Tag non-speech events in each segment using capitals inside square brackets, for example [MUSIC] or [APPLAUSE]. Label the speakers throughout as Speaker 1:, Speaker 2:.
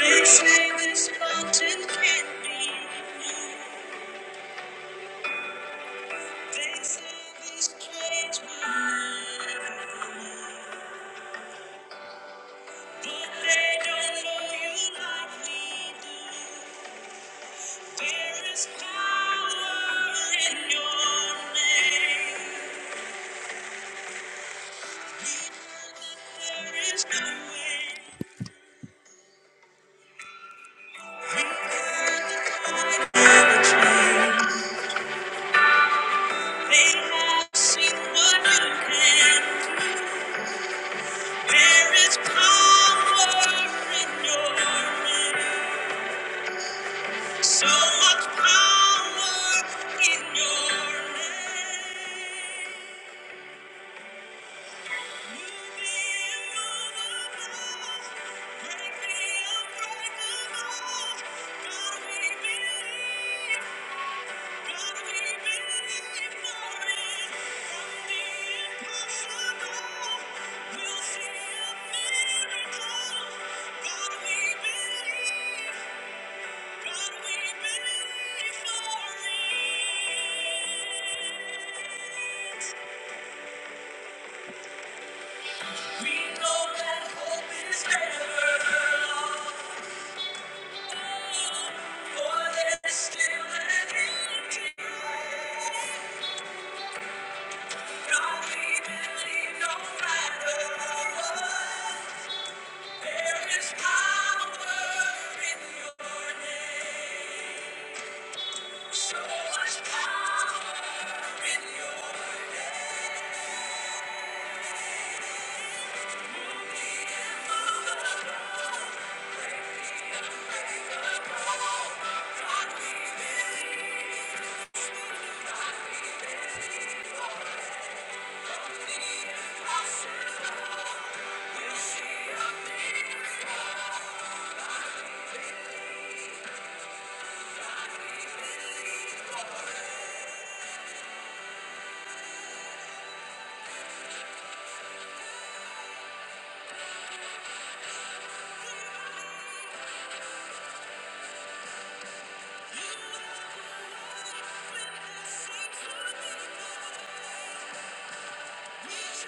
Speaker 1: They say this mountain can't be. They say this cage will never. But they don't know you like we do. There is power in your name. There is no way. They have seen what you can. There is power in your name. So much power in your name. Move me immovable. Break me unbreakable. God, we believe. God, we believe From the impossible, we'll see a miracle. God, we believe. So much power in your You said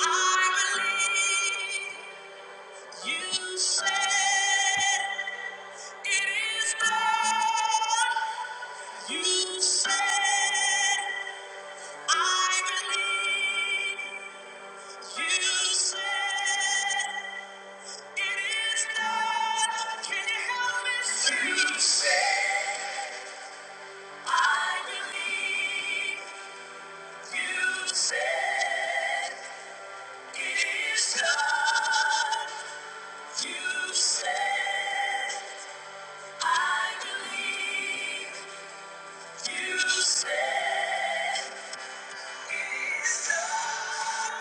Speaker 1: I believe you said it is done. You said I believe. You said it's done.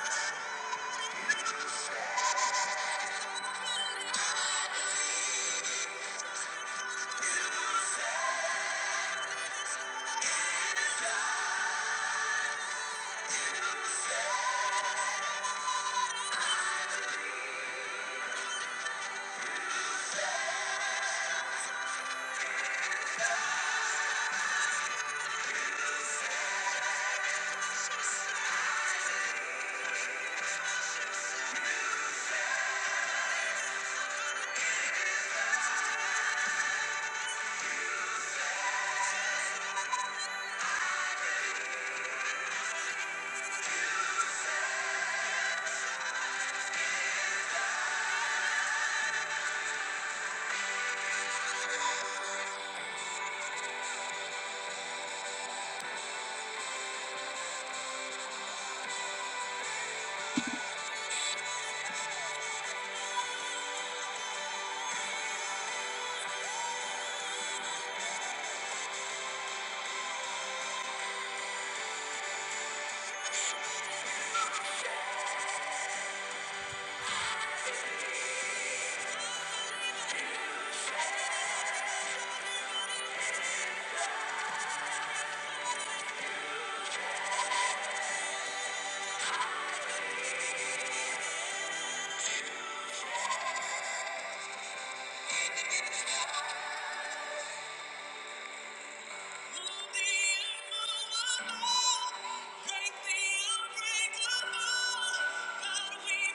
Speaker 1: Yes, we do. God, we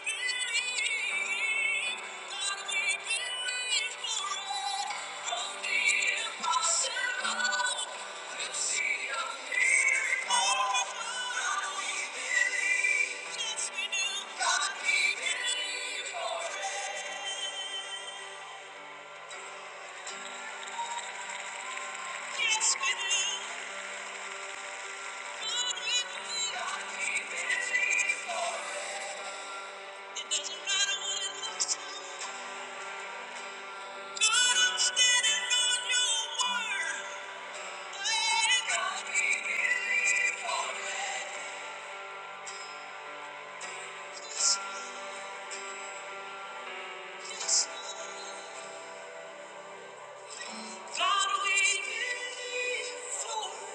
Speaker 1: believe. God, we believe for it. like. God, I'm standing on your word. I ain't gonna be here forever. Yes, yes, God, we believe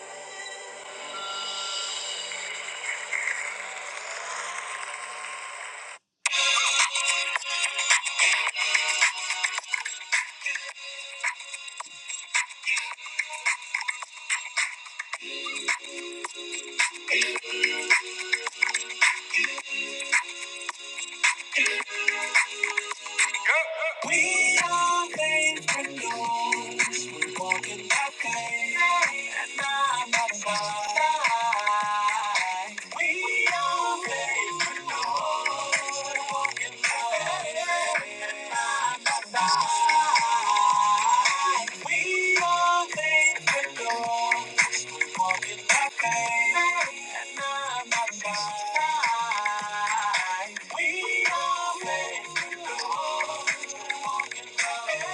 Speaker 1: We are bankers, we're walking that pain, and I'm not fine. We are bankers, we're walking that pain, and I'm not fine. We are bankers, we're walking that pain, and I'm not fine. We are bankers. We are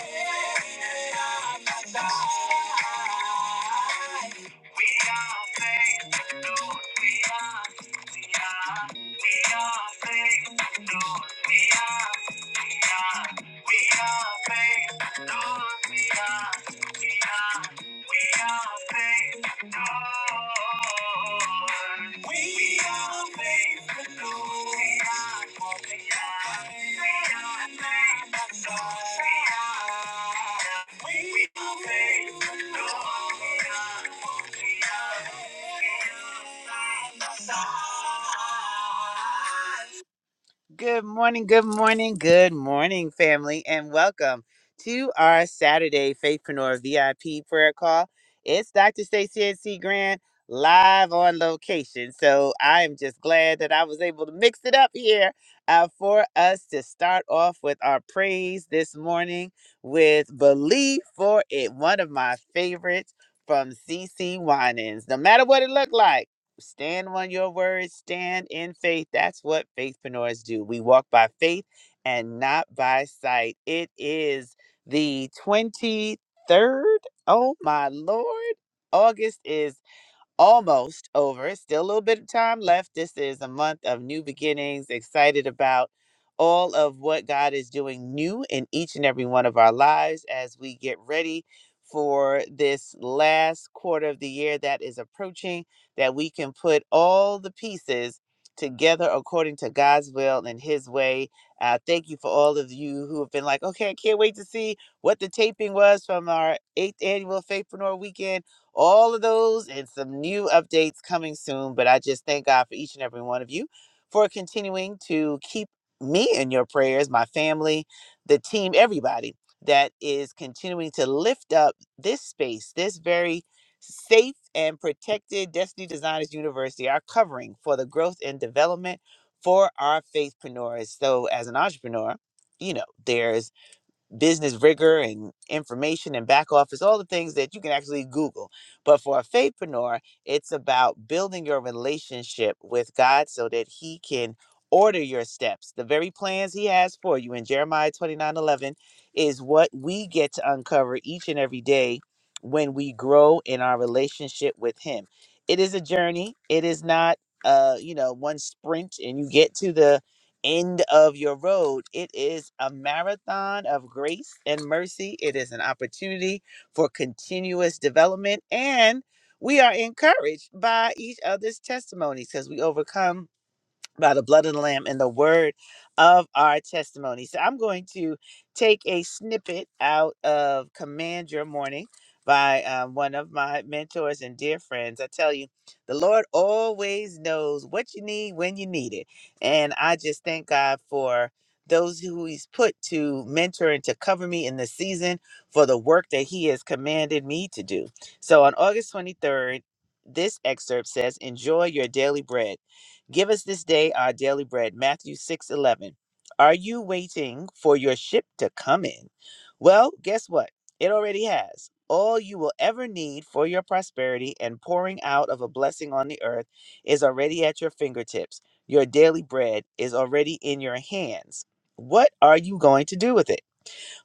Speaker 1: faithful, Lord. Good morning, good morning, good morning, family, and welcome to our Saturday Faithpreneur VIP prayer call. It's Dr. Stacey NC Grand live on location. So I am just glad that I was able to mix it up here uh, for us to start off with our praise this morning with Believe for It, one of my favorites from CC Winans. No matter what it looked like. Stand on your word, stand in faith. That's what faithpreneurs do. We walk by faith and not by sight. It is the 23rd. Oh my Lord. August is almost over. still a little bit of time left. This is a month of new beginnings. Excited about all of what God is doing new in each and every one of our lives as we get ready for this last quarter of the year that is approaching, that we can put all the pieces together according to God's will and His way. Uh, thank you for all of you who have been like, okay, I can't wait to see what the taping was from our eighth annual Faithpreneur Weekend all of those and some new updates coming soon. But I just thank God for each and every one of you for continuing to keep me in your prayers, my family, the team, everybody that is continuing to lift up this space, this very safe and protected Destiny Designers University, our covering for the growth and development for our faithpreneurs. So, as an entrepreneur, you know, there's business rigor and information and back office, all the things that you can actually Google. But for a faithpreneur, it's about building your relationship with God so that He can order your steps. The very plans He has for you in Jeremiah 29 11, is what we get to uncover each and every day when we grow in our relationship with Him. It is a journey, it is not. Uh, you know, one sprint and you get to the end of your road. It is a marathon of grace and mercy. It is an opportunity for continuous development. And we are encouraged by each other's testimonies because we overcome by the blood of the Lamb and the word of our testimony. So I'm going to take a snippet out of Command Your Morning by um, one of my mentors and dear friends. I tell you, the Lord always knows what you need when you need it. And I just thank God for those who he's put to mentor and to cover me in this season for the work that he has commanded me to do. So on August 23rd, this excerpt says, Enjoy your daily bread. Give us this day our daily bread. Matthew 6 11. Are you waiting for your ship to come in? Well, guess what? It already has. All you will ever need for your prosperity and pouring out of a blessing on the earth is already at your fingertips. Your daily bread is already in your hands. What are you going to do with it?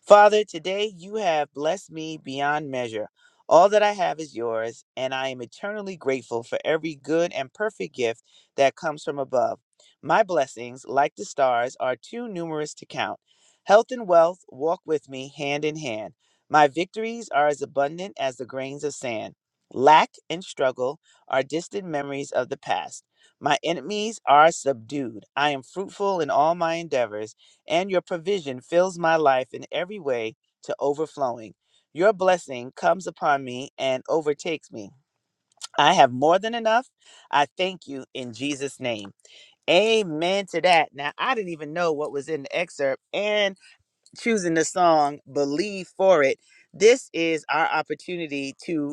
Speaker 1: Father, today you have blessed me beyond measure. All that I have is yours, and I am eternally grateful for every good and perfect gift that comes from above. My blessings, like the stars, are too numerous to count. Health and wealth walk with me hand in hand. My victories are as abundant as the grains of sand. Lack and struggle are distant memories of the past. My enemies are subdued. I am fruitful in all my endeavors and your provision fills my life in every way to overflowing. Your blessing comes upon me and overtakes me. I have more than enough. I thank you in Jesus' name. Amen to that. Now, I didn't even know what was in the excerpt and choosing the song Believe for It. This is our opportunity to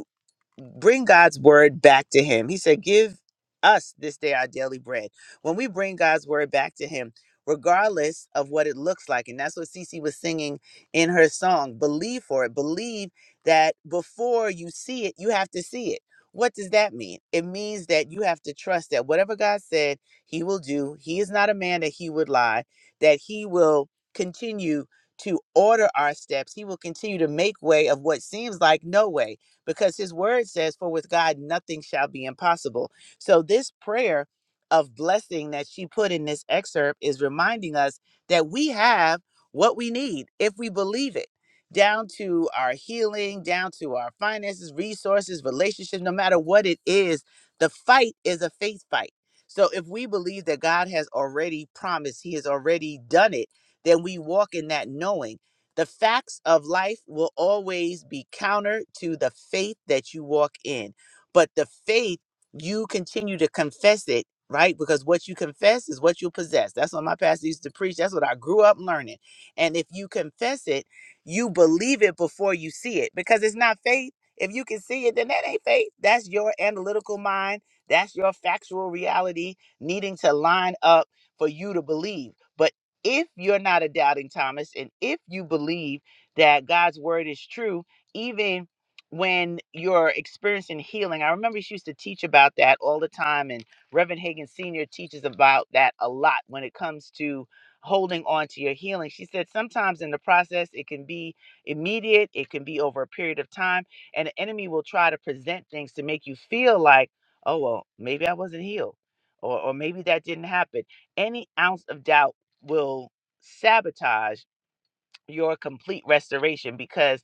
Speaker 1: bring God's word back to him. He said, Give us this day our daily bread. When we bring God's word back to him, regardless of what it looks like, and that's what Cece was singing in her song, believe for it. Believe that before you see it, you have to see it. What does that mean? It means that you have to trust that whatever God said, he will do. He is not a man that he would lie, that he will continue to order our steps. He will continue to make way of what seems like no way because his word says, For with God nothing shall be impossible. So, this prayer of blessing that she put in this excerpt is reminding us that we have what we need if we believe it, down to our healing, down to our finances, resources, relationships, no matter what it is. The fight is a faith fight. So, if we believe that God has already promised, He has already done it, then we walk in that knowing. The facts of life will always be counter to the faith that you walk in. But the faith, you continue to confess it, right? Because what you confess is what you possess. That's what my pastor used to preach. That's what I grew up learning. And if you confess it, you believe it before you see it because it's not faith. If you can see it, then that ain't faith. That's your analytical mind. That's your factual reality needing to line up for you to believe. But if you're not a doubting Thomas and if you believe that God's word is true, even when you're experiencing healing, I remember she used to teach about that all the time, and Reverend Hagen Sr. teaches about that a lot when it comes to holding on to your healing. She said sometimes in the process, it can be immediate, it can be over a period of time, and the enemy will try to present things to make you feel like, oh, well, maybe I wasn't healed, or, or maybe that didn't happen any ounce of doubt will sabotage your complete restoration because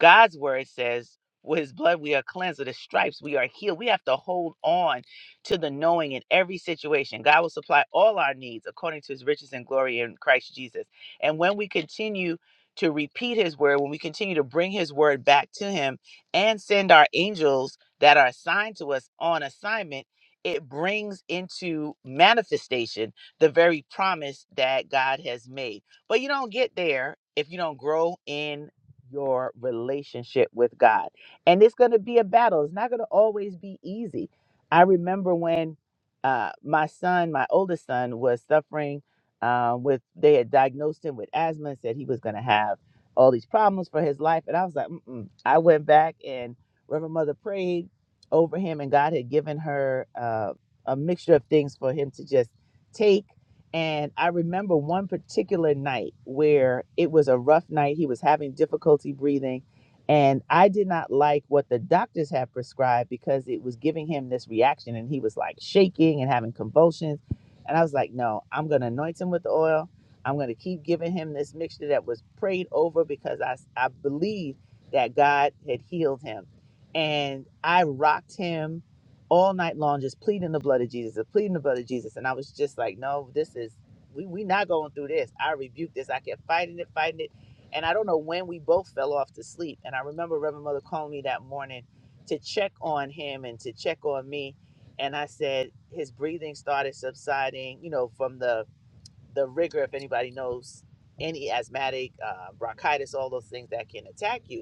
Speaker 1: God's word says, with his blood we are cleansed, with his stripes we are healed. We have to hold on to the knowing in every situation. God will supply all our needs according to his riches and glory in Christ Jesus. And when we continue to repeat his word, when we continue to bring his word back to him and send our angels that are assigned to us on assignment, it brings into manifestation the very promise that God has made. But you don't get there if you don't grow in your relationship with God. And it's going to be a battle. It's not going to always be easy. I remember when uh, my son, my oldest son, was suffering uh, with, they had diagnosed him with asthma and said he was going to have all these problems for his life. And I was like, Mm-mm. I went back and Reverend Mother prayed over him, and God had given her uh, a mixture of things for him to just take. And I remember one particular night where it was a rough night. He was having difficulty breathing. And I did not like what the doctors had prescribed because it was giving him this reaction. And he was like shaking and having convulsions. And I was like, no, I'm going to anoint him with the oil. I'm going to keep giving him this mixture that was prayed over because I I believed that God had healed him. And I rocked him all night long just pleading the blood of Jesus, pleading the blood of Jesus. And I was just like, no, this is we we not going through this. I rebuked this. I kept fighting it, fighting it. And I don't know when we both fell off to sleep. And I remember Reverend Mother calling me that morning to check on him and to check on me. And I said his breathing started subsiding, you know, from the the rigor, if anybody knows any asthmatic, uh, bronchitis, all those things that can attack you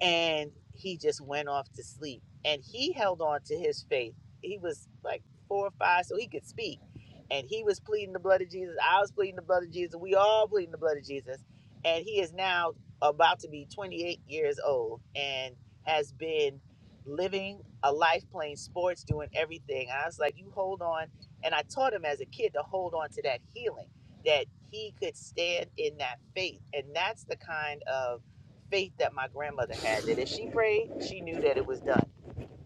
Speaker 1: and he just went off to sleep and he held on to his faith he was like four or five so he could speak and he was pleading the blood of jesus i was pleading the blood of jesus we all pleading the blood of jesus and he is now about to be 28 years old and has been living a life playing sports doing everything and i was like you hold on and i taught him as a kid to hold on to that healing that he could stand in that faith and that's the kind of faith that my grandmother had that if she prayed, she knew that it was done.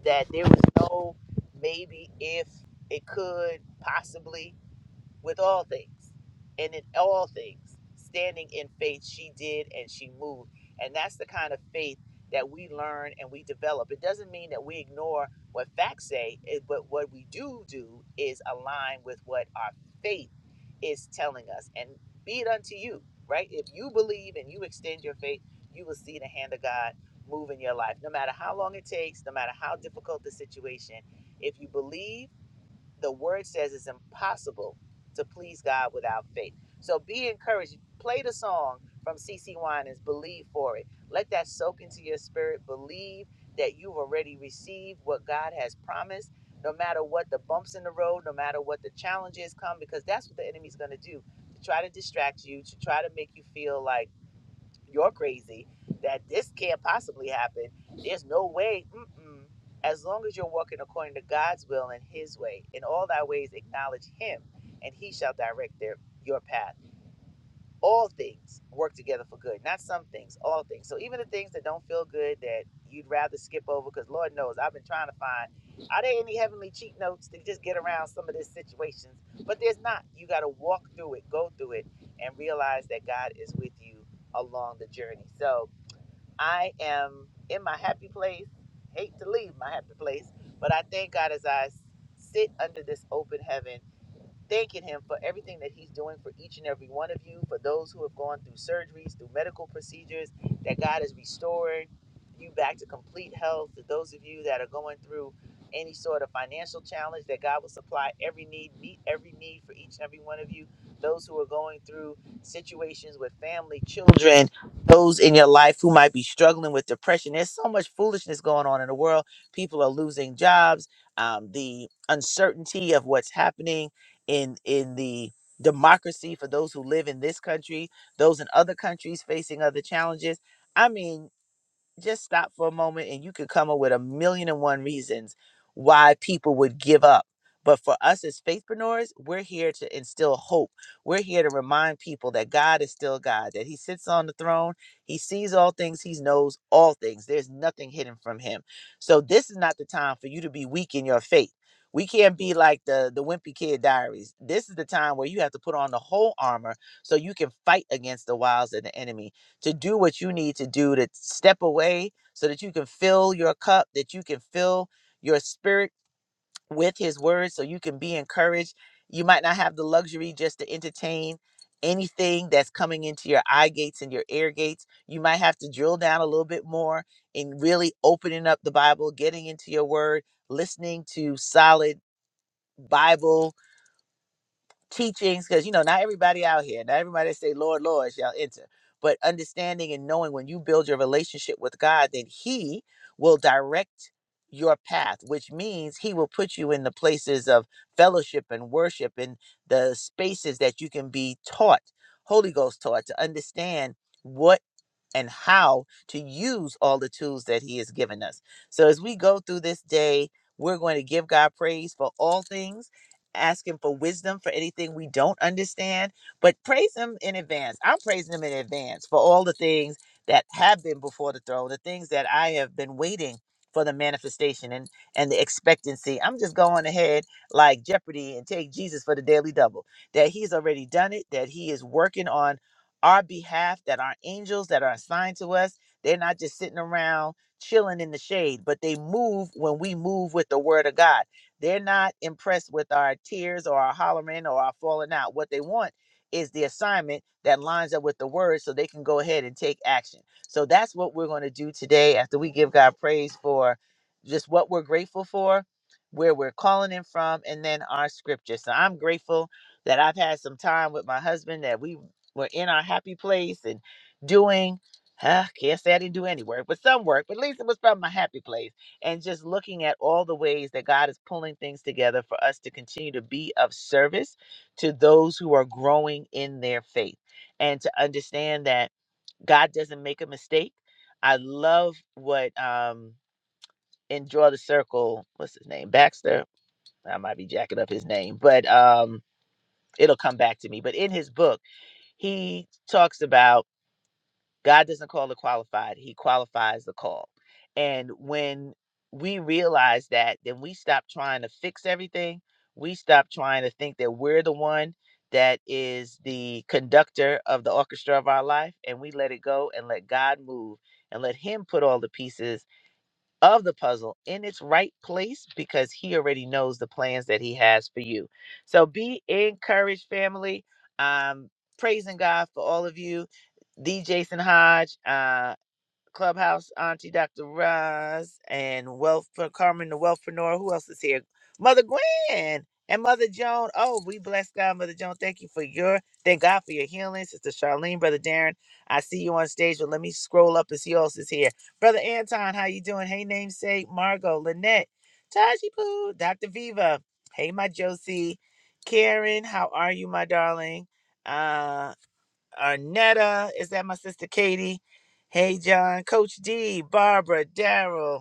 Speaker 1: That there was no maybe if it could possibly with all things and in all things standing in faith she did and she moved and that's the kind of faith that we learn and we develop it doesn't mean that we ignore what facts say eh, but what we do do is align with what our faith is telling us and be it unto you right if you believe and you extend your faith you will see the hand of god move in your life no matter how long it takes no matter how difficult the situation if you believe the word says it's impossible to please God without faith. So be encouraged. Play the song from C. CC Winans, believe for it. Let that soak into your spirit. Believe that you've already received what God has promised, no matter what the bumps in the road, no matter what the challenges come, because that's what the enemy's going to do to try to distract you, to try to make you feel like, you're crazy that this can't possibly happen. There's no way. Mm-mm. As long as you're walking according to God's will and His way, in all thy ways acknowledge Him, and He shall direct their, your path all things work together for good not some things all things so even the things that don't feel good that you'd rather skip over because lord knows i've been trying to find are there any heavenly cheat notes to just get around some of these situations but there's not you got to walk through it go through it and realize that god is with you along the journey so i am in my happy place hate to leave my happy place but i thank god as I sit under this open heaven thanking him for everything that he's doing for each and every one of you, for those who have gone through surgeries, through medical procedures, that God is restoring you back to complete health, to those of you that are going through any sort of financial challenge, that God will supply every need, meet every need for each and every one of you, those who are going through situations with family, children, those in your life who might be struggling with depression. There's so much foolishness going on in the world. People are losing jobs. Um, the uncertainty of what's happening in in the democracy for those who live in this country, those in other countries facing other challenges. I mean, just stop for a moment and you could come up with a million and one reasons why people would give up. But for us as faithpreneurs, we're here to instill hope. We're here to remind people that God is still God, that He sits on the throne, He sees all things, He knows all things. There's nothing hidden from Him. So this is not the time for you to be weak in your faith. We can't be like the, the wimpy kid diaries. This is the time where you have to put on the whole armor so you can fight against the wiles of the enemy to do what you need to do to step away so that you can fill your cup, that you can fill your spirit with his word so you can be encouraged. You might not have the luxury just to entertain anything that's coming into your eye gates and your ear gates. You might have to drill down a little bit more in really opening up the Bible, getting into your word, listening to solid Bible teachings because you know not everybody out here not everybody that say lord lord shall enter but understanding and knowing when you build your relationship with god then he will direct your path which means he will put you in the places of fellowship and worship and the spaces that you can be taught holy ghost taught to understand what and how to use all the tools that he has given us. So as we go through this day, we're going to give God praise for all things, ask him for wisdom for anything we don't understand, but praise him in advance. I'm praising him in advance for all the things that have been before the throne, the things that I have been waiting for the manifestation and and the expectancy. I'm just going ahead like Jeopardy and take Jesus for the daily double. That he's already done it, that he is working on our behalf, that our angels that are assigned to us, they're not just sitting around chilling in the shade, but they move when we move with the word of God. They're not impressed with our tears or our hollering or our falling out. What they want is the assignment that lines up with the word so they can go ahead and take action. So that's what we're going to do today after we give God praise for just what we're grateful for, where we're calling in from, and then our scripture. So I'm grateful that I've had some time with my husband that we we're in our happy place and doing, huh, can't say I didn't do any work, but some work, but at least it was from my happy place. And just looking at all the ways that God is pulling things together for us to continue to be of service to those who are growing in their faith and to understand that God doesn't make a mistake. I love what um in Draw the Circle, what's his name? Baxter. I might be jacking up his name, but um it'll come back to me. But in his book, he talks about God doesn't call the qualified, He qualifies the call. And when we realize that, then we stop trying to fix everything. We stop trying to think that we're the one that is the conductor of the orchestra of our life, and we let it go and let God move and let Him put all the pieces of the puzzle in its right place because he already knows the plans that he has for you. So be encouraged, family. Um, praising God for all of you. the Jason Hodge. Uh, Clubhouse Auntie Dr. Roz and Wealth for Carmen the Wealthpreneur. Who else is here? Mother Gwen and Mother Joan. Oh, we bless God, Mother Joan. Thank you for your thank God for your healing, Sister Charlene, Brother Darren. I see you on stage, but let me scroll up and see who else is here. Brother Anton, how you doing? Hey, namesake, Margot, Lynette, Taji Poo, Dr. Viva. Hey, my Josie. Karen, how are you, my darling? Uh. Arnetta. Is that my sister Katie? Hey, John. Coach D, Barbara, Daryl.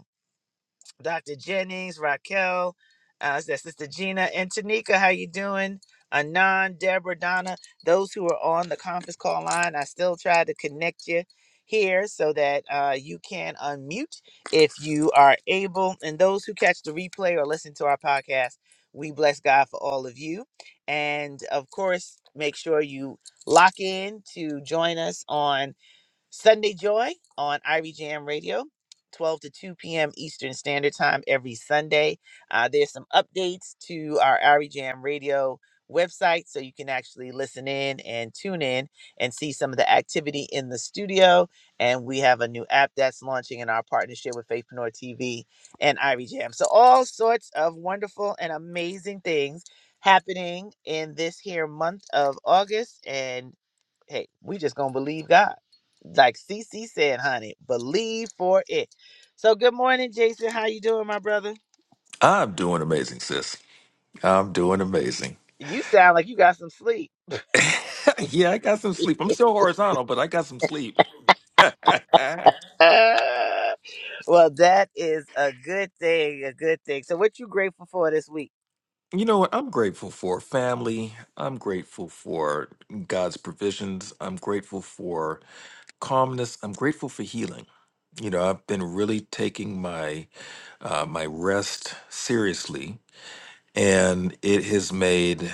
Speaker 1: Dr. Jennings, Raquel, uh, is that Sister Gina and Tanika. How you doing? Anon, Deborah, Donna, those who are on the conference call line, I still try to connect you here so that uh, you can unmute if you are able. And those who catch the replay or listen to our podcast, we bless God for all of you. And of course, make sure you lock in to join us on Sunday Joy on Ivy Jam Radio, 12 to 2 p.m. Eastern Standard Time every Sunday. Uh, there's some updates to our Ivy Jam Radio website, so you can actually listen in and tune in and see some of the activity in the studio. And we have a new app that's launching in our partnership with Faithpreneur TV and Ivy Jam. So all sorts of wonderful and amazing things happening in this here month of August. And hey, we just gonna believe God. Like CC said, honey, believe for it. So good morning, Jason. How you doing, my brother?
Speaker 2: I'm doing amazing, sis. I'm doing amazing.
Speaker 1: You sound like you got some sleep.
Speaker 2: [LAUGHS] yeah, I got some
Speaker 1: [LAUGHS]
Speaker 2: sleep. I'm still horizontal, but I got some sleep. [LAUGHS] you
Speaker 1: well, that is a good thing, a good thing. So what you grateful for this week?
Speaker 2: know what? I'm grateful for family. I'm grateful for God's provisions. I'm grateful for calmness. I'm grateful for healing. You know, I've been really taking my uh, my rest seriously, and it has made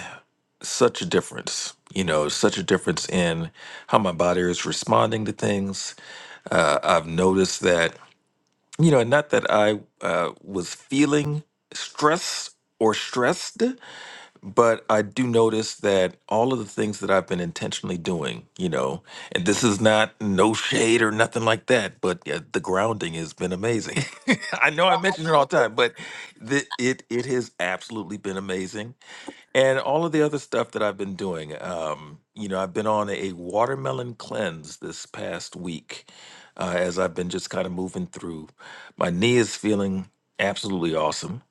Speaker 2: such a difference. You know, such a difference in how my body is responding to things I've noticed that, you know, not that I uh, was feeling stress or stressed, but I do notice that all of the things that I've been intentionally doing, you know, and this is not no shade or nothing like that, but uh, the grounding has been amazing. [LAUGHS] I know I
Speaker 1: Well, I
Speaker 2: mention it all
Speaker 1: did
Speaker 2: the
Speaker 1: it.
Speaker 2: time, but the, it it has absolutely been amazing and all of the other stuff that I've been doing. Um, you know, I've been on a watermelon cleanse this past week uh, as I've been just kind of moving through. My knee is feeling absolutely awesome.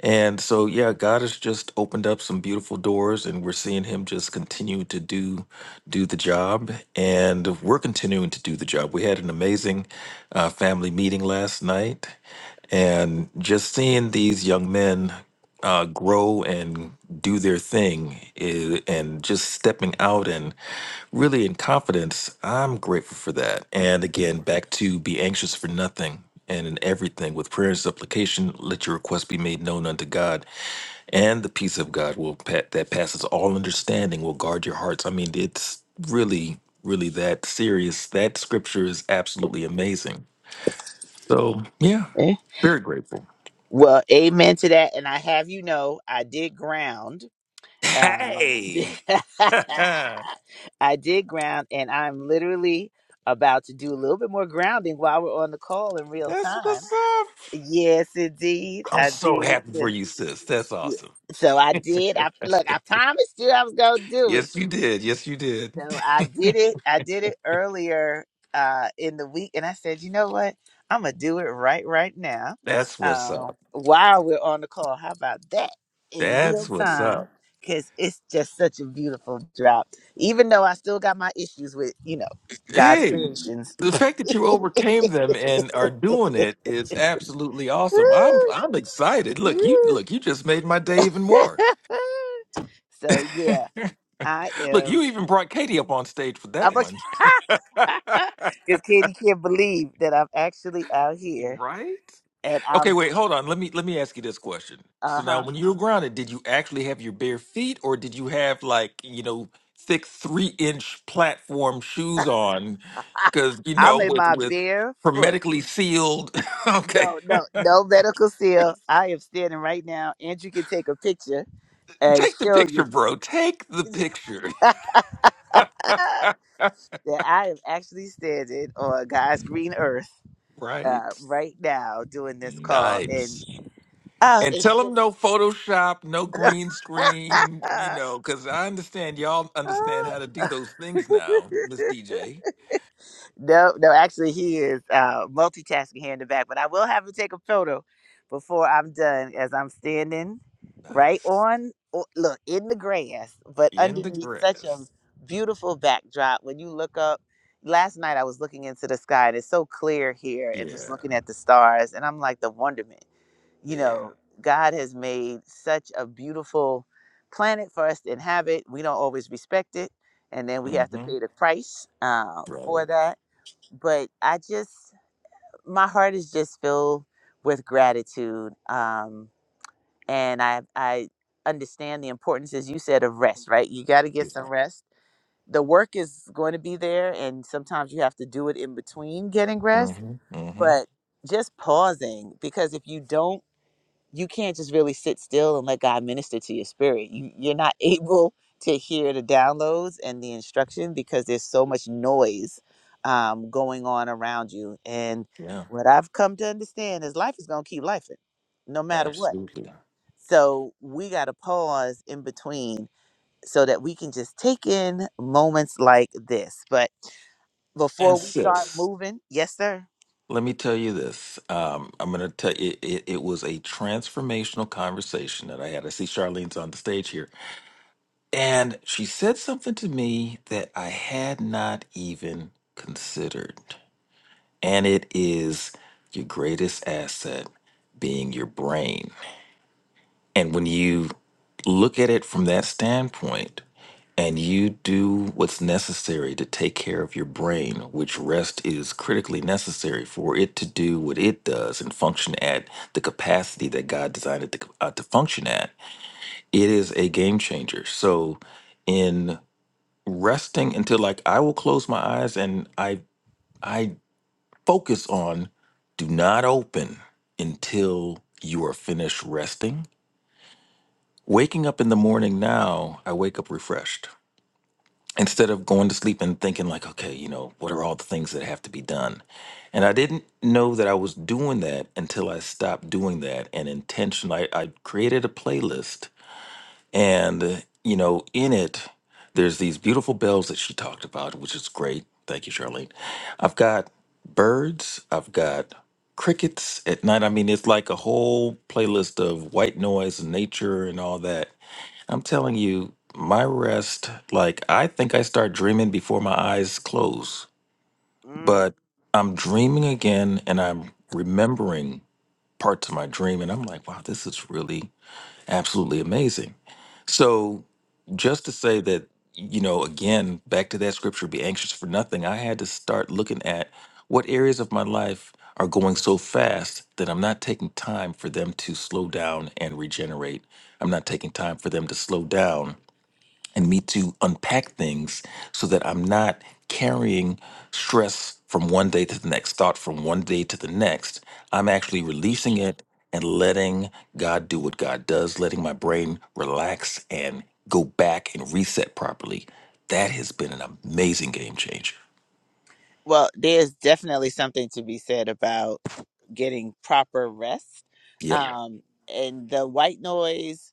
Speaker 2: And so, yeah, God has just opened up some beautiful doors, and we're seeing Him just continue to do do the job, and we're continuing to do the job. We had an amazing uh, family meeting last night, and just seeing these young men uh, grow and do their thing i- and just stepping out and really in confidence, I'm grateful for that. And again, back to be anxious for nothing and in everything with prayer and supplication, let your request be made known unto God. And the peace of God will pa- that passes all understanding will guard your hearts. I mean, it's really, really that serious. That scripture is absolutely amazing. So, yeah,
Speaker 1: Eh?
Speaker 2: very grateful.
Speaker 1: Well, amen to that. And I have you know, I did ground. Um, [LAUGHS]
Speaker 2: Hey. [LAUGHS]
Speaker 1: I did ground, and I'm literally about to do a little bit more grounding while we're on the call in real
Speaker 2: That's
Speaker 1: time.
Speaker 2: what's up.
Speaker 1: Yes, indeed,
Speaker 2: I'm
Speaker 1: I
Speaker 2: so
Speaker 1: did.
Speaker 2: happy for
Speaker 1: Yes,
Speaker 2: you, sis. That's
Speaker 1: Yeah.
Speaker 2: awesome.
Speaker 1: So I did. I
Speaker 2: [LAUGHS]
Speaker 1: look. I promised you I was gonna do it.
Speaker 2: yes, you did. Yes, you did.
Speaker 1: So I did it. I did it earlier uh, in the week, and I said, you know what? I'm gonna do it right right now
Speaker 2: [LAUGHS] That's what's
Speaker 1: uh,
Speaker 2: up.
Speaker 1: while we're on the call. How about that in real
Speaker 2: That's what's
Speaker 1: time?
Speaker 2: up.
Speaker 1: Because it's just such a beautiful drop. Even though I still got my issues with you know God's
Speaker 2: Hey,
Speaker 1: creations.
Speaker 2: the fact that you overcame them and are doing it is absolutely awesome. I'm
Speaker 1: Woo!
Speaker 2: I'm excited. Look, you
Speaker 1: Woo!
Speaker 2: look, you just made my day even
Speaker 1: [LAUGHS]
Speaker 2: more. [LAUGHS]
Speaker 1: so yeah, I
Speaker 2: look, you
Speaker 1: am.
Speaker 2: even brought Katie up on stage for that
Speaker 1: I'm a.
Speaker 2: one.
Speaker 1: [LAUGHS]
Speaker 2: [LAUGHS]
Speaker 1: because Katie can't believe that I'm actually out here
Speaker 2: Right?
Speaker 1: and
Speaker 2: Okay,
Speaker 1: I'm
Speaker 2: wait, hold on. Let me let me ask you this question.
Speaker 1: uh
Speaker 2: So
Speaker 1: huh
Speaker 2: now when you were grounded, did you actually have your bare feet or did you have like, you know, thick three inch platform shoes on? Cause you
Speaker 1: I'm
Speaker 2: know,
Speaker 1: in
Speaker 2: with
Speaker 1: my
Speaker 2: with
Speaker 1: bare foot.
Speaker 2: hermetically sealed [LAUGHS] okay.
Speaker 1: No, no,
Speaker 2: [LAUGHS]
Speaker 1: no medical seal. I am standing right now. Andrew can take a picture and
Speaker 2: Take the
Speaker 1: show
Speaker 2: picture,
Speaker 1: you
Speaker 2: bro. Take the picture.
Speaker 1: [LAUGHS] that
Speaker 2: [LAUGHS]
Speaker 1: I am actually standing on God's green earth uh,
Speaker 2: right?
Speaker 1: right now doing this call. And
Speaker 2: Nice.
Speaker 1: uh,
Speaker 2: And tell
Speaker 1: it's
Speaker 2: them no
Speaker 1: just.
Speaker 2: Photoshop, no green screen, you know, because I understand y'all
Speaker 1: [LAUGHS]
Speaker 2: understand how to do those things now, Miss DJ.
Speaker 1: No, no, actually, he is uh, multitasking here in the back, but I will have him take a photo before I'm done as I'm standing right
Speaker 2: Nice.
Speaker 1: on, o- look, in the grass, but
Speaker 2: In the
Speaker 1: underneath such a
Speaker 2: grass.
Speaker 1: beautiful backdrop. When you look up, last night I was looking into the sky and it's so clear here and just
Speaker 2: Yeah.
Speaker 1: looking at the stars, and I'm like the wonderment. You
Speaker 2: Yeah.
Speaker 1: know, God has made such a beautiful planet for us to inhabit. We don't always respect it, and then we have to pay
Speaker 2: Mm-hmm.
Speaker 1: the price uh, for
Speaker 2: Right.
Speaker 1: that but I just my heart is just filled with gratitude. Um, and I I understand the importance, as you said, of rest. Right, you got to get
Speaker 2: Yeah.
Speaker 1: some rest. The work is going to be there, and sometimes you have to do it in between getting rest.
Speaker 2: Mm-hmm. Mm-hmm.
Speaker 1: But just pausing because if you don't you can't just really sit still and let God minister to your spirit. You, you're not [LAUGHS] able to hear the downloads and the instruction because there's so much noise um, going on around you. And
Speaker 2: Yeah.
Speaker 1: what I've come to understand is life is going to keep lifing no matter what.
Speaker 2: Absolutely.
Speaker 1: So we got to pause in between so that we can just take in moments like this. But
Speaker 2: And
Speaker 1: before we start
Speaker 2: sis,
Speaker 1: moving, yes, sir.
Speaker 2: let me tell you this. Um, I'm going to tell you, it, it was a transformational conversation that I had. I see Charlene's on the stage here. And she said something to me that I had not even considered. And it is your greatest asset being your brain. And when you look at it from that standpoint, and you do what's necessary to take care of your brain, which rest is critically necessary for it to do what it does and function at the capacity that God designed it to, uh, to function at, it is a game changer. So, in resting until like I will close my eyes and I I focus on do not open until you are finished resting. Waking up in the morning now, I wake up refreshed. Instead of going to sleep and thinking like, okay, you know, what are all the things that have to be done? And I didn't know that I was doing that until I stopped doing that and intentionally I, I created a playlist And, you know, in it, there's these beautiful bells that she talked about, which is great. Thank you, Charlene. I've got birds, I've got crickets at night. I mean, it's like a whole playlist of white noise and nature and all that. I'm telling you, my rest, like, I think I start dreaming before my eyes close, but I'm dreaming again and I'm remembering parts of my dream. And I'm like, wow, this is really absolutely amazing. So, just to say that, you know, again, back to that scripture, be anxious for nothing, I had to start looking at what areas of my life are going so fast that I'm not taking time for them to slow down and regenerate. I'm not taking time for them to slow down and me to unpack things so that I'm not carrying stress from one day to the next, thought from one day to the next. I'm actually releasing it and letting God do what God does, letting my brain relax and go back and reset properly. That has been an amazing game changer.
Speaker 1: Well, there's definitely something to be said about getting proper rest.
Speaker 2: Yep.
Speaker 1: Yeah. Um, and the white noise,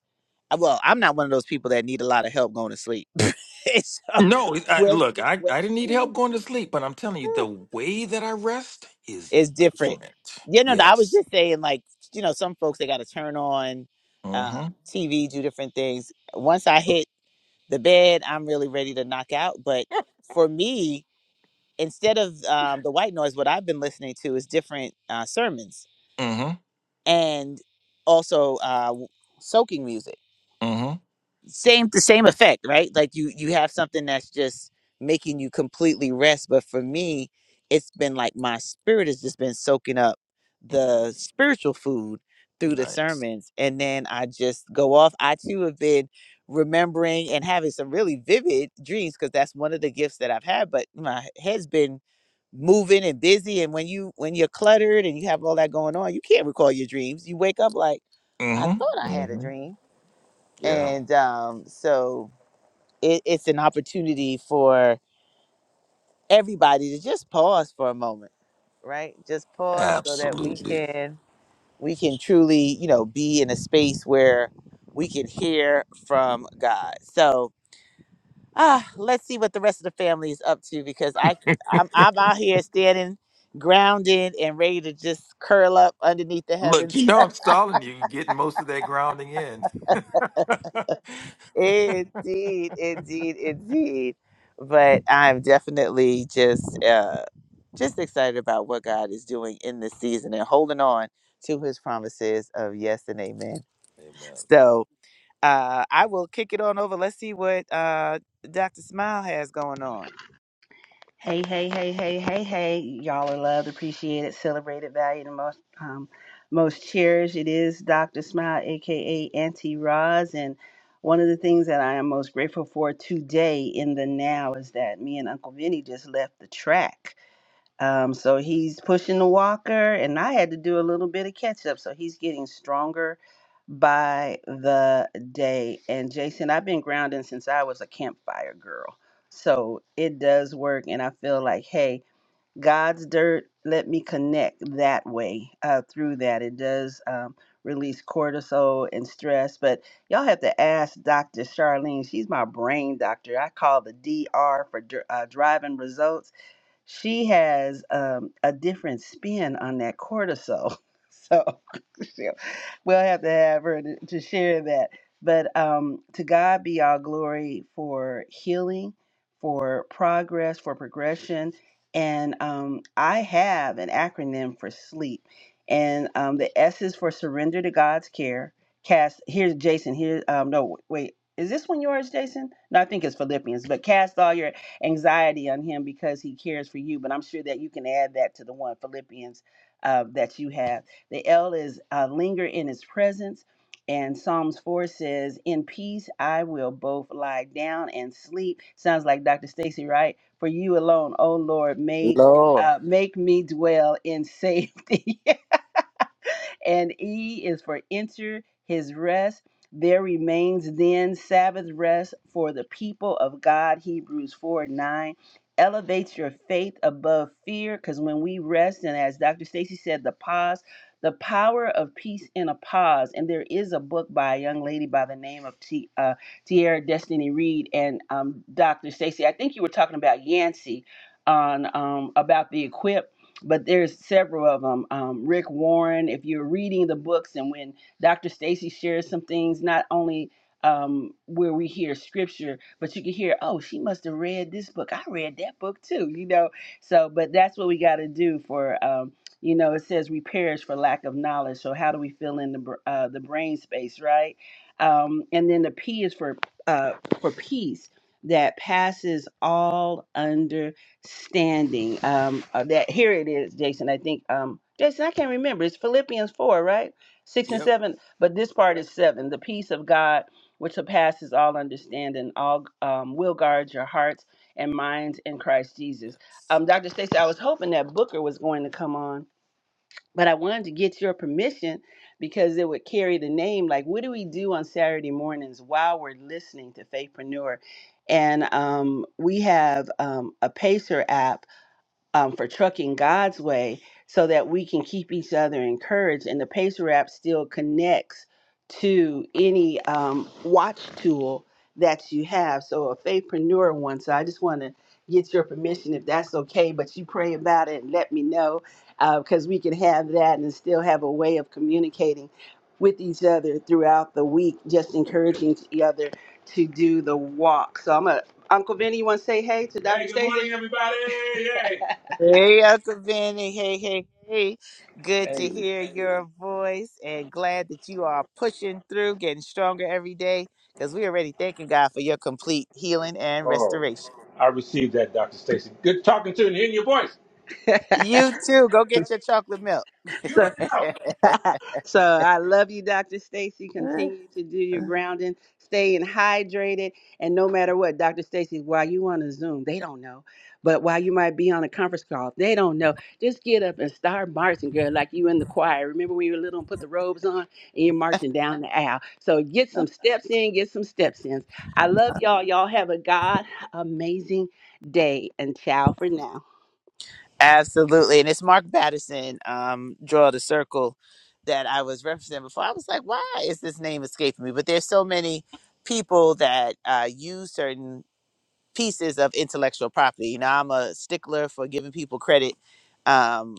Speaker 1: uh, well, I'm not one of those people that need a lot of help going to sleep. [LAUGHS] so
Speaker 2: No, it- I,
Speaker 1: with,
Speaker 2: look, I,
Speaker 1: with,
Speaker 2: I didn't need help going to sleep, but I'm telling you, the way that I rest is
Speaker 1: it's different.
Speaker 2: different.
Speaker 1: You know, I was
Speaker 2: Yes.
Speaker 1: just saying, like, you know, some folks, they got to turn on
Speaker 2: Mm hmm.
Speaker 1: um, TV, do different things. Once I hit the bed, I'm really ready to knock out. But for me, instead of um, the white noise, what I've been listening to is different uh, sermons
Speaker 2: Mm
Speaker 1: and also uh, soaking music
Speaker 2: hmm. Mm
Speaker 1: same the same effect right like you you have something that's just making you completely rest but for me it's been like my spirit has just been soaking up
Speaker 2: hmm.
Speaker 1: the spiritual food through the
Speaker 2: Nice.
Speaker 1: sermons and then i just go off i too have been remembering and having some really vivid dreams because that's one of the gifts that i've had but my head's been moving and busy and when you when you're cluttered and you have all that going on you can't recall your dreams you wake up like i thought
Speaker 2: Mm-hmm.
Speaker 1: i had a
Speaker 2: Mm-hmm.
Speaker 1: dream
Speaker 2: Yeah,
Speaker 1: and um, so it, it's an opportunity for everybody to just pause for a moment, right? Just pause so that we
Speaker 2: absolutely.
Speaker 1: can we can truly, you know, be in a space where we can hear from God. So ah, let's see what the rest of the family is up to because I I'm, I'm out here standing grounded and ready to just curl up underneath the heavens
Speaker 2: Look, you know I'm stalling you, You're getting most of that grounding in. [LAUGHS] Amen.
Speaker 1: Indeed, indeed, indeed. But I'm definitely just uh just excited about what God is doing in this season and holding on to his promises of yes and amen. So uh I will kick it on over. Let's see what uh Dr. Smile has going on.
Speaker 3: Hey, hey, hey, hey, hey, hey. Y'all are loved, appreciated, celebrated, valued, and most um, most cherished. It is Dr. Smile, aka Auntie Roz. And one of the things that I am most grateful for today in the now is that me and Uncle Vinny just left the track. Um, so he's pushing the walker, and I had to do a little bit of catch up. So he's getting stronger by the day. And Jason, I've been grounding since I was a campfire girl. So it does work. And I feel like, hey, God's dirt, let me connect that way uh, through that. It does um, release cortisol and stress. But y'all have to ask Dr. Charlene. She's my brain doctor. I call the D.R. for dr- uh, driving results she has um, a different spin on that cortisol. [LAUGHS] So [LAUGHS] she'll- we'll have to have her to, to share that. But um, to God be all glory for healing, for progress, for progression. And um, I have an acronym for SLEEP. And um, the S is for surrender to God's care. Cast, here's Jason. Here, um, no, wait. Is this one yours, Jason? No, I think it's Philippians. But cast all your anxiety on him because he cares for you. But I'm sure that you can add that to the one Philippians uh, that you have. The L is uh, linger in his presence. And Psalms 4 says, In peace I will both lie down and sleep. Sounds like Dr. Stacy, right? For you alone, O Lord, may,
Speaker 1: Lord.
Speaker 3: uh, make me dwell in safety. [LAUGHS] and E is for enter his rest. There remains then Sabbath rest for the people of God, Hebrews 4 9. Elevates your faith above fear because when we rest, and as Dr. Stacy said, the pause, the power of peace in a pause. And there is a book by a young lady by the name of T, uh, Tierra Destiny Reed and um, Dr. Stacy. I think you were talking about Yancey on um, about the equip but there's several of them. Um, Rick Warren, if you're reading the books, and when Dr. Stacy shares some things, not only um, where we hear scripture, but you can hear, oh, she must have read this book. I read that book too, you know. So, but that's what we got to do for, um, you know, it says we perish for lack of knowledge. So, how do we fill in the br- uh, the brain space, right? Um, and then the P is for uh, for peace that passes all standing. Um, uh, that here it is, Jason. I think, um, Jason, I can't remember. It's Philippians four, right? Six and
Speaker 2: Yep.
Speaker 3: seven, but this part is seven. The peace of God, which surpasses all understanding, all um, will guard your hearts and minds in Christ Jesus.
Speaker 2: Yes.
Speaker 3: Um, Dr. Stacey, I was hoping that Booker was going to come on, but I wanted to get your permission because it would carry the name. Like, what do we do on Saturday mornings while we're listening to Faithpreneur? And um, we have um, a Pacer app um, for trucking God's way so that we can keep each other encouraged. And the Pacer app still connects to any um, watch tool that you have. So a faithpreneur one. So I just want to get your permission if that's okay, but you pray about it and let me know because we can have that and still have a way of communicating with each other throughout the week, just encouraging each other to do the walk. So I'm a Uncle Vinny, you want to say hey to Dr. Hey, good Stacey? morning, everybody. Hey. [LAUGHS]
Speaker 1: Hey, Uncle Vinny. Hey, hey, hey. Good
Speaker 3: Hey,
Speaker 1: to hear your voice and glad that you are pushing through, getting stronger every day because we already thanking God for your complete healing and
Speaker 3: oh,
Speaker 1: restoration.
Speaker 3: I received that, Dr. Stacy. Good talking to you and hearing your voice. [LAUGHS]
Speaker 1: You too. Go get your chocolate milk.
Speaker 3: You so [LAUGHS] so I love you, Dr. Stacy.
Speaker 1: [LAUGHS]
Speaker 3: Continue to do your grounding, staying hydrated, and no matter what, Dr. Stacy, while you on a Zoom, they don't know. But while you might be on a conference call, they don't know. Just get up and start marching, girl, like you in the choir. Remember when you were little and put the robes on and you're marching down the aisle. So get some steps in, get some steps in. I love y'all. Y'all have a God amazing day and ciao for now.
Speaker 1: Absolutely. And it's Mark Batterson, um, Draw the Circle, that I was referencing before. I was like, why is this name escaping me? But there's so many people that uh, use certain pieces of intellectual property. You know, I'm a stickler for giving people credit. Um,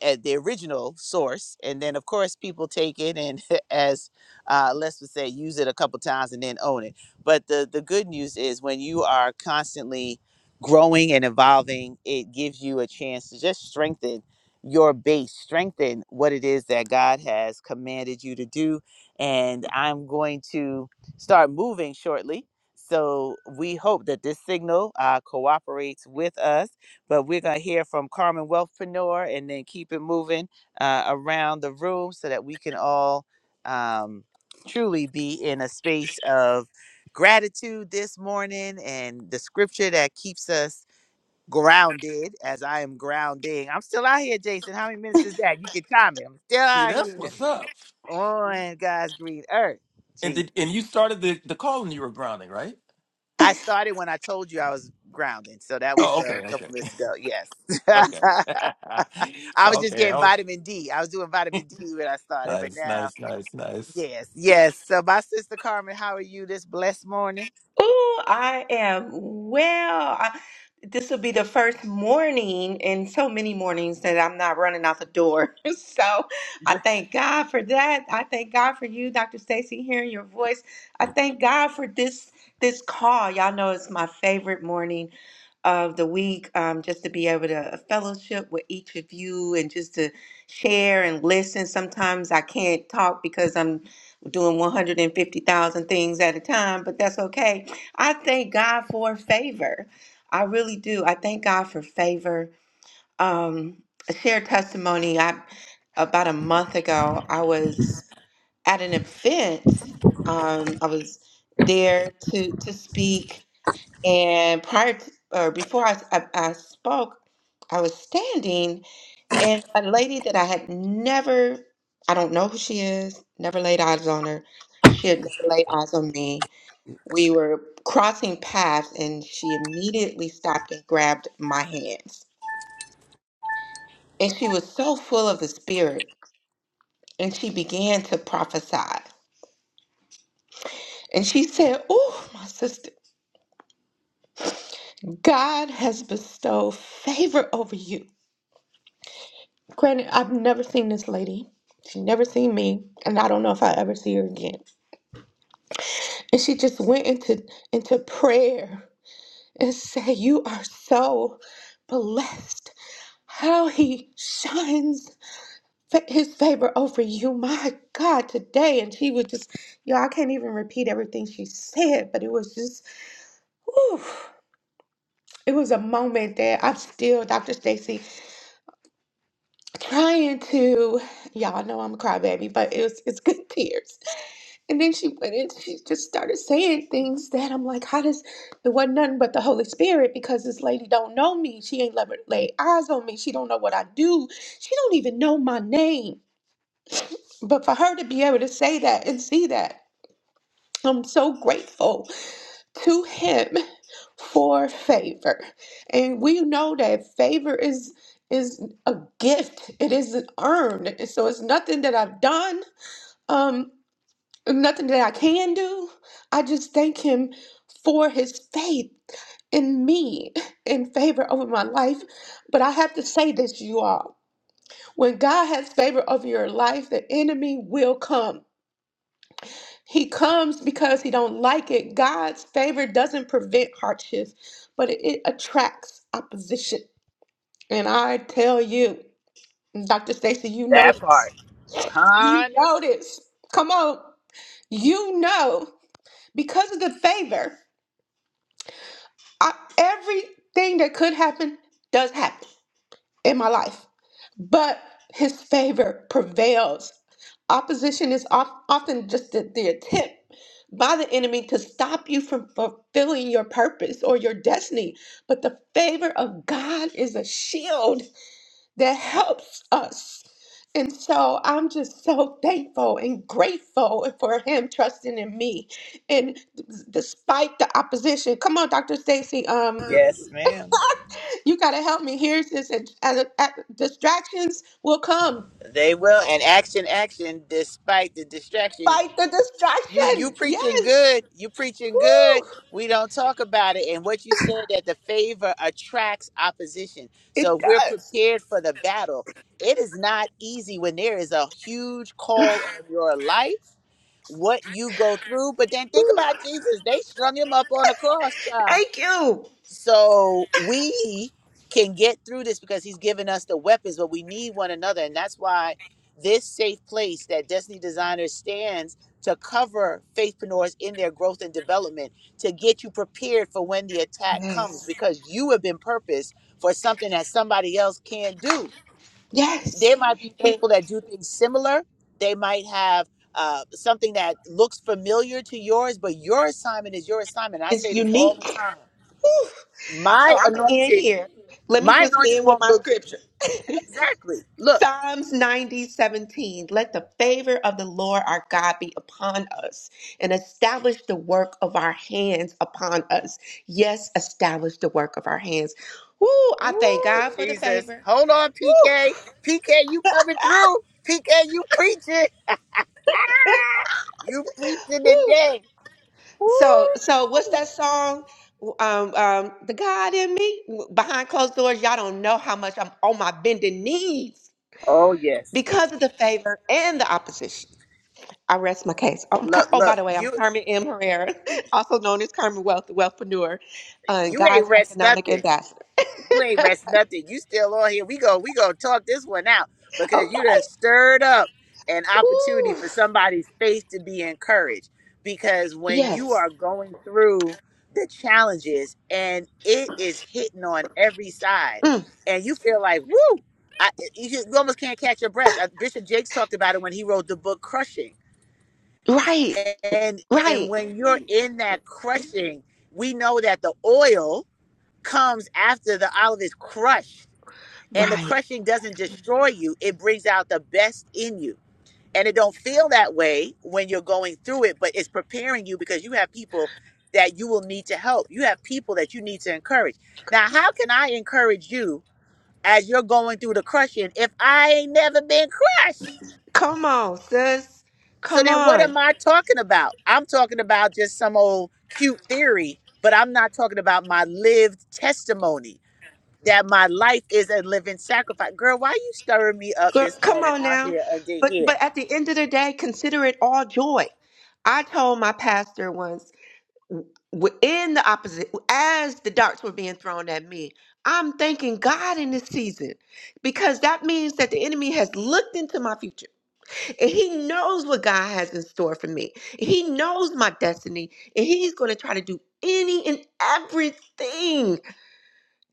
Speaker 1: at the original source and then of course people take it and [LAUGHS] as uh, let's just say use it a couple times and then own it but the the good news is when you are constantly growing and evolving it gives you a chance to just strengthen your base strengthen what it is that god has commanded you to do and i'm going to start moving shortly so we hope that this signal uh, cooperates with us but we're going to hear from Carmen Wealthpreneur and then keep it moving uh, around the room so that we can all um, truly be in a space of gratitude this morning and the scripture that keeps us grounded as I am grounding. I'm still out here, Jason. How many minutes is that? You can time it. I'm still
Speaker 2: See,
Speaker 1: out
Speaker 2: that's
Speaker 1: here
Speaker 2: what's up.
Speaker 1: on God's green earth.
Speaker 2: And
Speaker 1: Jesus.
Speaker 2: did and you started the the call and you were grounding, right?
Speaker 1: I started when I told you I was grounding. So that was
Speaker 2: Oh, okay,
Speaker 1: uh, a
Speaker 2: okay,
Speaker 1: couple minutes ago.
Speaker 2: [LAUGHS] okay,
Speaker 1: Yes. [LAUGHS]
Speaker 2: [LAUGHS]
Speaker 1: I was just
Speaker 2: okay.
Speaker 1: getting
Speaker 2: Oh,
Speaker 1: vitamin D. I was doing vitamin D when I started, but
Speaker 2: nice,
Speaker 1: now,
Speaker 2: nice, nice, nice.
Speaker 1: yes, yes. So, my sister Carmen, how are you this blessed morning?
Speaker 4: Oh, I am well. I, this will be the first morning in so many mornings that I'm not running out the door. [LAUGHS] So I
Speaker 1: [LAUGHS]
Speaker 4: thank God for that. I thank God for you, Dr. Stacy, hearing your voice. I thank God for this this call. Y'all know it's my favorite morning of the week, um, just to be able to uh, fellowship with each of you and just to share and listen. Sometimes I can't talk because I'm doing 150,000 things at a time, but that's okay. I thank God for favor. I really do. I thank God for favor. Um, a shared testimony. I about a month ago, I was at an event. Um, I was there to to speak, and prior to, or before I, I, I spoke, I was standing, and a lady that I had never, I don't know who she is, never laid eyes on her. She had never laid eyes on me. We were crossing paths, and she immediately stopped and grabbed my hands. And she was so full of the Spirit, and she began to prophesy. And she said, Oh, my sister, God has bestowed favor over you. Granted, I've never seen this lady. She never seen me, and I don't know if I ever see her again. And she just went into into prayer and [LAUGHS] said, "You are so blessed. How he shines fa- his favor over you, my God, today." And she was just, yo, I can't even repeat everything she said, but it was just, whew, it was a moment that I'm still, Dr. Stacy, trying to, y'all know I'm a crybaby, but it was it's good [LAUGHS] tears And then she went in, she just started saying things that I'm like, how does it wasn't nothing but the Holy Spirit because this lady don't know me. She ain't never laid eyes on me. She don't know what I do. She don't even know my name. But for her to be able to say that and see that, I'm so grateful to him for favor. And we know that favor is is a gift. It isn't earned. So it's nothing that I've done. Um nothing that I can do. I just thank him for his faith in me in favor over my life. But I have to say this, you all. When God has favor over your life, the enemy will come. He comes because he don't like it. God's favor doesn't prevent hardships, but it, it attracts opposition. And I tell you, Dr. Stacy, you know
Speaker 1: That
Speaker 4: this.
Speaker 1: part,
Speaker 4: You
Speaker 1: honey.
Speaker 4: know this. Come on. You know because of the favor. I, everything that could happen does happen in my life, but his favor prevails. Opposition is of- often just the, the attempt by the enemy to stop you from fulfilling your purpose or your destiny. But the favor of God is a shield that helps us. And so I'm just so thankful and grateful for him trusting in me. And d- despite the opposition. Come on, Dr. Stacy. Um,
Speaker 1: Yes, ma'am.
Speaker 4: you got to help me. Here's this. And, and, and distractions will come.
Speaker 1: They will. And action, action, despite the distraction.
Speaker 4: Fight the
Speaker 1: You, you
Speaker 4: distraction.
Speaker 1: preaching
Speaker 4: Yes.
Speaker 1: good. You preaching good.
Speaker 4: Woo.
Speaker 1: We don't talk about it. And what you said that the favor attracts opposition.
Speaker 4: It
Speaker 1: So if we're
Speaker 4: does.
Speaker 1: prepared for the battle. It is not easy when there is a huge call on your life what you go through. But then think about Jesus. They strung him up on a cross, child.
Speaker 4: Thank you.
Speaker 1: So we can get through this because he's given us the weapons, but we need one another. And that's why this safe place that Destiny Designer stands to cover faithpreneurs in their growth and development, to get you prepared for when the attack comes,
Speaker 4: Yes.
Speaker 1: because you have been purposed for something that somebody else can't do
Speaker 4: Yeah.
Speaker 1: there might be
Speaker 4: It
Speaker 1: people that do things similar. They might have uh, something that looks familiar to yours, but your assignment is your assignment. I
Speaker 4: is
Speaker 1: say this all
Speaker 4: unique.
Speaker 1: the time.
Speaker 4: Woo. So
Speaker 1: My
Speaker 4: I'm going to end
Speaker 1: anointing,
Speaker 4: here. Let me
Speaker 1: my
Speaker 4: just
Speaker 1: anointing
Speaker 4: end with
Speaker 1: won't
Speaker 4: my
Speaker 1: look good.
Speaker 4: scripture. [LAUGHS]
Speaker 1: Exactly. Look.
Speaker 4: Psalms 90 17. Let the favor of the Lord our God be upon us and establish the work of our hands upon us. Yes, establish the work of our hands. Woo, I thank
Speaker 1: Ooh,
Speaker 4: God for the
Speaker 1: Jesus.
Speaker 4: favor.
Speaker 1: Hold on,
Speaker 4: Woo,
Speaker 1: PK. PK, you coming through. PK, you preaching. [LAUGHS] you preaching
Speaker 4: woo.
Speaker 1: today.
Speaker 4: So,
Speaker 1: Ooh,
Speaker 4: so what's
Speaker 1: Lord.
Speaker 4: that song? Um, um, the God in me behind closed doors. Y'all don't know how much I'm on my bending knees
Speaker 1: Oh yes.
Speaker 4: because of the favor and the opposition. I rest my case. Oh, I'm, Car-
Speaker 1: Look,
Speaker 4: oh, by
Speaker 1: look.
Speaker 4: the way, I'm
Speaker 1: You
Speaker 4: Carmen M. Herrera, [LAUGHS] also known as Carmen Wealth, the Wealthpreneur, and
Speaker 1: you ain't
Speaker 4: God's
Speaker 1: rest
Speaker 4: Economic
Speaker 1: nothing.
Speaker 4: Ambassador.
Speaker 1: You ain't rest nothing. You still on here. We go, we go talk this one out
Speaker 4: Oh,
Speaker 1: because you done stirred up an opportunity for somebody's faith to be encouraged. Because when you
Speaker 4: yes.
Speaker 1: are going through the challenges and it is hitting on every side, and you feel like, woo, I, you, you almost can't catch your breath. Uh, Bishop Jakes talked about it when he wrote the book Crushing.
Speaker 4: Right,
Speaker 1: And and
Speaker 4: right,
Speaker 1: when you're in that crushing, we know that the oil comes after the olive is crushed and the
Speaker 4: right.
Speaker 1: crushing doesn't destroy you it brings out the best in you and it don't feel that way when you're going through it but it's preparing you because you have people that you will need to help you have people that you need to encourage now how can i encourage you as you're going through the crushing if i ain't never been crushed
Speaker 4: Come on, sis.
Speaker 1: so
Speaker 4: Come
Speaker 1: then what
Speaker 4: on.
Speaker 1: am i talking about i'm talking about just some old cute theory but i'm not talking about my lived testimony that my life is a living sacrifice. Girl, why you stirring me up
Speaker 4: Girl,
Speaker 1: this
Speaker 4: come
Speaker 1: morning
Speaker 4: on
Speaker 1: out
Speaker 4: now.
Speaker 1: here under
Speaker 4: But,
Speaker 1: here?
Speaker 4: but at the end of the day, consider it all joy. I told my pastor once, w- in the opposite as the darts were being thrown at me i'm thanking god in this season because that means that the enemy has looked into my future and he knows what god has in store for me he knows my destiny and he's going to try to do any and everything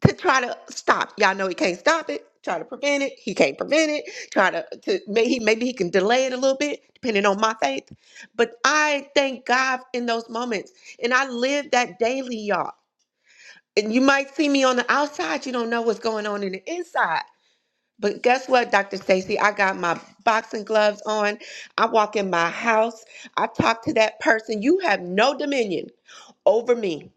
Speaker 4: to try to stop. Y'all know he can't stop it. Try to prevent it. He can't prevent it. Try to, to maybe he maybe he can delay it a little bit, depending on my faith. But I thank God in those moments, and I live that daily, y'all. And you might see me on the outside. You don't know what's going on in the inside. But guess what, Dr. Stacy? I got my boxing gloves on. I walk in my house. I talk to that person. You have no dominion over me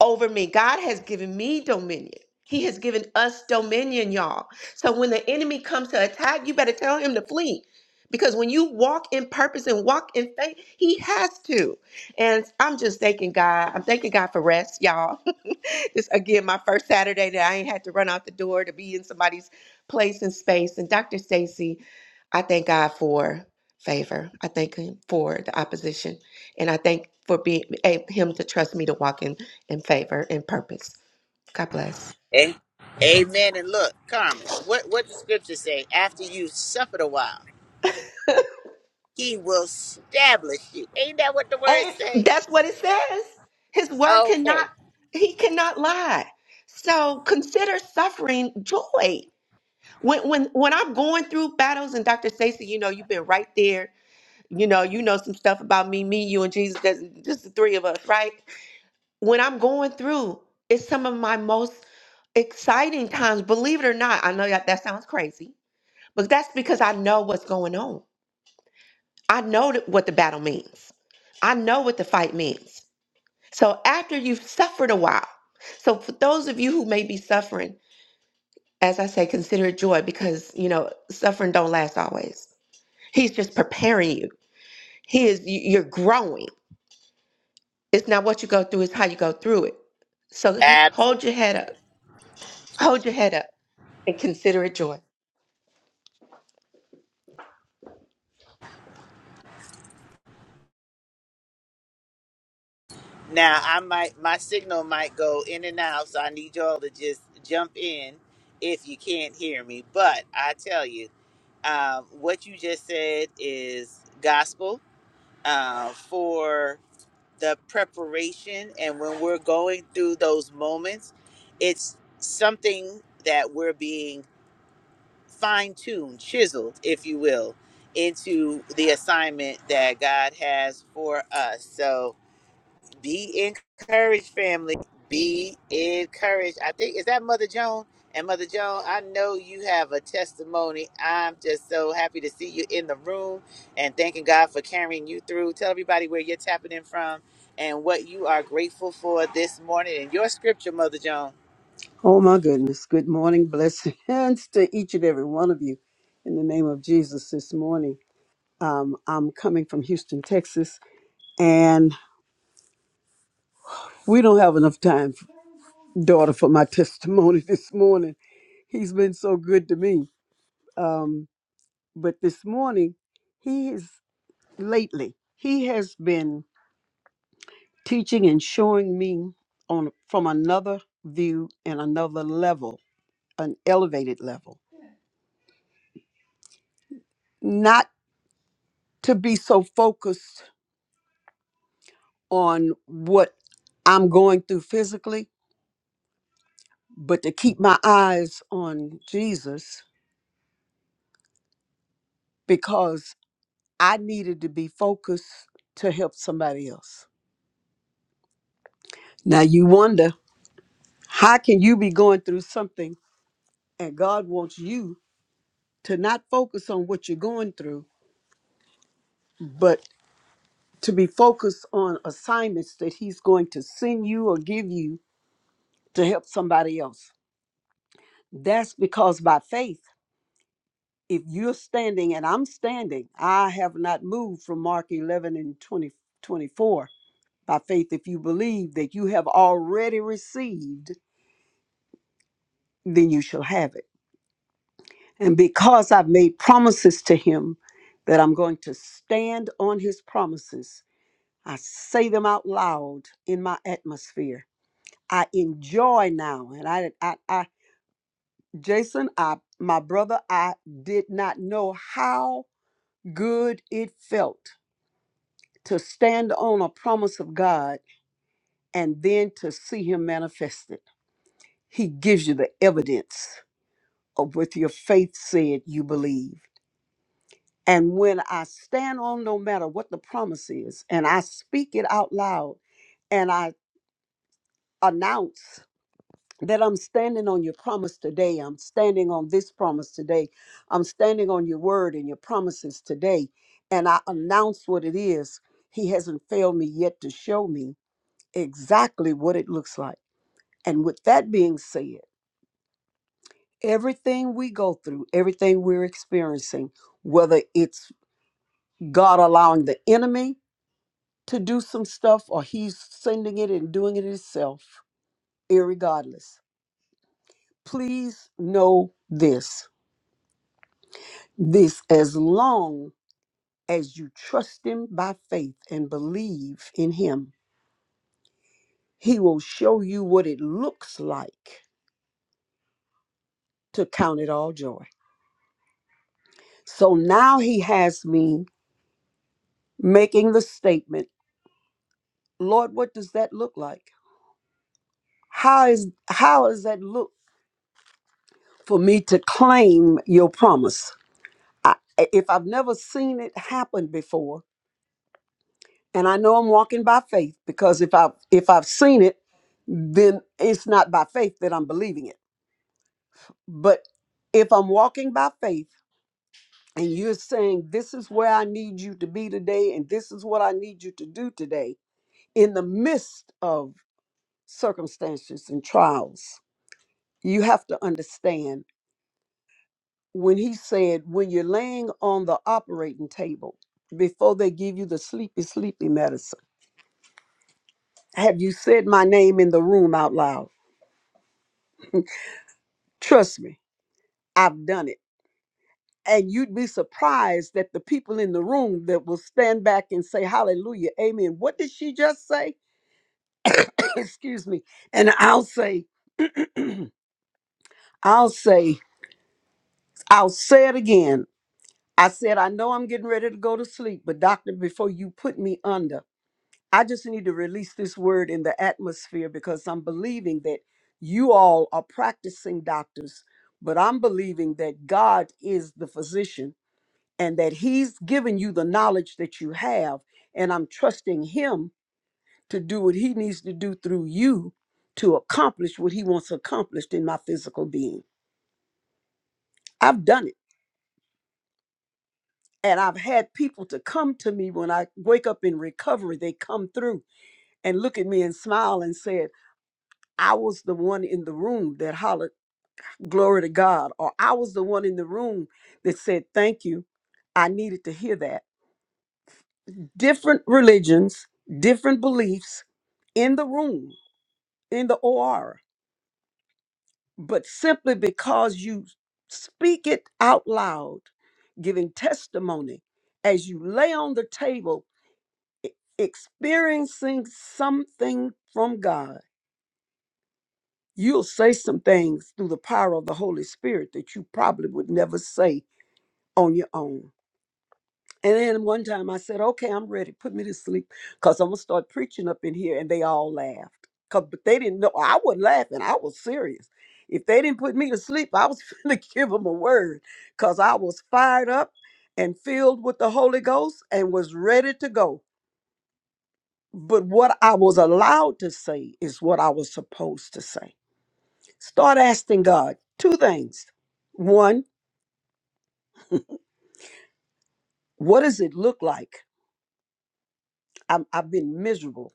Speaker 4: over me. God has given me dominion. He has given us dominion, y'all. So when the enemy comes to attack, you better tell him to flee. Because when you walk in purpose and walk in faith, he has to. And I'm just thanking God. I'm thanking God for rest, y'all. [LAUGHS] this again, my first Saturday that I ain't had to run out the door to be in somebody's place and space. And Dr. Stacy, I thank God for favor. I thank him for the opposition. And I thank for being a- him to trust me to walk in and favor and purpose. God bless.
Speaker 1: Eh? Amen. And look, Carmen, what what the scripture say? After you suffered a while, he will establish you. Ain't that what the words
Speaker 4: And
Speaker 1: say?
Speaker 4: that's what it says. His word cannot,
Speaker 1: Okay.
Speaker 4: he cannot lie. So consider suffering joy. When when when I'm going through battles and Dr. Stacy, you know, you've been right there. You know, you know some stuff about me, me, you and Jesus. That's just the three of us, right? When I'm going through, it's some of my most exciting times, believe it or not. I know that, that sounds crazy, but that's because I know what's going on. I know th- what the battle means. I know what the fight means. So after you've suffered a while, so for those of you who may be suffering, as I say, consider it joy because you know suffering don't last always. He's just preparing you. He is you- you're growing. It's not what you go through; it's how you go through it. So hey,
Speaker 1: Absolutely.
Speaker 4: hold your head up. Hold your head up and consider it joy.
Speaker 1: Now I might my signal might go in and out, so I need y'all to just jump in if you can't hear me. But I tell you, um, what you just said is gospel uh, for the preparation and when we're going through those moments it's something that we're being fine-tuned chiseled if you will into the assignment that god has for us so be encouraged, family. Be encouraged. I think is that Mother Joan? And Mother Joan, I know you have a testimony. I'm just so happy to see you in the room and thanking God for carrying you through. Tell everybody where you're tapping in from and what you are grateful for this morning and your scripture, Mother Joan.
Speaker 5: Oh my goodness. Good morning. Blessings [LAUGHS] to each and every one of you in the name of Jesus this morning. Um, I'm coming from Houston, Texas, and we don't have enough time, daughter, for my testimony [LAUGHS] this morning. He's been so good to me. Um, but this morning, he is lately, he has been teaching and showing me on from another view and another level, an elevated level, not to be so focused on what I'm going through physically, but to keep my eyes on Jesus because I needed to be focused to help somebody else. Now you wonder, how can you be going through something and God wants you to not focus on what you're going through, but to be focused on assignments that he's going to send you or give you to help somebody else. That's because by faith if you're standing and I'm standing, I have not moved from Mark 11 and 20 24 By faith, if you believe that you have already received, then you shall have it. And because I've made promises to him that I'm going to stand on his promises, I say them out loud in my atmosphere. I enjoy now. And I, I, I Jason, I, my brother, I did not know how good it felt to stand on a promise of God and then to see Him manifested. He gives you the evidence of what your faith said you believed. And when I stand on, no matter what the promise is, and I speak it out loud and I announce that I'm standing on your promise today, I'm standing on this promise today, I'm standing on your word and your promises today, and I announce what it is, He hasn't failed me yet to show me. exactly what it looks like. And with that being said, everything we go through, everything we're experiencing, whether it's God allowing the enemy to do some stuff or he's sending it and doing it himself, irregardless, please know this. This, as long as you trust him by faith and believe in him, he will show you what it looks like to count it all joy. So now he has me making the statement, Lord, what does that look like? How is how does that look for me to claim your promise? I, if I've never seen it happen before, and I know I'm walking by faith because if I if I've seen it, then it's not by faith that I'm believing it. But if I'm walking by faith and you're saying this is where I need you to be today and this is what I need you to do today in the midst of circumstances and trials, you have to understand when he said, when you're laying on the operating table, before they give you the sleepy, sleepy medicine, have you said my name in the room out loud? Trust me, I've done it. And you'd be surprised that the people in the room that will stand back and say, Hallelujah, Amen. What did she just say? [COUGHS] Excuse me. And I'll say, [CLEARS THROAT] I'll say, I'll say it again. I said, I know I'm getting ready to go to sleep, but doctor, before you put me under, I just need to release this word in the atmosphere because I'm believing that you all are practicing doctors, but I'm believing that God is the physician and that He's given you the knowledge that you have. And I'm trusting Him to do what He needs to do through you to accomplish what He wants accomplished in my physical being. I've done it. And I've had people to come to me when I wake up in recovery. They come through and look at me and smile and say. I was the one in the room that hollered, Glory to God, or I was the one in the room that said, Thank you. I needed to hear that. Different religions, different beliefs in the room, in the OR, but simply because you speak it out loud, giving testimony as you lay on the table, e- experiencing something from God, you'll say some things through the power of the Holy Spirit that you probably would never say on your own. And then one time I said, okay, I'm ready. Put me to sleep because I'm going to start preaching up in here. And they all laughed. Cause, but they didn't know. I wasn't laughing. I was serious. If they didn't put me to sleep, I was [LAUGHS] going to give them a word because I was fired up and filled with the Holy Ghost and was ready to go. But what I was allowed to say is what I was supposed to say. Start asking God two things. One, what does it look like? I'm, I've been miserable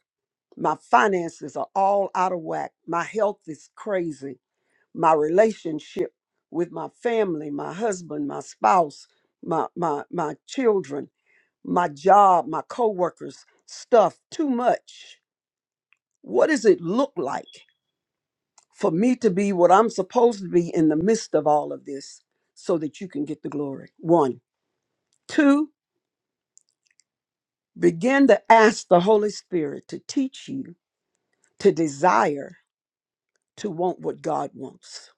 Speaker 5: My finances are all out of whack. My health is crazy. My relationship with my family, my husband, my spouse, my my my children, my job, my coworkers, stuff too much. What does it look like for me to be what I'm supposed to be in the midst of all of this so that you can get the glory? One. Two, begin to ask the Holy Spirit to teach you to desire to want what God wants.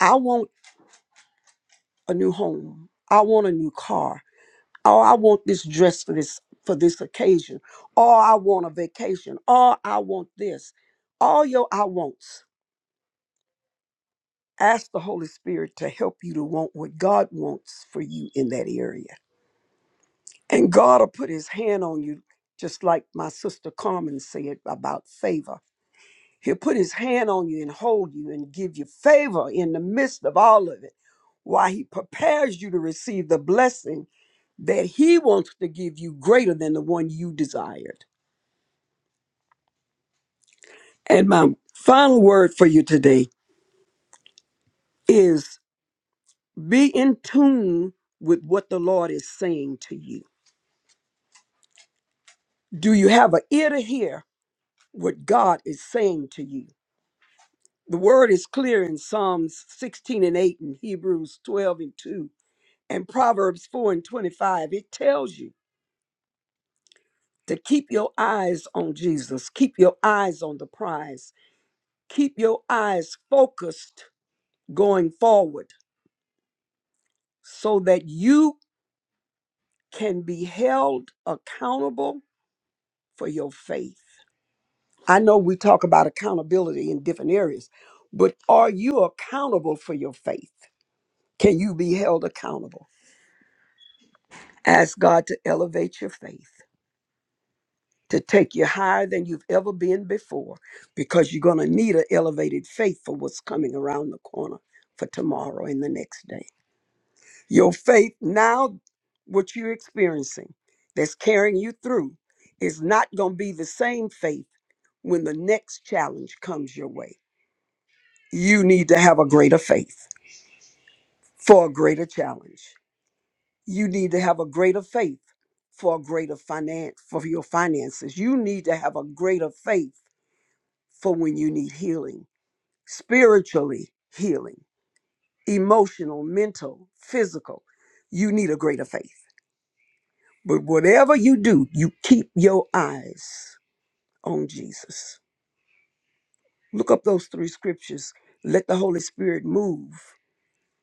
Speaker 5: I want a new home. I want a new car. Or I want this dress for this for this occasion. Or I want a vacation. Or I want this. All your I wants. Ask the Holy Spirit to help you to want what God wants for you in that area. And God will put his hand on you, just like my sister Carmen said about favor. He'll put his hand on you and hold you and give you favor in the midst of all of it while he prepares you to receive the blessing that he wants to give you greater than the one you desired. And my final word for you today is be in tune with what the Lord is saying to you. Do you have an ear to hear what God is saying to you? The word is clear in Psalms 16 and 8 and Hebrews 12 and 2 and Proverbs 4 and 25, it tells you to keep your eyes on Jesus, keep your eyes on the prize, keep your eyes focused going forward so that you can be held accountable for your faith. I know we talk about accountability in different areas, but are you accountable for your faith? Can you be held accountable? Ask God to elevate your faith. to take you higher than you've ever been before because you're going to need an elevated faith for what's coming around the corner for tomorrow and the next day. Your faith now, what you're experiencing that's carrying you through, is not going to be the same faith when the next challenge comes your way. You need to have a greater faith for a greater challenge. You need to have a greater faith for a greater finance for your finances. You need to have a greater faith for when you need healing, spiritually healing, emotional, mental, physical. You need a greater faith. But whatever you do, you keep your eyes on Jesus. Look up those three scriptures. Let the Holy Spirit move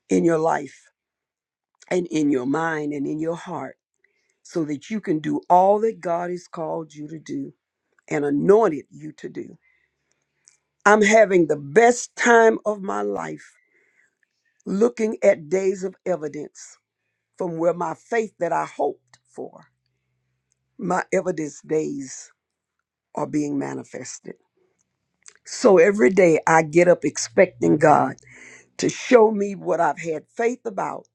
Speaker 5: in your life and in your mind and in your heart so that you can do all that God has called you to do and anointed you to do. I'm having the best time of my life looking at days of evidence from where my faith that I hoped for, my evidence days are being manifested. So every day I get up expecting God to show me what I've had faith about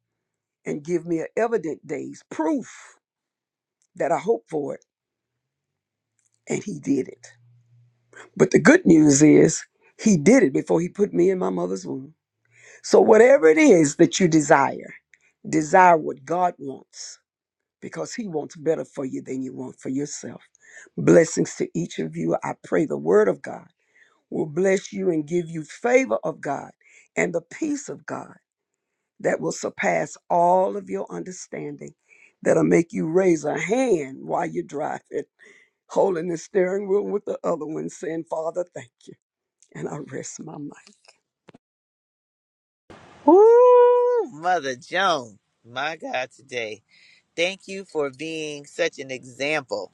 Speaker 5: and give me a evident days proof that I hope for it. And he did it. But the good news is he did it before he put me in my mother's womb. So whatever it is that you desire, desire what God wants because He wants better for you than you want for yourself. Blessings to each of you. I pray the Word of God will bless you and give you favor of God and the peace of God that will surpass all of your understanding, that'll make you raise a hand while you're driving, holding the steering wheel with the other one, saying, Father, thank you. And I rest my mind.
Speaker 1: Woo, Mother Joan. My God, today. Thank you for being such an example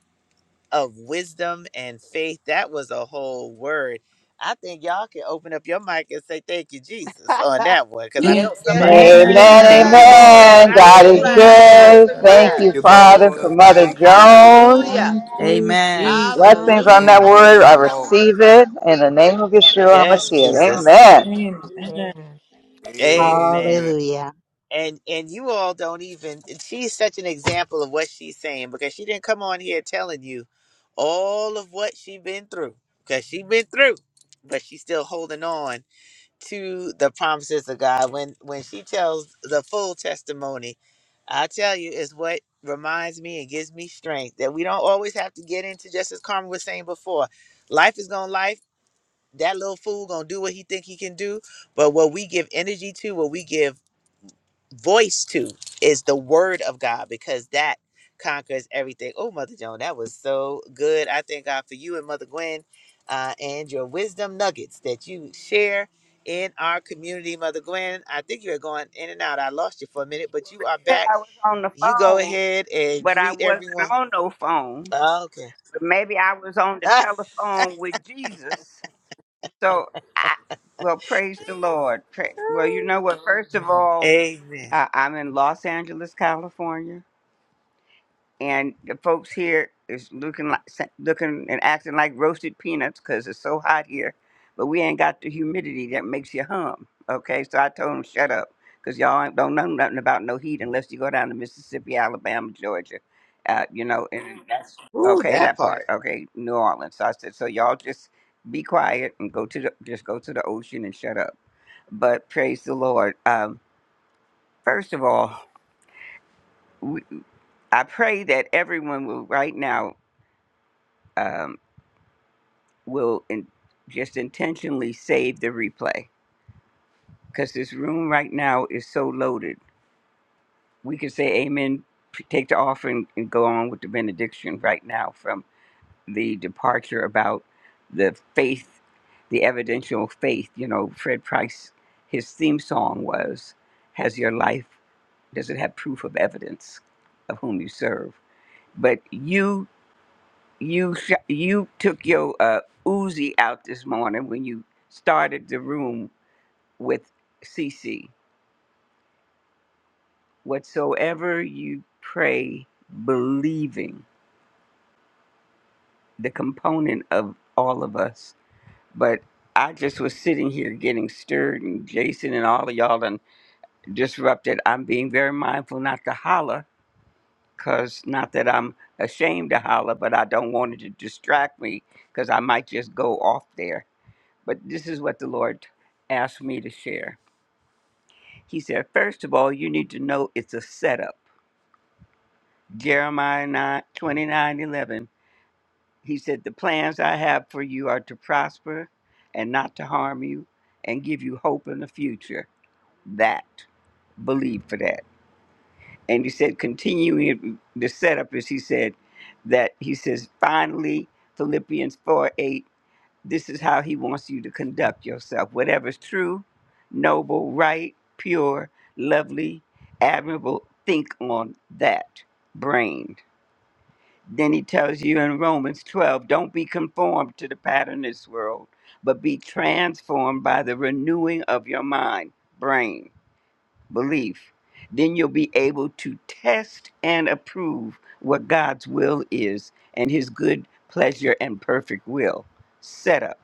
Speaker 1: of wisdom and faith. That was a whole word. I think y'all can open up your mic and say thank you, Jesus,
Speaker 3: [LAUGHS]
Speaker 1: on that one, because I
Speaker 3: Yes,
Speaker 1: know
Speaker 3: yes,
Speaker 1: somebody
Speaker 4: Thank
Speaker 3: yes,
Speaker 4: you,
Speaker 1: shouted.
Speaker 6: Amen,
Speaker 4: Jesus.
Speaker 7: Amen.
Speaker 8: Thank
Speaker 3: yes.
Speaker 8: you,
Speaker 7: Thank
Speaker 8: Lord.
Speaker 2: That's uh,
Speaker 7: you,
Speaker 6: amen. God
Speaker 4: Glory.
Speaker 6: is
Speaker 3: Masterclass,
Speaker 7: Jesus.
Speaker 6: good. Thank
Speaker 1: Ooh,
Speaker 3: masterclass.
Speaker 6: you,
Speaker 2: glory be to
Speaker 6: Father, for
Speaker 2: God.
Speaker 6: Mother Jones.
Speaker 3: Hallelujah.
Speaker 7: Thank you,
Speaker 9: Amen.
Speaker 7: Jesus.
Speaker 6: Blessings
Speaker 3: Hallelujah.
Speaker 6: on that
Speaker 1: mm-mm.
Speaker 6: word. I receive it in the name of Yeshua
Speaker 1: Yes,
Speaker 6: HaMashiach.
Speaker 1: Jesus.
Speaker 6: Amen.
Speaker 7: Amen.
Speaker 1: Amen.
Speaker 10: Hallelujah.
Speaker 1: And and you all don't even she's such an example of what she's saying because she didn't come on here telling you all of what she been through. Because she been through, but she's still holding on to the promises of God. When when she tells the full testimony, I tell you, is what reminds me and gives me strength that we don't always have to get into just as Carmen was saying before. Life is gonna life. That little fool gonna do what he think he can do. But what we give energy to, what we give voice to is the word of God because that conquers everything. Oh, Mother Joan, that was so good. I thank God for you and Mother Gwen uh, and your wisdom nuggets that you share in our community, Mother Gwen. I think you were going in and out. I lost you for a minute, but you are
Speaker 8: Said
Speaker 1: back.
Speaker 8: I was on the
Speaker 1: You go
Speaker 8: phone,
Speaker 1: ahead and
Speaker 8: but I
Speaker 1: greet
Speaker 8: wasn't
Speaker 1: everyone.
Speaker 8: on no phone.
Speaker 1: Oh, Okay. [LAUGHS]
Speaker 8: But maybe I was on the
Speaker 1: Ah,
Speaker 8: telephone with Jesus. So I well, praise the Lord. Pra- well, you know what? First of all,
Speaker 1: amen.
Speaker 8: uh, I'm in Los Angeles, California. and the folks here is looking like looking and acting like roasted peanuts because it's so hot here but we ain't got the humidity that makes you hum okay so i told them shut up because y'all ain't- don't know nothing about no heat unless you go down to mississippi alabama georgia uh, you know and that's
Speaker 1: Ooh,
Speaker 8: okay
Speaker 1: that
Speaker 8: that part
Speaker 1: part.
Speaker 8: okay new orleans so i said so y'all just be quiet and go to the just go to the ocean and shut up but praise the lord um, first of all we, i pray that everyone will right now Um, will in, just intentionally save the replay because this room right now is so loaded. We could say amen, p- take the offering, and go on with the benediction right now from the departure about the faith, the evidential faith. You know, Fred Price, his theme song was, Has your life, does it have proof of evidence of whom you serve? But you, you, sh- you took your uh, Uzi out this morning when you started the room with CC. Whatsoever you pray, believing, the component of all of us. But I just was sitting here getting stirred, and Jason and all of y'all done disrupted. I'm being very mindful not to holler, because not that I'm ashamed to holler, but I don't want it to distract me, because I might just go off there. But this is what the Lord asked me to share. He said, First of all, you need to know it's a setup Jeremiah 9 29 11. He said, The plans I have for you are to prosper and not to harm you and give you hope in the future. That, believe for that. And he said, continuing the setup is he said that he says, finally, Philippians 4 8, this is how he wants you to conduct yourself. Whatever's true, noble, right, pure, lovely, admirable, think on that brain Then he tells you in Romans 12, don't be conformed to the pattern of this world, but be transformed by the renewing of your mind, brain, belief. Then you'll be able to test and approve what God's will is and his good pleasure and perfect will. Set up.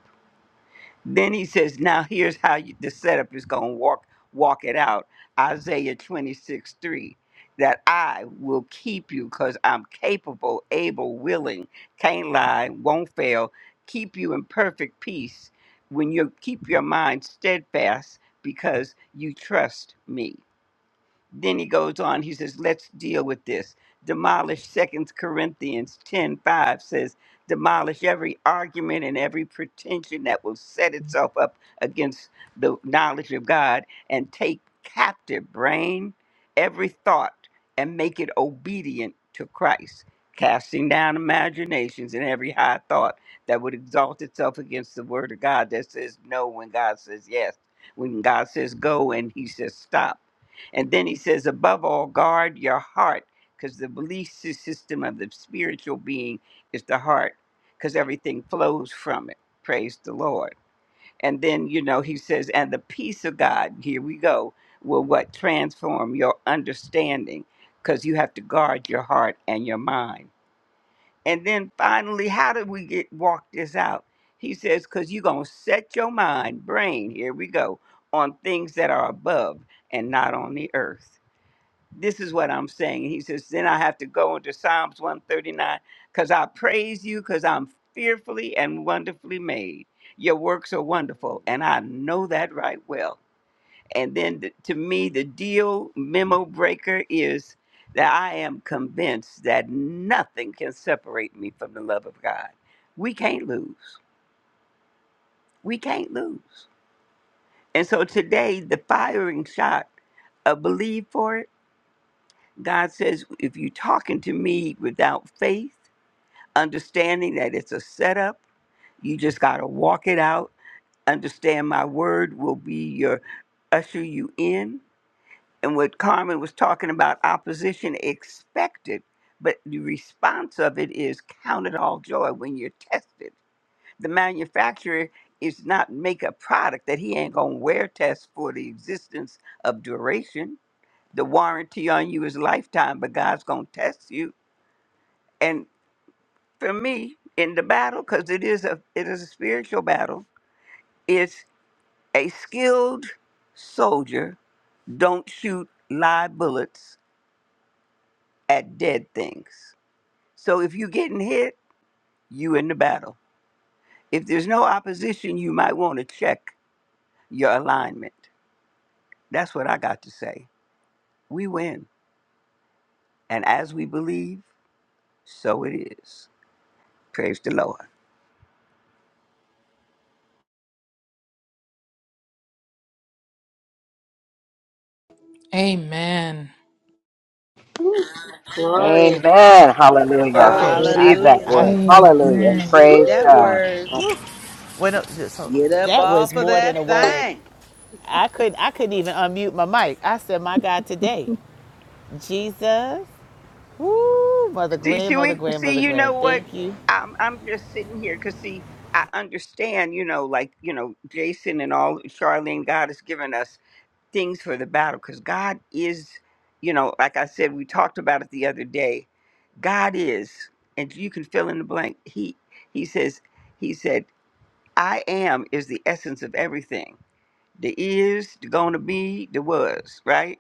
Speaker 8: Then he says, now here's how you, the setup is going to walk, walk it out. Isaiah 26, 3, that I will keep you because I'm capable, able, willing, can't lie, won't fail, keep you in perfect peace when you keep your mind steadfast because you trust me. Then he goes on, he says, let's deal with this. Demolish Second Corinthians ten five 5 says, demolish every argument and every pretension that will set itself up against the knowledge of God and take captive brain, every thought, and make it obedient to Christ, casting down imaginations and every high thought that would exalt itself against the word of God that says no when God says yes, when God says go and he says stop. And then he says, above all, guard your heart, because the belief sy- system of the spiritual being is the heart, because everything flows from it. Praise the Lord. And then, you know, he says, and the peace of God, here we go, will what transform your understanding, because you have to guard your heart and your mind. And then finally, how do we get walk this out? He says, because you're going to set your mind, brain, here we go, on things that are above and not on the earth this is what I'm saying. He says, then I have to go into Psalms 139 because I praise you because I'm fearfully and wonderfully made. Your works are wonderful, and I know that right well. And then the, to me, the deal memo breaker is that I am convinced that nothing can separate me from the love of God. We can't lose. We can't lose. And so today, the firing shot of believe for it God says, if you're talking to me without faith, understanding that it's a setup, you just got to walk it out. Understand my word will be your usher you in. And what Carmen was talking about, opposition expected, but the response of it is count it all joy when you're tested. The manufacturer is not make a product that he ain't gonna wear test for the existence of duration. The warranty on you is lifetime, but God's gonna test you and for me in the battle because it is a it is a spiritual battle it's a skilled soldier don't shoot live bullets at dead things so if you're getting hit you in the battle if there's no opposition you might want to check your alignment that's what i got to say we win and as we believe so it is praise the lord
Speaker 7: Amen.
Speaker 6: Amen. Hallelujah.
Speaker 1: Okay. I
Speaker 6: Receive
Speaker 10: Amen.
Speaker 6: that
Speaker 3: Hallelujah.
Speaker 1: I
Speaker 6: word. Hallelujah.
Speaker 7: Amen.
Speaker 3: Receive
Speaker 6: Praise
Speaker 3: that
Speaker 6: God.
Speaker 3: word.
Speaker 1: went up. So
Speaker 3: Get up
Speaker 1: that was
Speaker 3: off of
Speaker 1: more than a
Speaker 3: that
Speaker 1: word.
Speaker 3: thing.
Speaker 1: I could I couldn't even unmute my mic. I said, "My God, today, Jesus, woo, Mother
Speaker 8: See,
Speaker 1: Gwen,
Speaker 8: see,
Speaker 1: Mother
Speaker 8: we
Speaker 1: Gwen,
Speaker 8: see.
Speaker 1: Mother
Speaker 8: You
Speaker 1: Gwen,
Speaker 8: know what?
Speaker 1: thank you,
Speaker 8: I'm I'm just sitting here because see, I understand. You know, like you know, Jason and all Charlene. God has given us things for the battle because God is. You know, like I said, we talked about it the other day. God is, and you can fill in the blank. He he says he said, "I am" is the essence of everything. The is, the gonna be, the was. Right?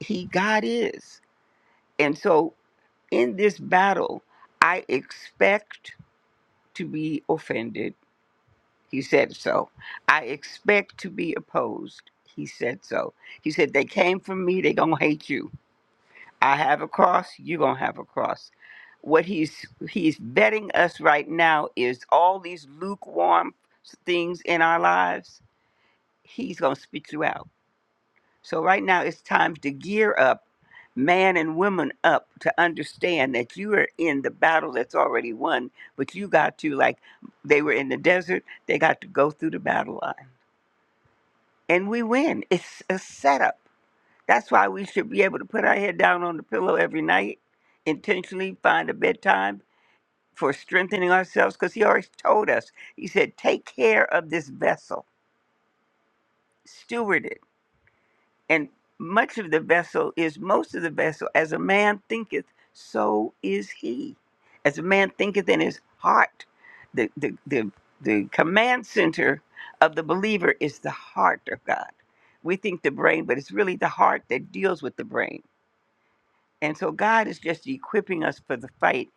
Speaker 8: He God is, and so. In this battle, I expect to be offended. He said so. I expect to be opposed. He said so. He said, They came from me, they gonna hate you. I have a cross, you gonna have a cross. What he's he's betting us right now is all these lukewarm things in our lives, he's gonna spit you out So right now it's time to gear up, man and woman up to understand that you are in the battle that's already won, but you got to like they were in the desert, they got to go through the battle line. And we win. It's a setup. That's why we should be able to put our head down on the pillow every night, intentionally find a bedtime for strengthening ourselves because he always told us. He said, "Take care of this vessel, steward it." and much of the vessel is most of the vessel. As a man thinketh, so is he. As a man thinketh in his heart, the the the, the command center of the believer is the heart of God. We think the brain, but it's really the heart that deals with the brain. And so God is just equipping us for the fight.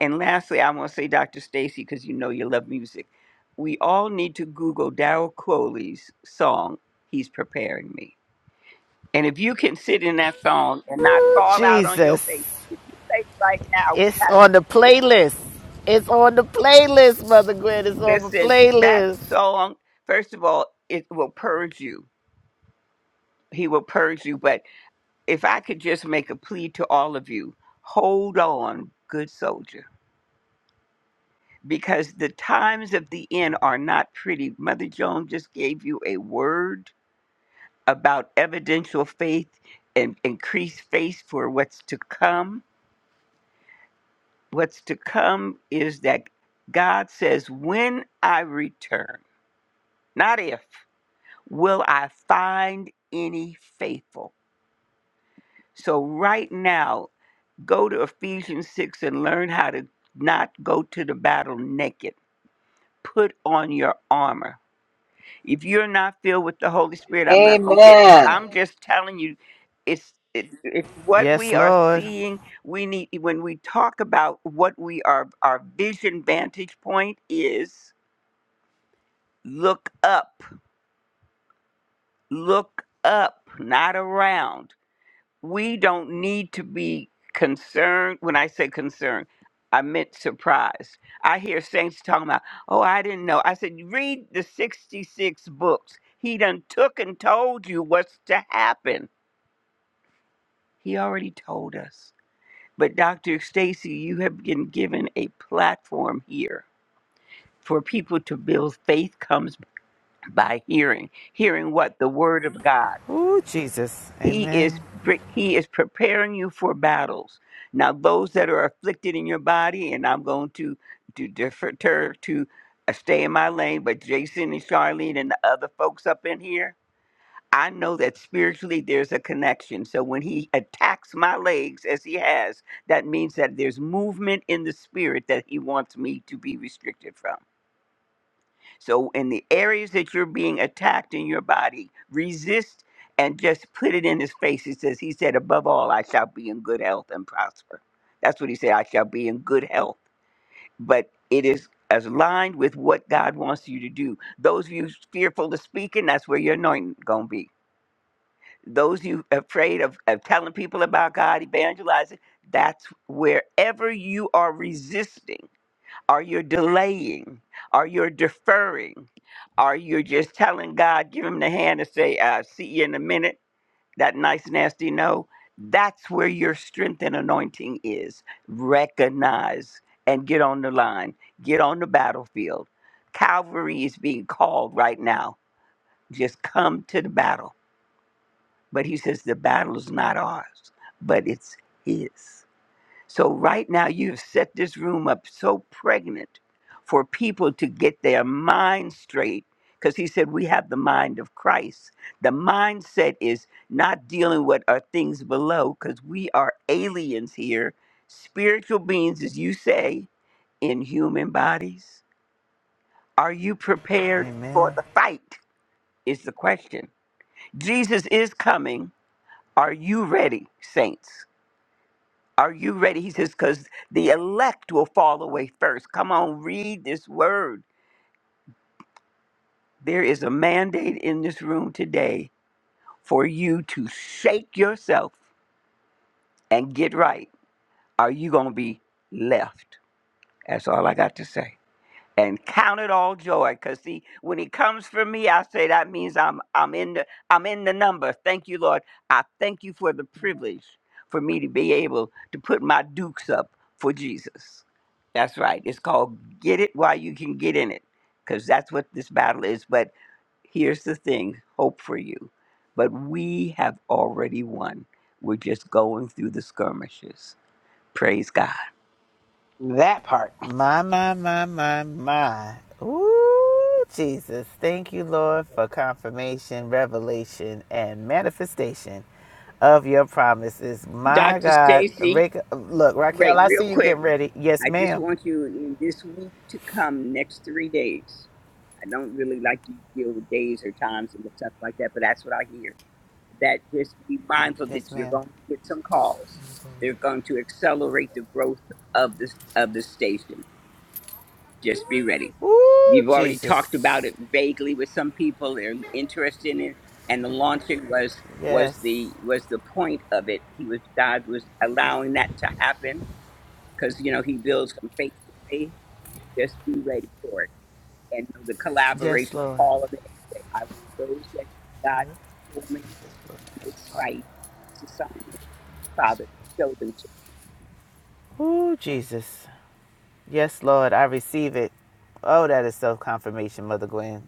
Speaker 8: And lastly, I want to say, Dr. Stacy, because you know you love music, we all need to Google Darrell Crowley's song, He's Preparing Me and if you can sit in that song and not fall out on your
Speaker 1: Jesus.
Speaker 8: face, if you played it right now, we
Speaker 1: It's
Speaker 8: have
Speaker 1: on the
Speaker 8: listen,
Speaker 1: playlist. It's on the playlist, Mother Gwen. It's on the
Speaker 8: listen. That
Speaker 1: playlist.
Speaker 8: song, first of all, it will purge you. He will purge you. But if I could just make a plea to all of you, hold on, good soldier, because the times of the end are not pretty. Mother Joan just gave you a word about evidential faith and increased faith for what's to come What's to come is that God says, When I return, not if, will I find any faithful. So, right now, go to Ephesians 6 and learn how to not go to the battle naked. Put on your armor. If you're not filled with the Holy Spirit, I'm not going to get,
Speaker 6: Amen.
Speaker 8: I'm just telling you, it's, it, it's what
Speaker 1: Yes,
Speaker 8: we are
Speaker 1: Lord.
Speaker 8: seeing. We need, when we talk about what we are, our vision vantage point is, Look up, look up, not around. We don't need to be concerned. When I say concerned, I meant surprised. I hear saints talking about, oh, I didn't know. I said, read the 66 books. He done took and told you what's to happen. He already told us. But Dr. Stacy, you have been given a platform here for people to build faith comes by hearing. Hearing what? The word of God.
Speaker 1: Ooh, Jesus.
Speaker 8: He is
Speaker 1: Amen.
Speaker 8: br- he is preparing you for battles. Now, those that are afflicted in your body, and I'm going to to defer to uh, stay in my lane. But Jason and Charlene and the other folks up in here, I know that spiritually there's a connection. So when he attacks my legs as he has, that means that there's movement in the spirit that he wants me to be restricted from. So, in the areas that you're being attacked in your body, resist and just put it in his face. He says, He said, Above all, I shall be in good health and prosper. That's what he said, I shall be in good health. But it is as aligned with what God wants you to do. Those of you fearful of speaking, that's where your anointing going to be. Those of you afraid of, of telling people about God, evangelizing, that's wherever you are resisting or you're delaying, or you're deferring, or you're just telling God, give him the hand and say, uh, see you in a minute, that nice, nasty no, that's where your strength and anointing is. Recognize and get on the line, get on the battlefield. Calvary is being called right now. Just come to the battle. But he says the battle is not ours, but it's his. So, right now, you've set this room up so pregnant for people to get their mind straight. Because he said, We have the mind of Christ. The mindset is not dealing with our things below, because we are aliens here, spiritual beings, as you say, in human bodies. Are you prepared
Speaker 1: Amen.
Speaker 8: for the fight? Is the question. Jesus is coming. Are you ready, saints? Are you ready? He says, because the elect will fall away first. Come on, read this word. There is a mandate in this room today for you to shake yourself and get right. Are you going to be left? That's all I got to say. and count it all joy because see when he comes for me i say that means i'm i'm in the i'm in the number thank you lord i thank you for the privilege for me to be able to put my dukes up for jesus that's right it's called get it while you can get in it because that's what this battle is but here's the thing hope for you but we have already won we're just going through the skirmishes praise god
Speaker 3: That part.
Speaker 1: My, my, my, my, my. Ooh, Jesus. Thank you, Lord, for confirmation, revelation, and manifestation of your promises. My
Speaker 8: dr
Speaker 1: God.
Speaker 8: stacy
Speaker 1: Rick, look, Raquel,
Speaker 8: Right,
Speaker 1: I
Speaker 8: real
Speaker 1: see you
Speaker 8: quick.
Speaker 1: getting ready. Yes,
Speaker 8: I just
Speaker 1: ma'am.
Speaker 8: want you in this week to come, next three days. I don't really like to deal with days or times and stuff like that, but that's what I hear. That just be mindful
Speaker 1: Yes,
Speaker 8: that you're
Speaker 1: ma'am.
Speaker 8: going to get some calls. They're going to accelerate the growth of this of the station. Just be ready.
Speaker 1: Ooh,
Speaker 8: We've already talked about
Speaker 1: Jesus.
Speaker 8: it vaguely with some people. They're interested in it, and the launching was was
Speaker 1: Yes.
Speaker 8: the was the point of it. He was God was allowing that to happen because you know he builds from faith to faith. Just be ready for it, and know the
Speaker 1: Yes,
Speaker 8: collaboration.
Speaker 1: Lord.
Speaker 8: Call of it, and say, "I want those that God has for me in this fight, in this assignment. Father, show them to me."
Speaker 1: Ooh, Jesus. Yes, Lord, I receive it. Oh, that is self confirmation, Mother Gwen.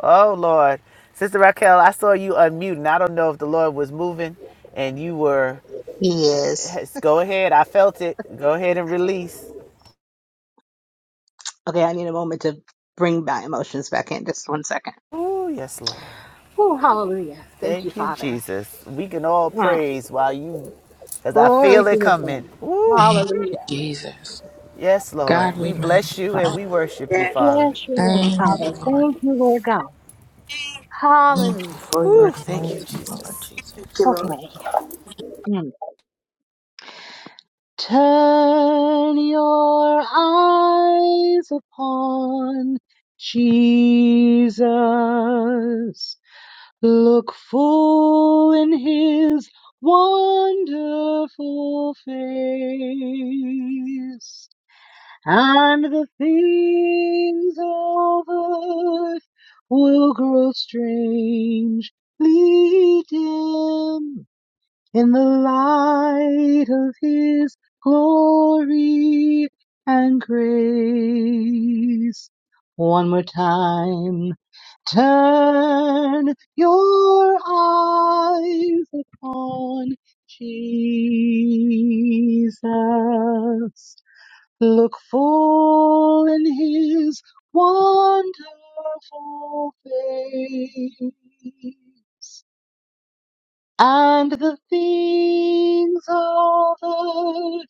Speaker 1: Oh, Lord. Sister Raquel, I saw you unmuting. I don't know if the Lord was moving and you were.
Speaker 10: He is.
Speaker 1: Yes, go ahead. I felt it. Go ahead and release.
Speaker 10: Okay, I need a moment to bring my emotions back in. Just one second
Speaker 1: Oh, yes, Lord. Thank you,
Speaker 10: there.
Speaker 1: Jesus. We can all
Speaker 10: Mm.
Speaker 1: praise while you, because I
Speaker 10: Glory
Speaker 1: feel it
Speaker 10: to his name.
Speaker 1: coming. Ooh,
Speaker 7: Thank you,
Speaker 10: Hallelujah.
Speaker 7: Jesus.
Speaker 1: yes, Lord.
Speaker 7: God, we
Speaker 1: We bless you and
Speaker 7: magnify.
Speaker 1: we worship you, Father.
Speaker 7: Thank you,
Speaker 10: Thank
Speaker 7: Lord.
Speaker 10: God.
Speaker 1: Ooh,
Speaker 7: Thank
Speaker 10: Hallelujah.
Speaker 7: you for your
Speaker 1: ooh, thank you,
Speaker 7: anointing, Lord
Speaker 1: Jesus.
Speaker 7: Jesus.
Speaker 10: Mm. Turn your eyes upon Jesus. Look full in his wonderful face. and the things of earth will grow strangely dim in the light of his glory and grace. One more time, turn your eyes upon Jesus Look full in his wonderful face, and the things of earth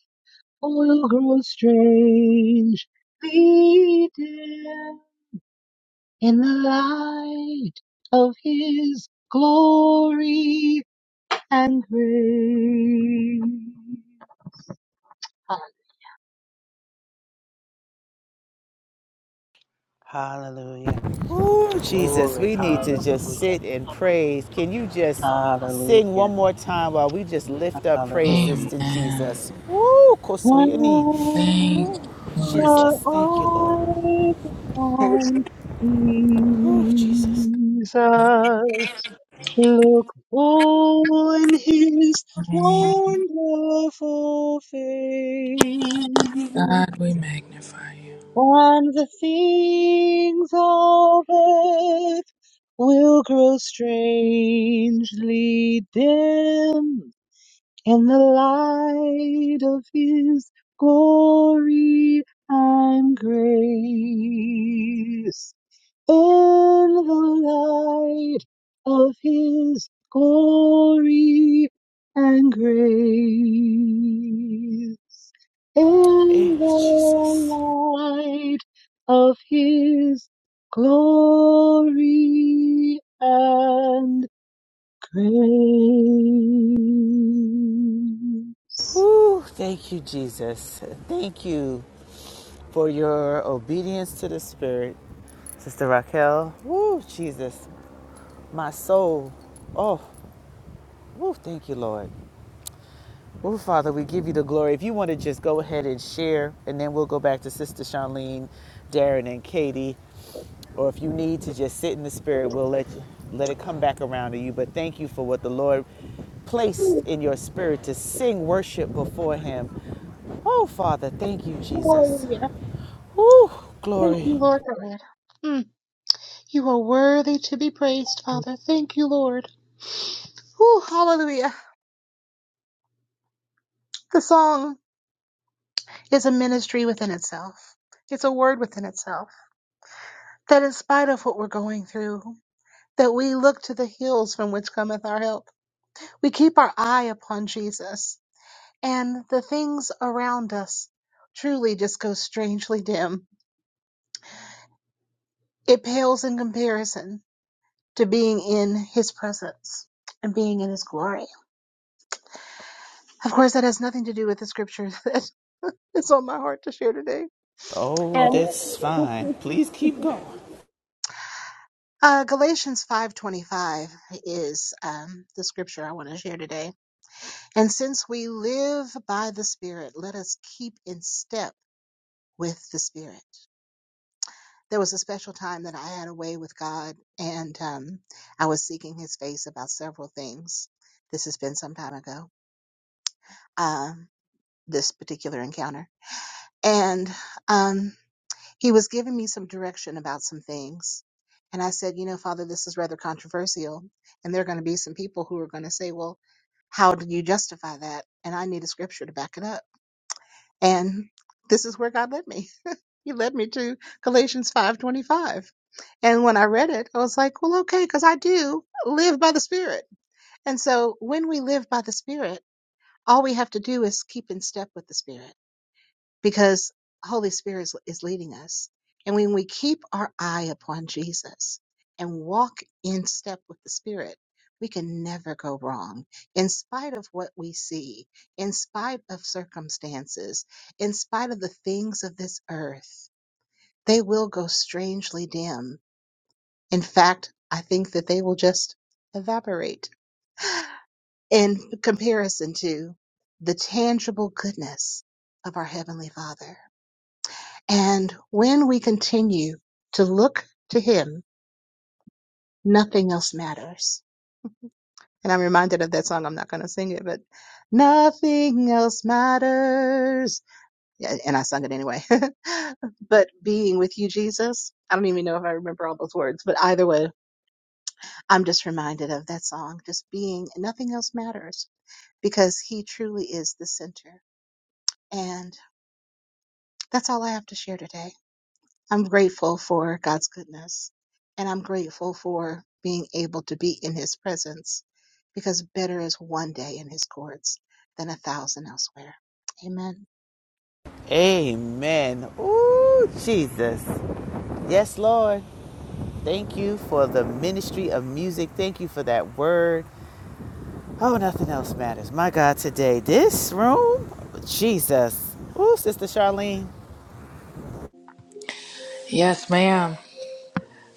Speaker 10: will grow strangely dim in the light of his glory and grace.
Speaker 3: Hallelujah.
Speaker 1: Ooh, Jesus,
Speaker 3: Glory.
Speaker 1: we need to just
Speaker 3: Hallelujah.
Speaker 1: sit and praise. Can you just sing
Speaker 3: Hallelujah.
Speaker 1: one more time while we just lift up praises
Speaker 3: Hallelujah.
Speaker 1: to
Speaker 7: Amen.
Speaker 1: Jesus? Ooh, kosoyeni.
Speaker 7: Thank
Speaker 1: Ooh,
Speaker 10: And
Speaker 7: you, Lord.
Speaker 1: Jesus,
Speaker 10: your
Speaker 1: thank you, Lord.
Speaker 10: eyes upon
Speaker 1: Ooh, Jesus.
Speaker 10: Jesus, look full in his
Speaker 7: Thank you.
Speaker 10: wonderful face
Speaker 7: God, we magnify you.
Speaker 10: and the things of earth will grow strangely dim in the light of his glory and grace. In the light of his glory and grace.
Speaker 1: Thank
Speaker 10: In
Speaker 1: you,
Speaker 10: the
Speaker 1: Jesus.
Speaker 10: light of his glory and praise.
Speaker 1: Ooh, thank you, Jesus. Thank you for your obedience to the Spirit. Sister Raquel, Ooh, Jesus, my soul. Oh, ooh, thank you, Lord. Well, Father, we give you the glory. If you want to just go ahead and share, and then we'll go back to Sister Charlene, Darren, and Katie. Or if you need to just sit in the Spirit, we'll let you, let it come back around to you. But thank you for what the Lord placed in your spirit to sing worship before Him. Oh, Father, thank you, Jesus.
Speaker 10: Hallelujah.
Speaker 1: Woo,
Speaker 10: Thank
Speaker 1: glory.
Speaker 10: you, Lord God. Mm. You are worthy to be praised, Father. Thank you, Lord. Whew, hallelujah. The song is a ministry within itself. It's a word within itself. That in spite of what we're going through, that we look to the hills from which cometh our help. We keep our eye upon Jesus, and the things around us truly just go strangely dim It pales in comparison to being in his presence and being in his glory. Of course, that has nothing to do with the scripture [LAUGHS] that is on my heart to share today.
Speaker 1: Oh,
Speaker 10: And
Speaker 1: that's fine. Please keep going.
Speaker 10: [LAUGHS] uh, Galatians 5:25
Speaker 1: Amen. Ooh, Jesus. Yes, Lord. Thank you for the ministry of music. Thank you for that word. Oh, nothing else matters. My God, today, this room, Jesus. Ooh, Sister Charlene.
Speaker 7: Yes, ma'am.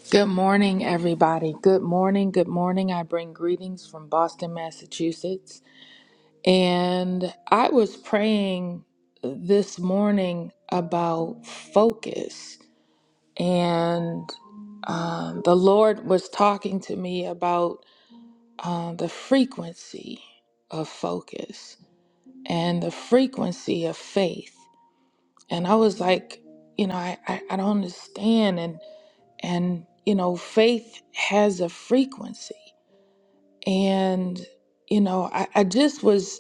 Speaker 7: Good morning, everybody. Good morning. Good morning. I bring greetings from Boston, Massachusetts. And I was praying this morning about focus. And um, the Lord was talking to me about uh, the frequency of focus and the frequency of faith. And I was like, you know, I, I, I don't understand. And, and, you know, faith has a frequency and you know I, I just was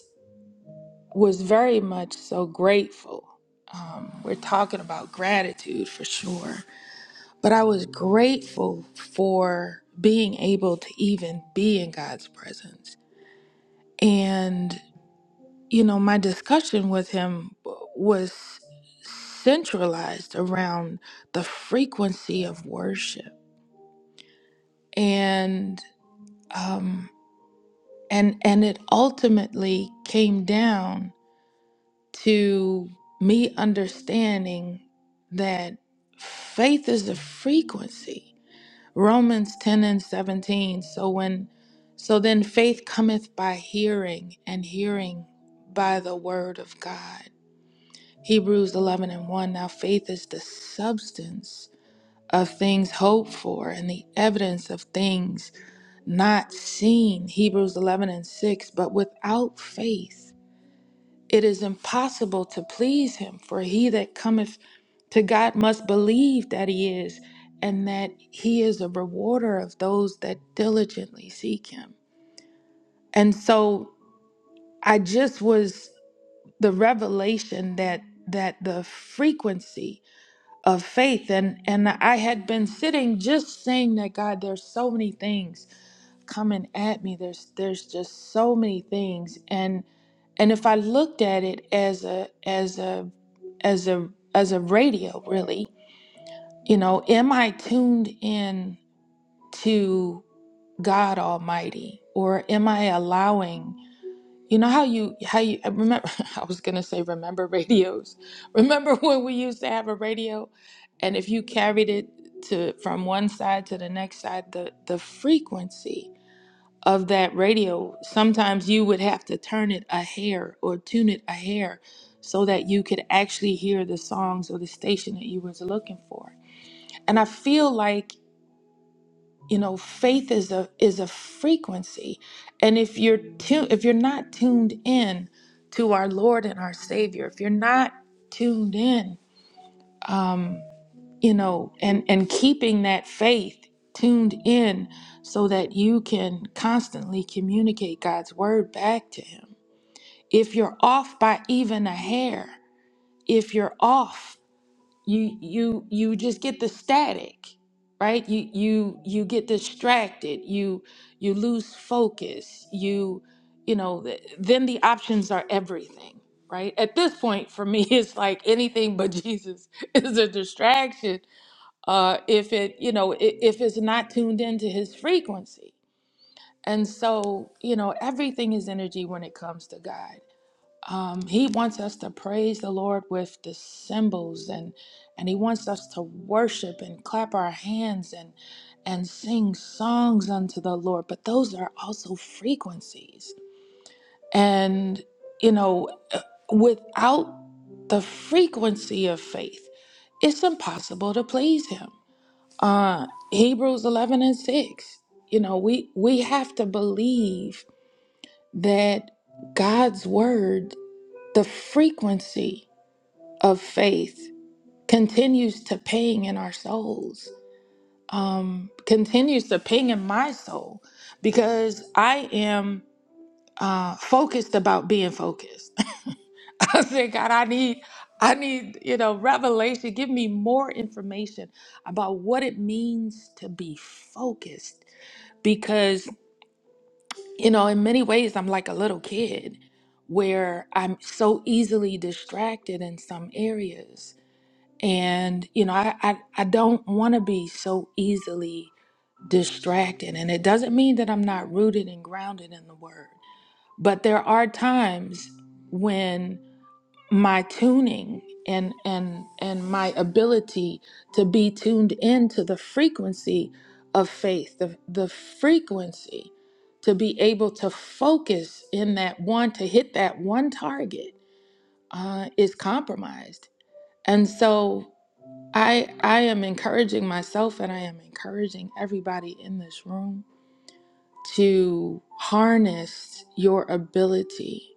Speaker 7: was very much so grateful um, we're talking about gratitude for sure but i was grateful for being able to even be in god's presence and you know my discussion with him w- was centralized around the frequency of worship and um and and it ultimately came down to me understanding that faith is a frequency. Romans 10 and 17. So when so then faith cometh by hearing and hearing by the word of God. Hebrews 11 and 1. Now faith is the substance of things hoped for and the evidence of things not seen. Hebrews 11 and 6. But without faith, it is impossible to please him, for he that cometh to God must believe that he is, and that he is a rewarder of those that diligently seek him. And so I just was the revelation that that the frequency of faith and and I had been sitting just saying that God there's so many things coming at me there's there's just so many things and and if i looked at it as a as a as a as a radio really you know am i tuned in to god almighty or am i allowing you know how you how you I remember [LAUGHS] i was going to say remember radios [LAUGHS] remember when we used to have a radio and if you carried it to from one side to the next side the the frequency of that radio, sometimes you would have to turn it a hair or tune it a hair so that you could actually hear the songs or the station that you was looking for. And I feel like, you know, faith is a is a frequency. And if you're tu- if you're not tuned in to our Lord and our Savior, if you're not tuned in, um, you know and and keeping that faith tuned in so that you can constantly communicate God's word back to him if you're off by even a hair if you're off you you you just get the static right you you you get distracted you you lose focus you you know th- then the options are everything right at this point for me [LAUGHS] it's like anything but [LAUGHS] jesus is a distraction uh, if it, you know, i- if it's not tuned into his frequency. And so, you know, everything is energy when it comes to God. Um, he wants us to praise the Lord with the cymbals and and he wants us to worship and clap our hands and and sing songs unto the Lord. But those are also frequencies. And you know, uh, without the frequency of faith, it's impossible to please him uh Hebrews 11 and 6. You know, we we have to believe that God's word, the frequency of faith continues to ping in our souls. Um continues to ping in my soul because I am uh focused about being focused. [LAUGHS] I said, God, I need I need, you know, revelation. Give me more information about what it means to be focused You know, in many ways, I'm like a little kid where I'm so easily distracted in some areas. And, you know, I, I, I don't want to be so easily distracted. And it doesn't mean that I'm not rooted and grounded in the word, but there are times when my tuning and and and my ability to be tuned into the frequency of faith the the frequency to be able to focus in that one to hit that one target uh, is compromised and so i i am encouraging myself and i am encouraging everybody in this room to harness your ability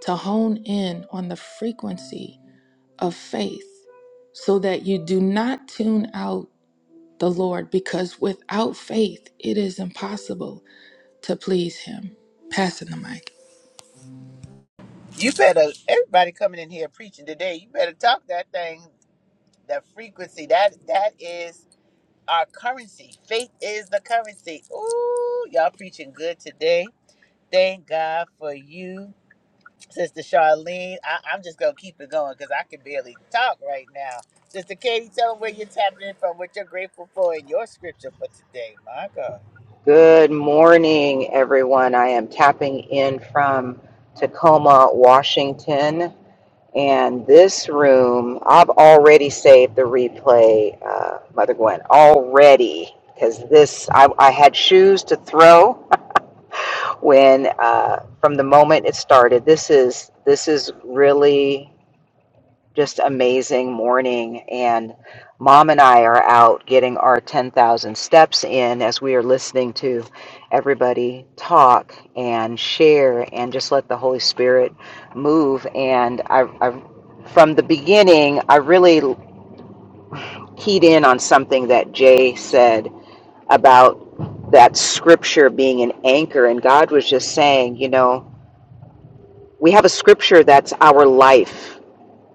Speaker 7: to hone in on the frequency of faith so that you do not tune out the Lord because without faith it is impossible to please him. Passing the mic.
Speaker 1: You better, everybody coming in here preaching today, you better talk that thing, that frequency. That That is our currency. Faith is the currency. Ooh, y'all preaching good today. Thank God for you. Sister Charlene, I, I'm just gonna keep it going because I can barely talk right now. Sister Katie, tell them where you're tapping in from, what you're grateful for, and your scripture for today. My God.
Speaker 6: Good morning, everyone. I am tapping in from Tacoma, Washington. And this room, I've already saved the replay, uh, Mother Gwen, already. Because this, I, I had shoes to throw [LAUGHS] when, uh, from the moment it started. This is this is really just amazing morning. And mom and I are out getting our 10,000 steps in as we are listening to everybody talk and share and just let the Holy Spirit move. And I, I from the beginning, I really keyed in on something that Jay said about that scripture being an anchor. And God was just saying, you know, we have a scripture that's our life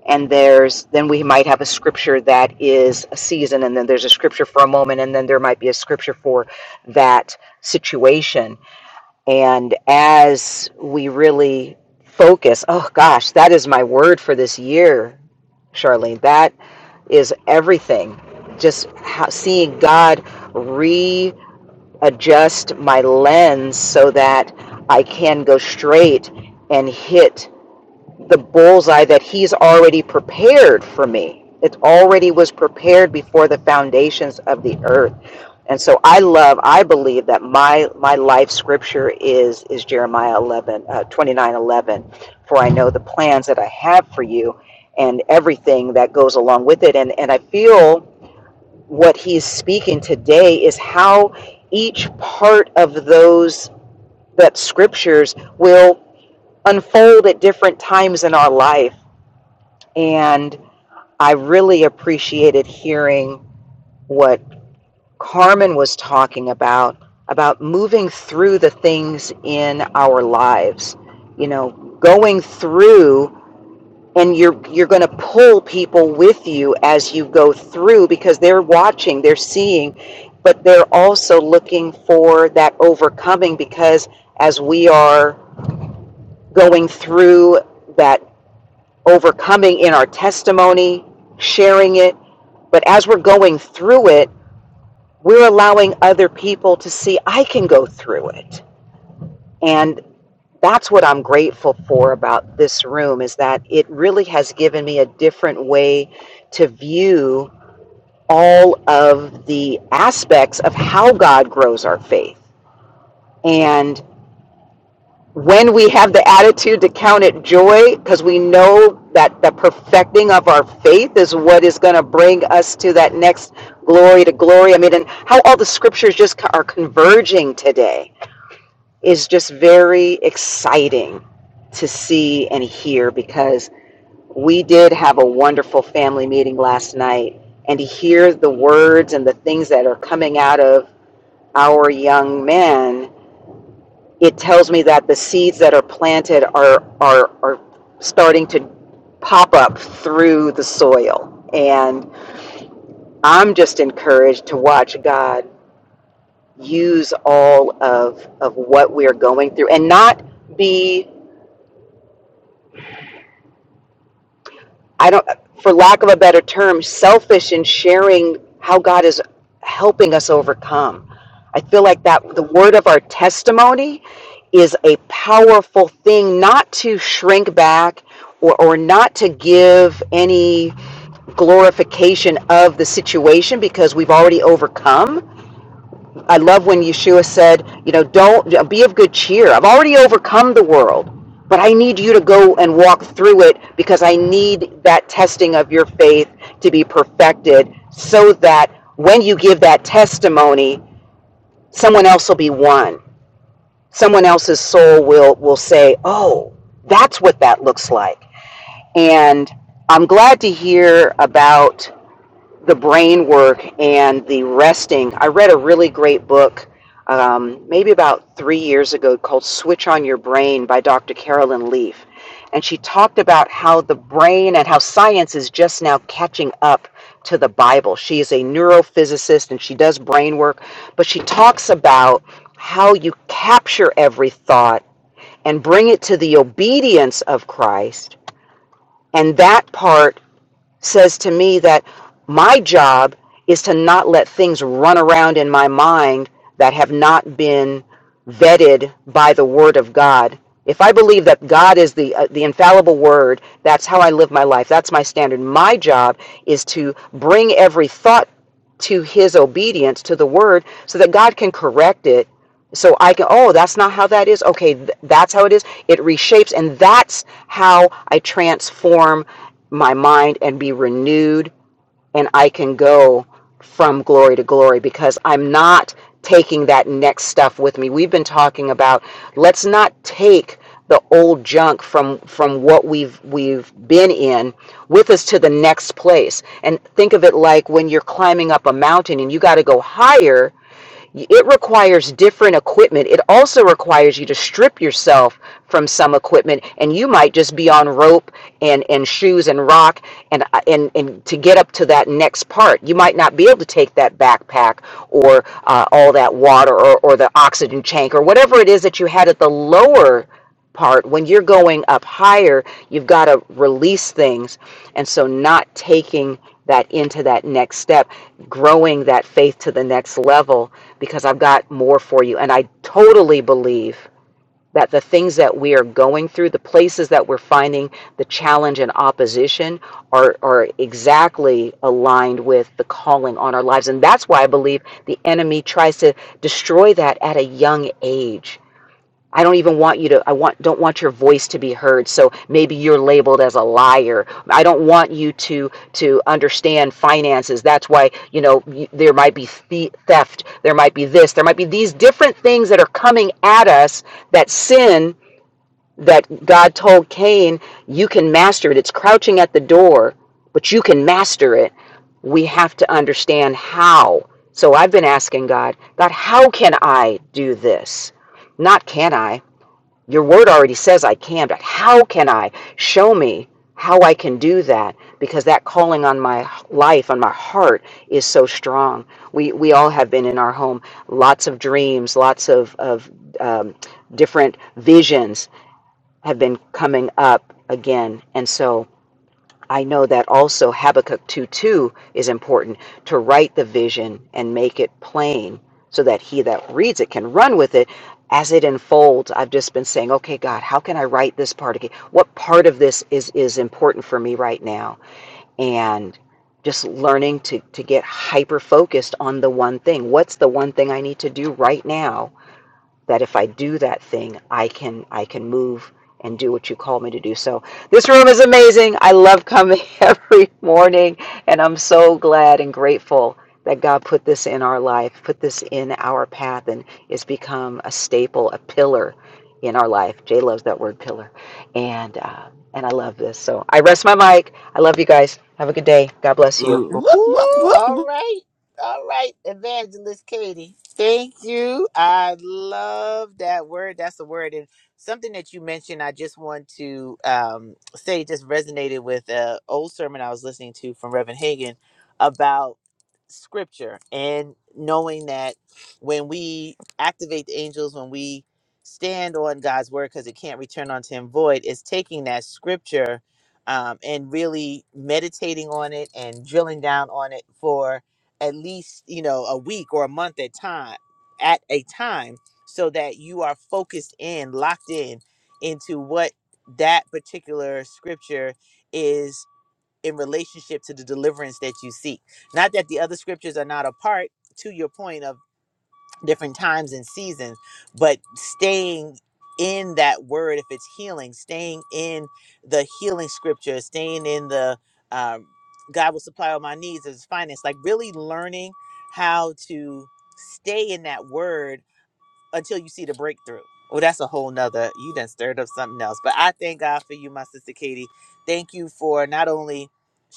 Speaker 6: and there's then we might have a scripture that is a season and then there's a scripture for a moment and then there might be a scripture for that situation and as we really focus oh gosh that is my word for this year charlene that is everything just how, seeing god readjust my lens so that i can go straight and hit the bullseye that he's already prepared for me. It already was prepared before the foundations of the earth. And so I love, I believe that my my life scripture is is Jeremiah 11, uh, 29, eleven. For I know the plans that I have for you and everything that goes along with it. And, and I feel what he's speaking today is how each part of those that scriptures will unfold at different times in our life and I really appreciated hearing what Carmen was talking about, about moving through the things in our lives, you know, going through and you're you're going to pull people with you as you go through because they're watching, they're seeing, but they're also looking for that overcoming because as we are going through that overcoming in our testimony, sharing it. But as we're going through it, we're allowing other people to see I can go through it. And that's what I'm grateful for about this room is that it really has given me a different way to view all of the aspects of how God grows our faith. And when we have the attitude to count it joy, because we know that the perfecting of our faith is what is going to bring us to that next glory to glory. I mean, and how all the scriptures just are converging today is just very exciting to see and hear because we did have a wonderful family meeting last night and to hear the words and the things that are coming out of our young men it tells me that the seeds that are planted are are are starting to pop up through the soil and i'm just encouraged to watch god use all of of what we're going through and not be I don't, for lack of a better term, selfish in sharing how God is helping us overcome. I feel like that the word of our testimony is a powerful thing not to shrink back or, or not to give any glorification of the situation because we've already overcome I love when Yeshua said, you know, don't be of good cheer. I've already overcome the world, but I need you to go and walk through it because I need that testing of your faith to be perfected so that when you give that testimony, someone else will be won. Someone else's soul will will say, "Oh, that's what that looks like." And I'm glad to hear about the brain work and the resting. I read a really great book um, maybe about three years ago called Switch on Your Brain by Dr. Carolyn Leaf. And she talked about how the brain and how science is just now catching up to the Bible. She is a neurophysicist and she does brain work, but she talks about how you capture every thought and bring it to the obedience of Christ. And that part says to me that my job is to not let things run around in my mind that have not been vetted by the Word of God. If I believe that God is the uh, the infallible Word, that's how I live my life. That's my standard. My job is to bring every thought to His obedience to the Word, so that God can correct it. So I can. Oh, that's not how that is. Okay, th- that's how it is. It reshapes, and that's how I transform my mind and be renewed and I can go from glory to glory because I'm not taking that next stuff with me. We've been talking about let's not take the old junk from from what we've we've been in with us to the next place. And think of it like when you're climbing up a mountain and you got to go higher it requires different equipment. It also requires you to strip yourself from some equipment, and you might just be on rope and, and shoes and rock and, and and to get up to that next part. You might not be able to take that backpack or uh, all that water or, or the oxygen tank or whatever it is that you had at the lower part when you're going up higher you've got to release things and so not taking that into that next step growing that faith to the next level because I've got more for you and I totally believe that the things that we are going through the places that we're finding the challenge and opposition are are exactly aligned with the calling on our lives and that's why I believe the enemy tries to destroy that at a young age I don't even want you to I want don't want your voice to be heard. So maybe you're labeled as a liar. I don't want you to to understand finances. That's why, you know, there might be theft, there might be this, there might be these different things that are coming at us that sin that God told Cain, you can master it. It's crouching at the door, but you can master it. We have to understand how. So I've been asking God, God, how can I do this? Not can I? Your word already says I can, but how can I? Show me how I can do that because that calling on my life, on my heart, is so strong. We, we all have been in our home, lots of dreams, lots of, of um, different visions have been coming up again. And so I know that also Habakkuk 2 2 is important to write the vision and make it plain so that he that reads it can run with it as it unfolds. I've just been saying, okay, God, how can I write this part again? What part of this is, is important for me right now? And just learning to, to get hyper focused on the one thing. What's the one thing I need to do right now? that if I do that thing, I can I can move and do what you call me to do. So this room is amazing. I love coming [LAUGHS] every morning and I'm so glad and grateful that God put this in our life, put this in our path and it's become a staple, a pillar in our life. Jay loves that word pillar. And uh, and I love this. So I rest my mic. I love you guys. Have a good day. God bless you.
Speaker 3: Whoop,
Speaker 1: Woo!
Speaker 3: whoop, whoop,
Speaker 1: All
Speaker 3: whoop.
Speaker 1: right. All right, Evangelist Katie. Thank you. I love that word. That's a word. And something that you mentioned, I just want to um, say just resonated with an old sermon I was listening to from Reverend Hagan about scripture and knowing that when we activate the angels, when we stand on God's word because it can't return unto him void, is taking that scripture um, and really meditating on it and drilling down on it for at least you know a week or a month at time at a time so that you are focused in locked in into what that particular scripture is in relationship to the deliverance that you seek not that the other scriptures are not a part to your point of different times and seasons, but staying in that word, if it's healing, staying in the healing scripture, staying in the um, God will supply all my needs as finance, like really learning how to stay in that word until you see the breakthrough. Well, that's a whole nother. You done stirred up something else. But I thank God for you, my sister Katie. Thank you for not only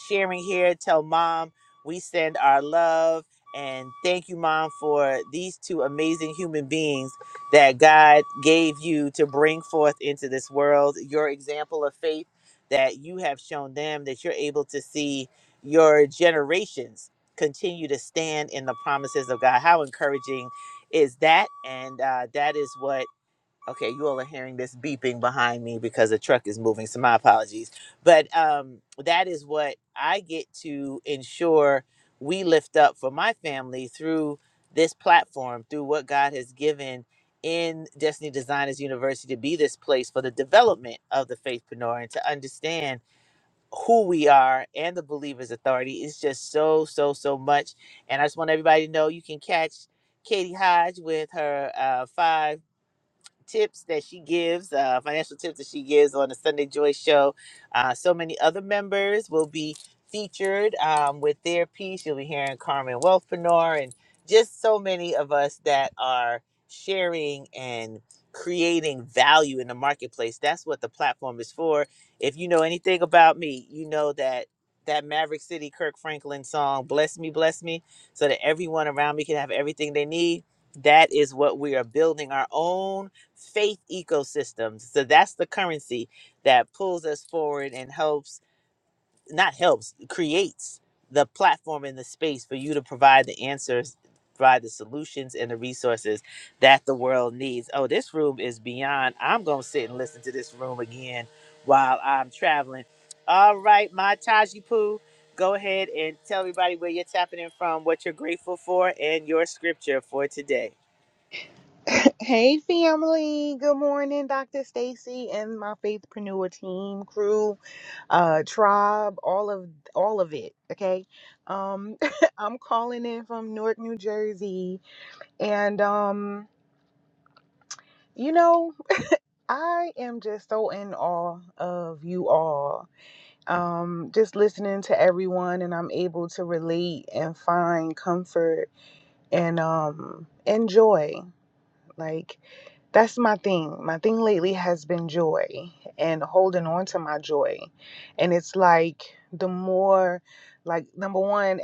Speaker 1: sharing here. Tell mom we send our love and thank you, mom, for these two amazing human beings that God gave you to bring forth into this world. Your example of faith that you have shown them that you're able to see your generations continue to stand in the promises of God. How encouraging is that and uh, that is what okay you all are hearing this beeping behind me because the truck is moving so my apologies but um, that is what i get to ensure we lift up for my family through this platform through what god has given in destiny designers university to be this place for the development of the faithpreneur and to understand who we are and the believer's authority is just so so so much and i just want everybody to know you can catch katie hodge with her uh, 5 tips that she gives, uh, financial tips that she gives on the Sunday Joy Show. Uh, so many other members will be featured um, with their piece. You'll be hearing Carmen Wealthpreneur and just so many of us that are sharing and creating value in the marketplace. That's what the platform is for. If you know anything about me, you know that that Maverick City Kirk Franklin song, Bless Me, Bless Me, so that everyone around me can have everything they need. That is what we are building our own faith ecosystems. So that's the currency that pulls us forward and helps, not helps, creates the platform and the space for you to provide the answers, provide the solutions and the resources that the world needs. Oh, this room is beyond. I'm going to sit and listen to this room again while I'm traveling. All right, my Taji Poo, go ahead and tell everybody where you're tapping in from, what you're grateful for, and your scripture for today.
Speaker 11: Hey family, good morning, Dr. Stacy and my faithpreneur team, crew, uh, tribe, all of all of it. Okay. Um, [LAUGHS] I'm calling in from Newark, New Jersey. And um, you know, I am just so in awe of you all. Um, just listening to everyone and I'm able to relate and find comfort and um and joy. Like That's my thing. My thing lately has been joy and holding on to my joy. And it's like the more, like, number one, e-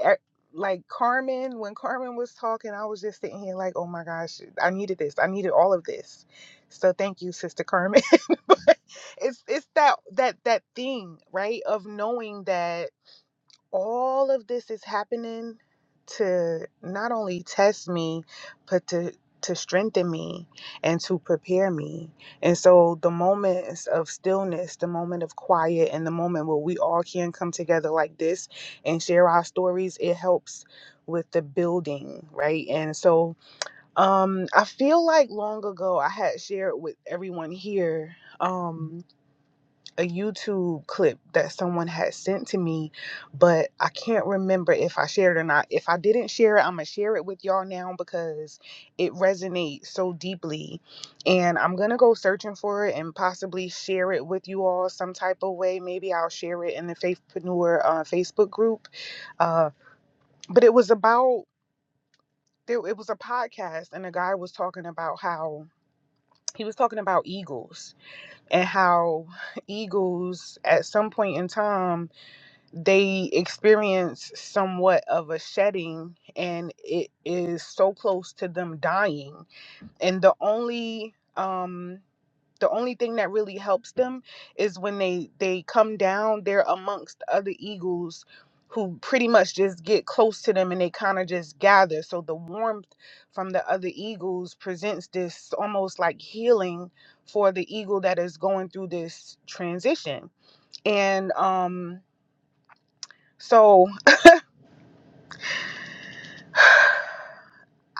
Speaker 11: like Carmen, when Carmen was talking, I was just sitting here like, oh my gosh, I needed this. I needed all of this. So thank you, Sister Carmen. [LAUGHS] but it's it's that that that thing, right? Of knowing that all of this is happening to not only test me but to to strengthen me and to prepare me and so the moments of stillness the moment of quiet and the moment where we all can come together like this and share our stories it helps with the building right and so um i feel like long ago i had shared with everyone here um a YouTube clip that someone had sent to me, but I can't remember if I shared it or not. If I didn't share it, I'm going to share it with y'all now because it resonates so deeply. And I'm going to go searching for it and possibly share it with you all some type of way. Maybe I'll share it in the Faithpreneur uh, Facebook group. Uh, but it was about, there- it was a podcast, and a guy was talking about how. He was talking about eagles and how eagles at some point in time they experience somewhat of a shedding and it is so close to them dying and the only um the only thing that really helps them is when they they come down they're amongst other eagles who pretty much just get close to them and they kind of just gather so the warmth from the other eagles presents this almost like healing for the eagle that is going through this transition and um so [SIGHS]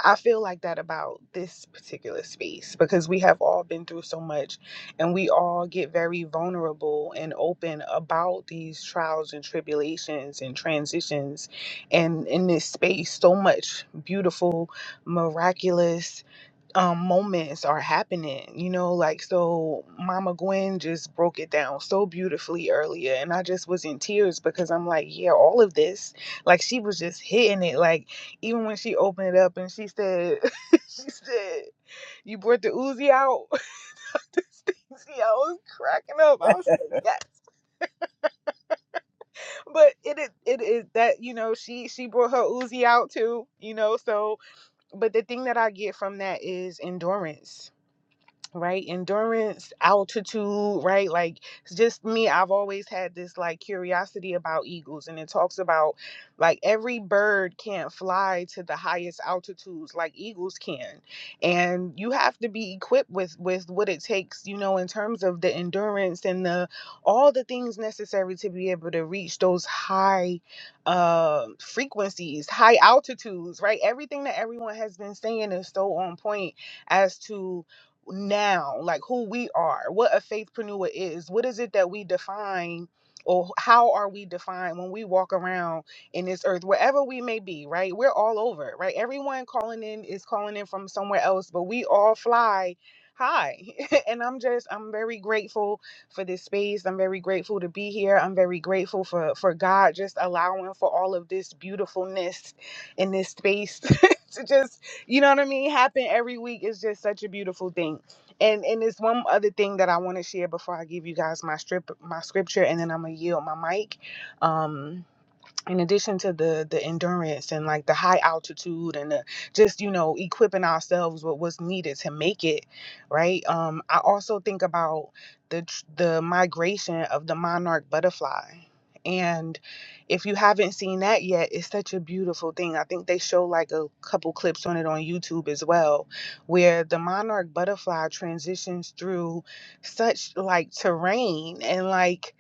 Speaker 11: I feel like that about this particular space because we have all been through so much and we all get very vulnerable and open about these trials and tribulations and transitions. And in this space, so much beautiful, miraculous um moments are happening you know like so mama gwen just broke it down so beautifully earlier and i just was in tears because i'm like yeah all of this like she was just hitting it like even when she opened it up and she said [LAUGHS] she said you brought the Uzi out [LAUGHS] see i was cracking up i was like yes but it is it is that you know she she brought her Uzi out too you know so but the thing that i get from that is endurance right endurance altitude right like it's just me i've always had this like curiosity about eagles and it talks about like every bird can't fly to the highest altitudes like eagles can and you have to be equipped with with what it takes you know in terms of the endurance and the all the things necessary to be able to reach those high uh frequencies high altitudes right everything that everyone has been saying is so on point as to now, like who we are, what a faithpreneur is, what is it that we define or how are we defined when we walk around in this earth, wherever we may be, right? We're all over, right? Everyone calling in is calling in from somewhere else, but we all fly high. [LAUGHS] and I'm just, I'm very grateful for this space. I'm very grateful to be here. I'm very grateful for for God just allowing for all of this beautifulness in this space [LAUGHS] to just you know what I mean, happen every week is just such a beautiful thing. And and it's one other thing that I want to share before I give you guys my strip my scripture and then I'm gonna yield my mic. Um in addition to the the endurance and like the high altitude and the, just you know equipping ourselves with what's needed to make it right um i also think about the tr- the migration of the monarch butterfly and if you haven't seen that yet it's such a beautiful thing i think they show like a couple clips on it on youtube as well where the monarch butterfly transitions through such like terrain and like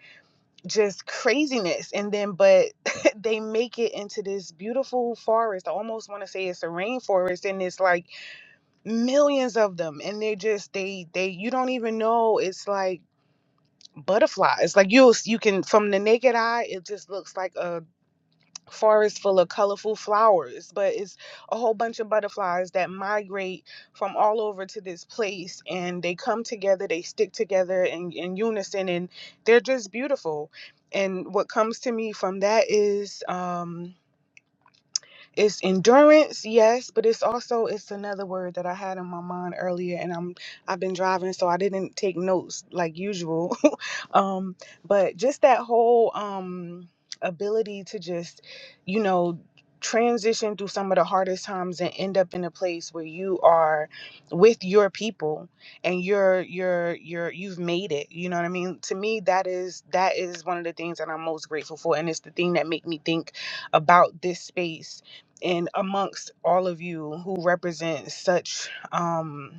Speaker 11: just craziness and then but [LAUGHS] they make it into this beautiful forest i almost want to say it's a rainforest and it's like millions of them and they just they they you don't even know it's like butterflies like you you can from the naked eye it just looks like a forest full of colorful flowers, but it's a whole bunch of butterflies that migrate from all over to this place and they come together, they stick together in, in unison, and they're just beautiful. And what comes to me from that is um it's endurance, yes, but it's also it's another word that I had in my mind earlier and I'm I've been driving so I didn't take notes like usual. [LAUGHS] um but just that whole um ability to just you know transition through some of the hardest times and end up in a place where you are with your people and you're you're you're you've made it you know what i mean to me that is that is one of the things that i'm most grateful for and it's the thing that make me think about this space and amongst all of you who represent such um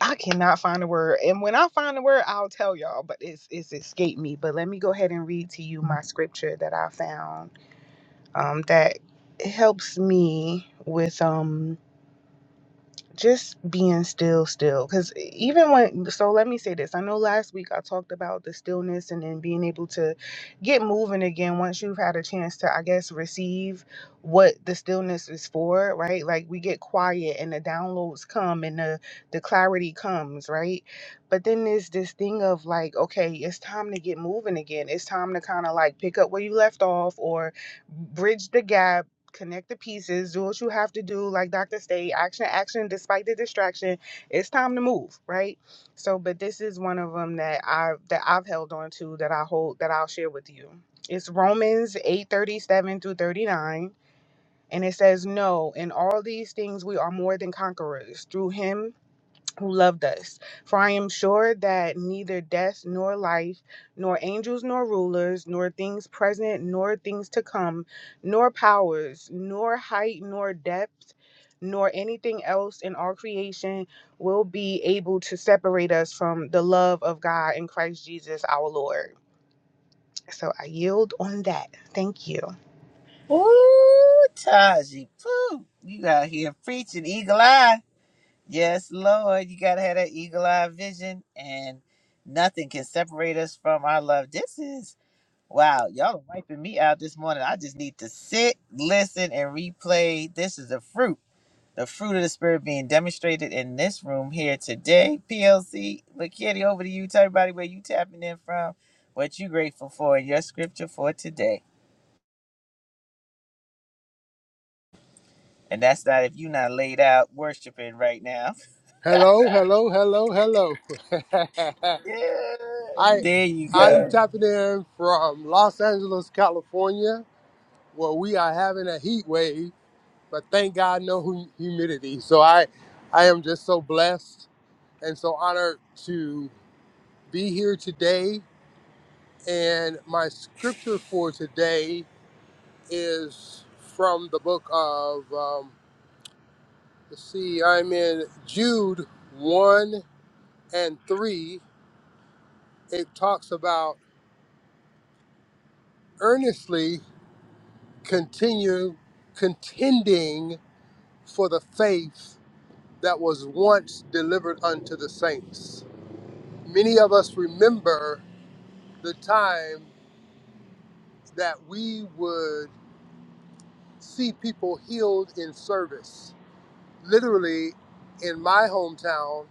Speaker 11: I cannot find the word. And when I find the word, I'll tell y'all, but it's it's escaped me. But let me go ahead and read to you my scripture that I found um that helps me with um just being still still because even when so let me say this i know last week i talked about the stillness and then being able to get moving again once you've had a chance to i guess receive what the stillness is for right like we get quiet and the downloads come and the the clarity comes right but then there's this thing of like okay it's time to get moving again it's time to kind of like pick up where you left off or bridge the gap connect the pieces, do what you have to do, like Dr. Stay, action, action, despite the distraction. It's time to move, right? So, but this is one of them that I that I've held on to that I hold that I'll share with you. It's Romans 8 37 through 39. And it says, No, in all these things we are more than conquerors through him who loved us. For I am sure that neither death nor life, nor angels nor rulers, nor things present nor things to come, nor powers, nor height nor depth, nor anything else in all creation will be able to separate us from the love of God in Christ Jesus our Lord. So I yield on that. Thank you.
Speaker 1: Ooh, Taji, poo. You out here preaching eagle eye. Yes, Lord, you gotta have that eagle eye vision, and nothing can separate us from our love. This is wow, y'all are wiping me out this morning. I just need to sit, listen, and replay. This is the fruit, the fruit of the spirit being demonstrated in this room here today. PLC, McKitty, over to you. Tell everybody where you tapping in from, what you grateful for, and your scripture for today. And that's not if you're not laid out worshiping right now. [LAUGHS]
Speaker 12: Hello, hello, hello, hello.
Speaker 1: Yeah.
Speaker 12: [LAUGHS] I
Speaker 1: There you
Speaker 12: I'm
Speaker 1: go.
Speaker 12: tapping in from Los Angeles, California, where we are having a heat wave, but thank God no hu- humidity. So I I am just so blessed and so honored to be here today. And my scripture for today is from the book of um, let's see, I'm in Jude one and three. It talks about earnestly continue contending for the faith that was once delivered unto the saints. Many of us remember the time that we would see people healed in service. Literally, in my hometown,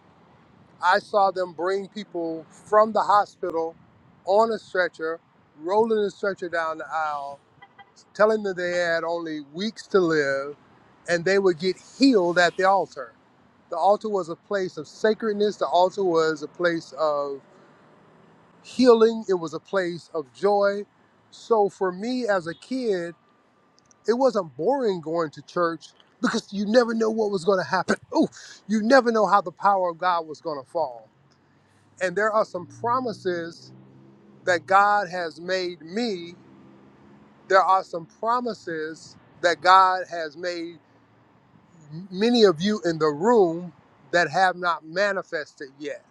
Speaker 12: I saw them bring people from the hospital on a stretcher, rolling the stretcher down the aisle, telling them they had only weeks to live and they would get healed at the altar. The altar was a place of sacredness, the altar was a place of healing, it was a place of joy. So for me as a kid, it wasn't boring going to church because you never know what was going to happen. [LAUGHS] Oh, you never know how the power of God was going to fall. And there are some promises that God has made me. There are some promises that God has made many of you in the room that have not manifested yet.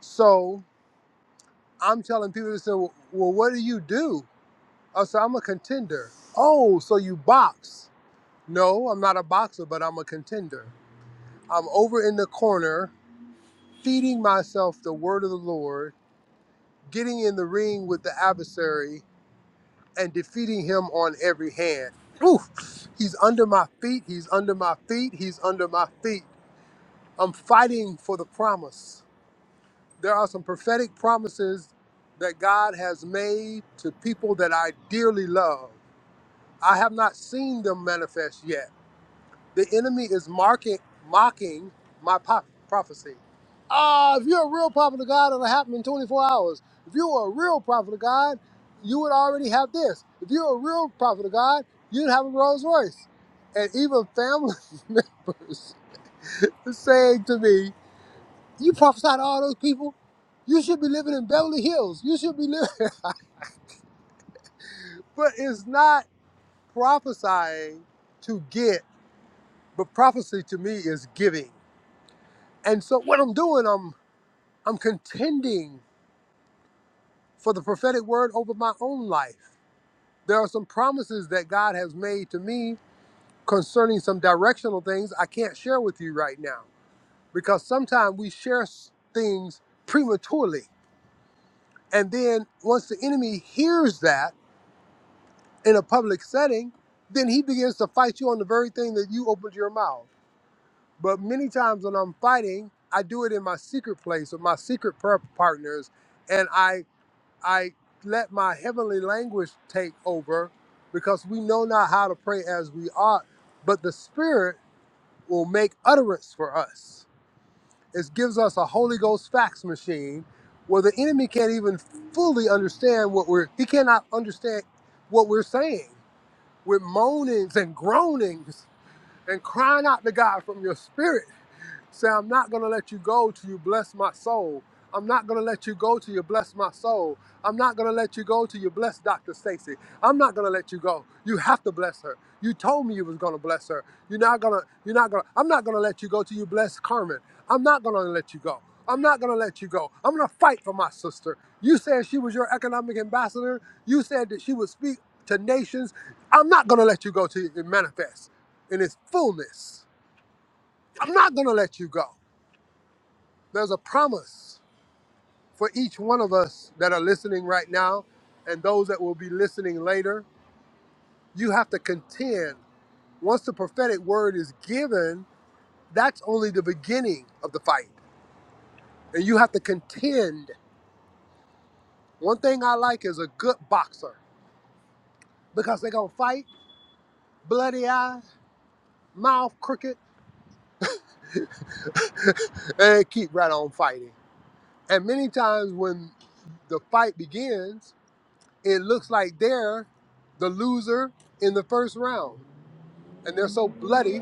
Speaker 12: So I'm telling people to say, well, well, what do you do? I said, I'm a contender. Oh, so you box. No, I'm not a boxer, but I'm a contender. I'm over in the corner feeding myself the word of the Lord, getting in the ring with the adversary and defeating him on every hand. Oof, he's under my feet. He's under my feet. He's under my feet. I'm fighting for the promise. there are some prophetic promises that God has made to people that I dearly love. I have not seen them manifest yet. The enemy is marking, mocking my pop- prophecy. Ah, if you're a real prophet of God, it'll happen in 24 hours. If you were a real prophet of God, you would already have this. If you're a real prophet of God, you'd have a Rolls Royce. And even family [LAUGHS] members [LAUGHS] saying to me, you prophesied to all those people. You should be living in Beverly Hills. You should be living. [LAUGHS] But it's not prophesying to get, but prophecy to me is giving. And so what I'm doing, I'm I'm contending for the prophetic word over my own life. There are some promises that God has made to me concerning some directional things I can't share with you right now because sometimes we share s- things prematurely. And then once the enemy hears that, in a public setting, then he begins to fight you on the very thing that you opened your mouth. But many times when I'm fighting, I do it in my secret place with my secret prayer partners, and I I let my heavenly language take over because we know not how to pray as we ought, but the Spirit will make utterance for us. It gives us a Holy Ghost fax machine where the enemy can't even fully understand what we're he cannot understand what we're saying with moanings and groanings and crying out to God from your spirit. Say, I'm not going to let you go till you bless my soul. I'm not going to let you go till you bless my soul. I'm not going to let you go till you bless Dr. Stacy. I'm not going to let you go. You have to bless her. You told me you was going to bless her. You're not going to, you're not going to, I'm not going to let you go till you bless Carmen. I'm not going to let you go. I'm not going to let you go. I'm going to fight for my sister. You said she was your economic ambassador. You said that she would speak to nations. I'm not going to let you go till it manifests in its fullness. I'm not going to let you go. There's a promise for each one of us that are listening right now and those that will be listening later. You have to contend. Once the prophetic word is given, that's only the beginning of the fight. And you have to contend. One thing I like is a good boxer because they're going to fight bloody eye, mouth crooked, [LAUGHS] and keep right on fighting. And many times when the fight begins, it looks like they're the loser in the first round and they're so bloody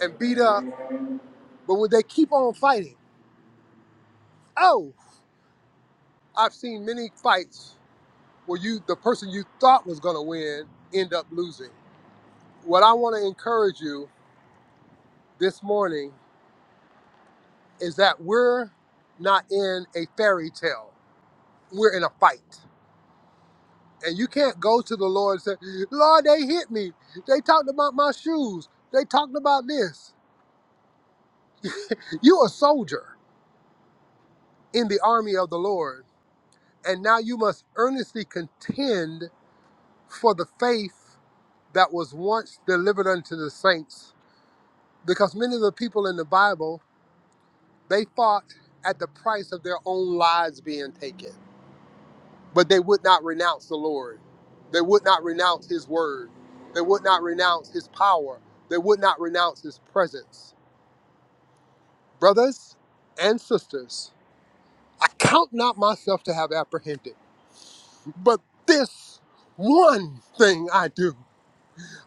Speaker 12: and beat up, but would they keep on fighting? Oh, I've seen many fights where you the person you thought was gonna win end up losing. What I want to encourage you this morning is that we're not in a fairy tale. We're in a fight. And you can't go to the Lord and say, Lord, they hit me. They talked about my shoes. They talked about this. You a soldier in the army of the Lord. And now you must earnestly contend for the faith that was once delivered unto the saints. Because many of the people in the Bible, they fought at the price of their own lives being taken, but they would not renounce the Lord. They would not renounce his word. They would not renounce his power. They would not renounce his presence. Brothers and sisters, I count not myself to have apprehended, but this one thing I do.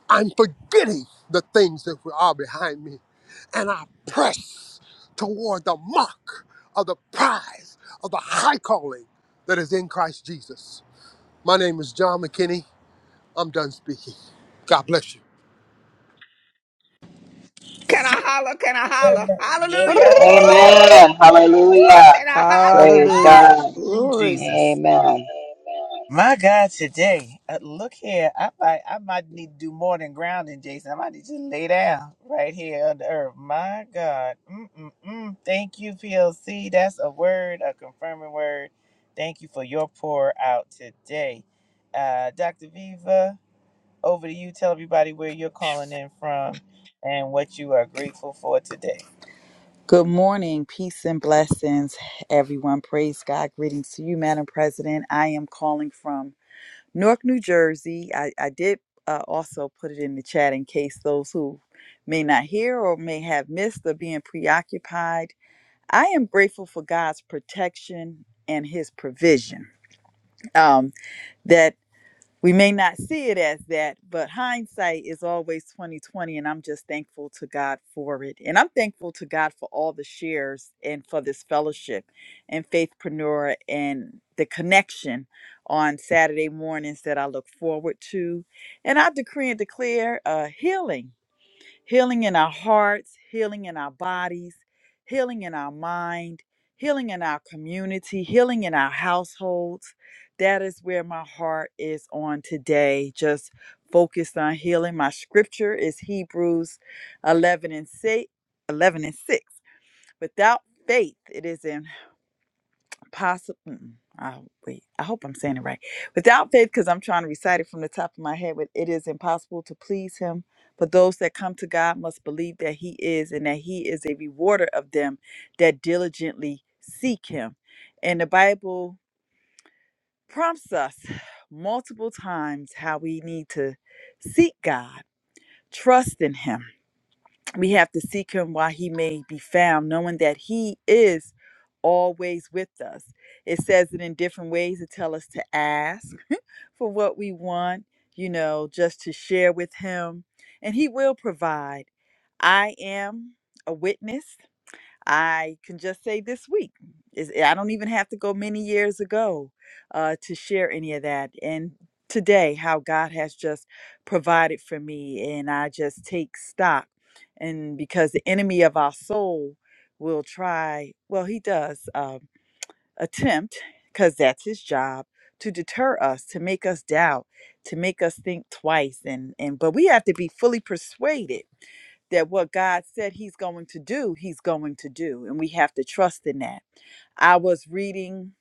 Speaker 12: I'm forgetting the things that are behind me, and I press toward the mark of the prize of the high calling that is in Christ Jesus. My name is John McKinney. I'm done speaking. God bless you.
Speaker 8: Can I holler? Can I holler?
Speaker 1: Yeah, go
Speaker 8: Hallelujah! Woo!
Speaker 1: on.
Speaker 8: woo, Can I
Speaker 6: Praise-
Speaker 8: holler?
Speaker 3: Hallelujah.
Speaker 1: Mm,
Speaker 13: Glory.
Speaker 1: Jesus.
Speaker 6: Amen.
Speaker 1: My God, today, uh, look here. I might, I might need to do more than grounding, Jason. I might need to lay down right here on the earth. My God. Mm-mm-mm. Thank you, PLC. That's a word, a confirming word. Thank you for your pour out today. Uh, Dr. Viva. Over to you. Tell everybody where you're calling in from and what you are grateful for today.
Speaker 9: Good morning, peace and blessings, everyone. Praise God. Greetings to you, Madam President. I am calling from Newark, New Jersey. I, I did uh, also put it in the chat in case those who may not hear or may have missed or being preoccupied. I am grateful for God's protection and His provision. Um, that. we may not see it as that, but hindsight is always 2020 and I'm just thankful to God for it. And I'm thankful to God for all the shares and for this fellowship and faithpreneur and the connection on Saturday mornings that I look forward to. And I decree and declare uh, healing healing in our hearts, healing in our bodies, healing in our mind, healing in our community, healing in our households. That is where my heart is on today, just focused on healing. My scripture is Hebrews 11 and 6. 11 and 6. Without faith, it is impossible possible. I wait. I hope I'm saying it right. Without faith, because I'm trying to recite it from the top of my head. But it is impossible to please Him. But those that come to God must believe that He is, and that He is a rewarder of them that diligently seek Him. And the Bible prompts us multiple times how we need to seek God, trust in Him we have to seek him while he may be found, knowing that he is always with us. It says it in different ways to tell us to ask for what we want, you know, just to share with him, and he will provide. I am a witness I can just say this week is eh, I don't even have to go many years ago uh, to share any of that. And today, how God has just provided for me, and I just take stock. And because the enemy of our soul will try, well, he does um, attempt, because that's his job to deter us, to make us doubt, to make us think twice, and and but we have to be fully persuaded that what God said he's going to do, he's going to do. And we have to trust in that. I was reading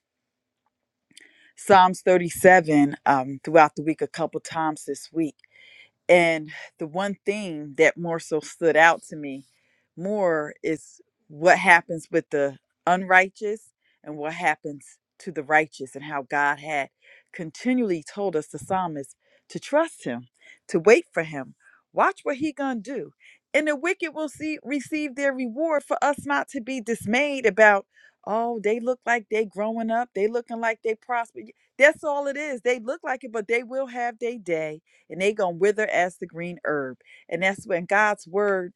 Speaker 9: Psalms 37 um, throughout the week a couple times this week and the one thing that more so stood out to me more is what happens with the unrighteous and what happens to the righteous, and how God had continually told us the psalmist to trust him, to wait for him, watch what he gonna do. And the wicked will see receive their reward for us not to be dismayed about, oh, they look like they growing up, they looking like they prosper. That's all it is. They look like it, but they will have their day and they gonna wither as the green herb. And that's when God's word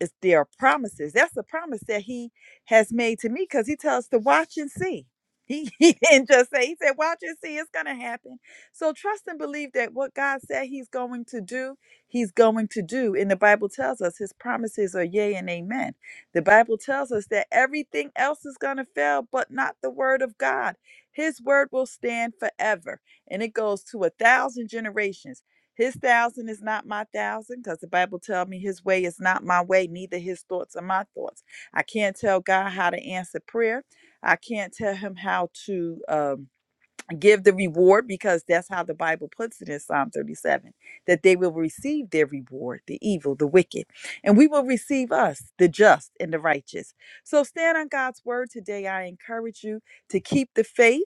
Speaker 9: is there are promises. That's a promise that He has made to me because He tells us to watch and see. He, [LAUGHS] he didn't just say, He said, watch and see, it's gonna happen. So trust and believe that what God said He's going to do, He's going to do. And the Bible tells us His promises are yea and amen. The Bible tells us that everything else is gonna fail, but not the word of God. His word will stand forever and it goes to a thousand generations. His thousand is not my thousand because the Bible tells me his way is not my way, neither his thoughts are my thoughts. I can't tell God how to answer prayer. I can't tell him how to um, give the reward because that's how the Bible puts it in Psalm 37 that they will receive their reward, the evil, the wicked, and we will receive us, the just and the righteous. So stand on God's word today. I encourage you to keep the faith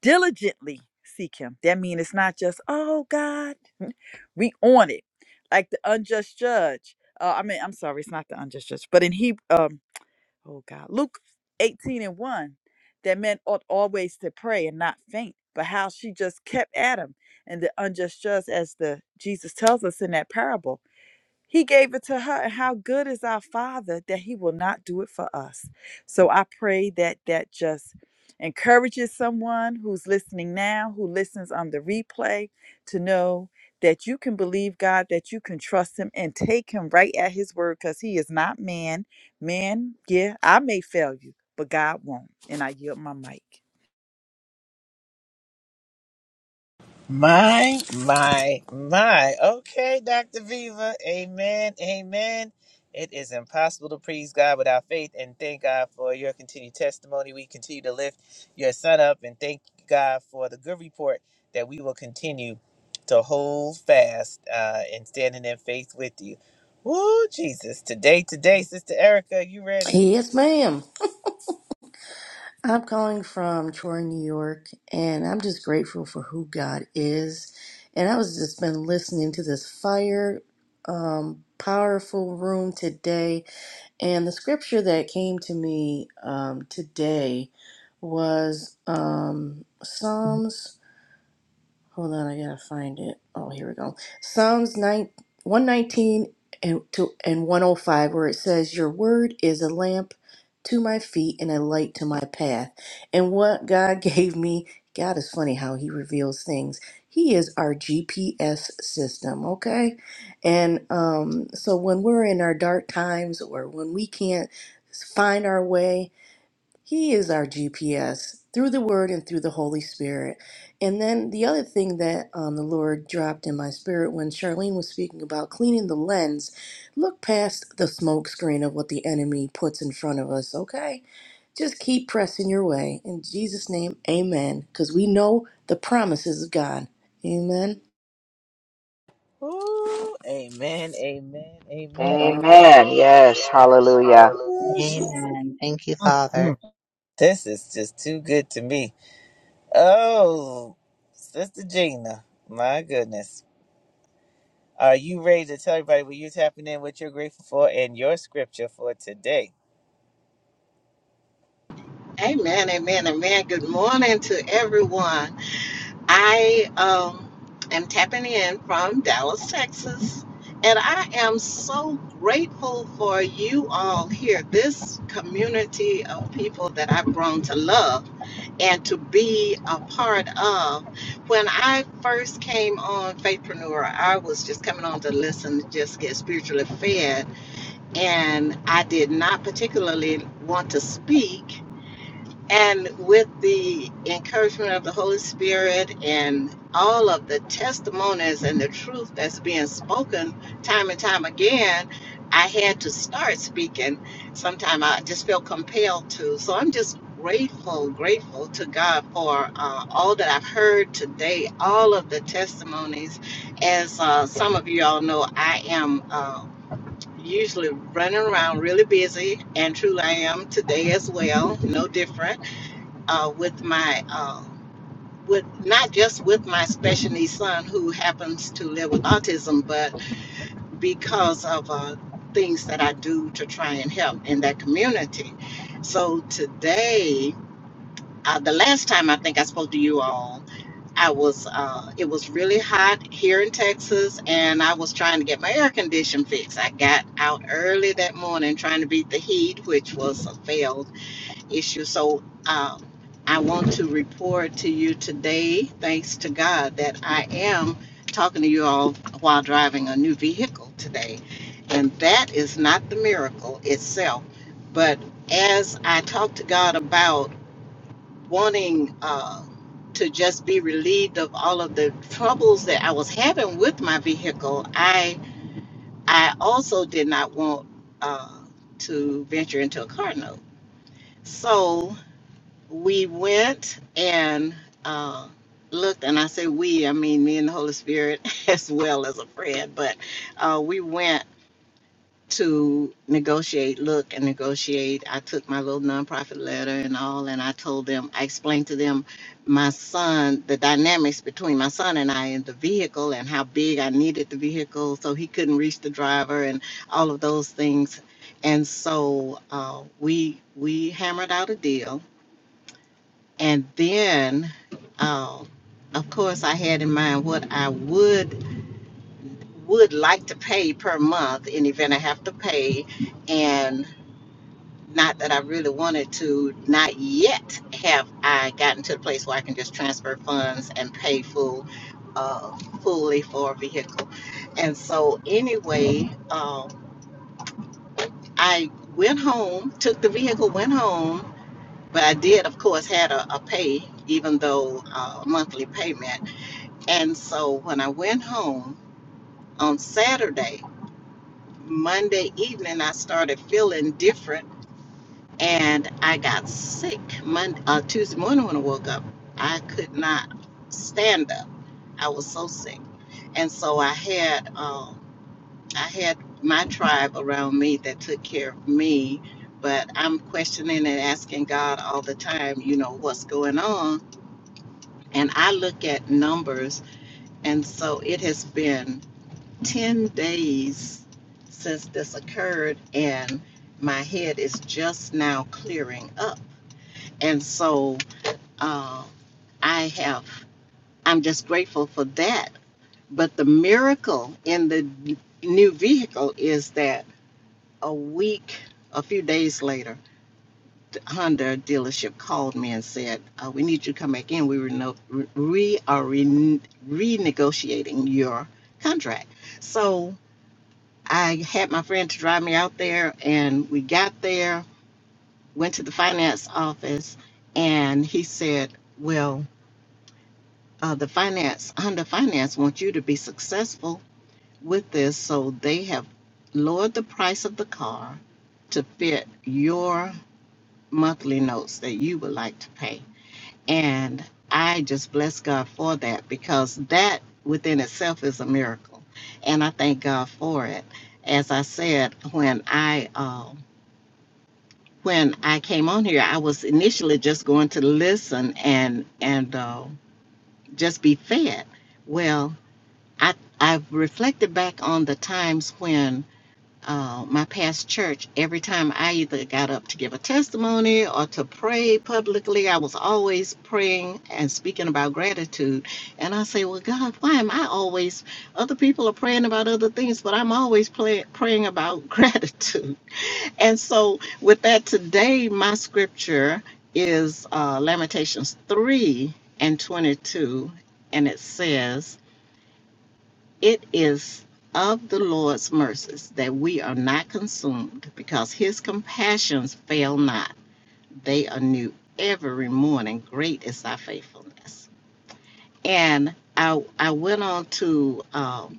Speaker 9: diligently seek him. That means it's not just, oh God. We on it. Like the unjust judge. Uh, I mean, I'm sorry, it's not the unjust judge, but in he um oh God, Luke 18 and 1, that men ought always to pray and not faint. But how she just kept at him and the unjust judge as the Jesus tells us in that parable. He gave it to her. And how good is our Father that He will not do it for us? So I pray that that just encourages someone who's listening now, who listens on the replay, to know that you can believe God, that you can trust Him and take Him right at His word because He is not man. Man, yeah, I may fail you, but God won't. And I yield my mic.
Speaker 1: My, my, my. Okay, Dr. Viva. Amen. Amen. It is impossible to please God without faith, and thank God for your continued testimony. We continue to lift your son up, and thank God for the good report that we will continue to hold fast uh, and standing in faith with you. Woo, Jesus. Today, today, Sister Erica, you ready?
Speaker 13: Yes, ma'am. I'm calling from Troy, New York, and I'm just grateful for who God is. And I was just been listening to this fire, um, powerful room today. And the scripture that came to me um, today was um, Psalms. Hold on, I gotta find it. Oh, here we go. Psalms 9, 119 and, to, and 105, where it says, Your word is a lamp to my feet and a light to my path. And what God [LAUGHS] gave me, God is funny how He reveals things. He is our GPS system, okay? And um, so when we're in our dark times or when we can't find our way, he is our GPS through the Word and through the Holy Spirit. And then the other thing that um, the Lord dropped in my spirit when Charlene was speaking about cleaning the lens, look past the smoke screen of what the enemy puts in front of us, okay? Just keep pressing your way. In Jesus' name, amen. Because we know the promises of God. Amen.
Speaker 1: Ooh, amen, amen, amen.
Speaker 6: Amen. Yes. Hallelujah.
Speaker 1: Ooh, Jesus. Mm. This is just too good to me. Oh, Sister Gina, my goodness. Are you ready to tell everybody what you're tapping in, what you're grateful for, and your scripture for today?
Speaker 14: Amen, amen, amen. Good morning to everyone. I um, am tapping in from Dallas, Texas, and I am so grateful for you all here, this community of people that I've grown to love and to be a part of. When I first came on Faithpreneur, I was just coming on to listen, to just get spiritually fed, and I did not particularly want to speak and with the encouragement of the Holy Spirit and all of the testimonies and the truth that's being spoken time and time again, I had to start speaking. Sometime I just feel compelled to. So I'm just grateful, grateful to God for uh, all that I've heard today, all of the testimonies. As uh, some of you all know, I am. Uh, Usually running around really busy, and truly I am today as well, no different uh, with my uh, with not just with my special needs son who happens to live with autism, but because of uh, things that I do to try and help in that community. So today, uh, the last time I think I spoke to you all, I was uh, it was really hot here in Texas, and I was trying to get my air condition fixed. I got out early that morning trying to beat the heat, which was a fail issue. So um, I want to report to you today, thanks to God, that I am talking to you all while driving a new vehicle today. And that is not the miracle itself. But as I talk to God about wanting uh, to just be relieved of all of the troubles that I was having with my vehicle, I I also did not want uh, to venture into a car note. So we went and uh, looked, and I say we, I mean me and the Holy Spirit [LAUGHS] as well as a friend, but uh, we went to negotiate, look and negotiate. I took my little nonprofit letter and all, and I told them, I explained to them my son, the dynamics between my son and I in the vehicle and how big I needed the vehicle so he couldn't reach the driver and all of those things. And so uh, we we hammered out a deal and then, um, of course, I had in mind what I would would like to pay per month in the event I have to pay, and not that I really wanted to. Not yet have I gotten to the place where I can just transfer funds and pay full, uh, fully for a vehicle. And so, anyway, um, I went home, took the vehicle, went home, but I did, of course, had a, a pay, even though uh, monthly payment. And so when I went home on Saturday, Monday evening, I started feeling different and I got sick. Monday, uh, Tuesday morning when I woke up, I could not stand up. I was so sick. And so I had, um, I had my tribe around me that took care of me, but I'm questioning and asking God all the time, you know, what's going on. And I look at numbers, and so it has been 10 days since this occurred and my head is just now clearing up and so uh, i have i'm just grateful for that but the miracle in the new vehicle is that a week a few days later the honda dealership called me and said uh, we need you to come back in we, reno- re- we are re- renegotiating your contract so I had my friend to drive me out there, and we got there, went to the finance office, and he said, Well, uh, the finance, Honda Finance wants you to be successful with this, so they have lowered the price of the car to fit your monthly notes that you would like to pay. And I just bless God for that because that within itself is a miracle. And I thank God for it. As I said, when I, um, when I came on here, I was initially just going to listen and and uh, just be fed. Well, I I've reflected back on the times when uh, my past church, every time I either got up to give a testimony or to pray publicly, I was always praying and speaking about gratitude. And I say, well, God, why am I always? Other people are praying about other things, but I'm always play, praying about [LAUGHS] gratitude. And so, with that, today my scripture is uh, Lamentations 3 and 22, and it says, It is of the Lord's mercies that we are not consumed, because his compassions fail not. They are new every morning. Great is thy faithfulness. And I, I went on to um,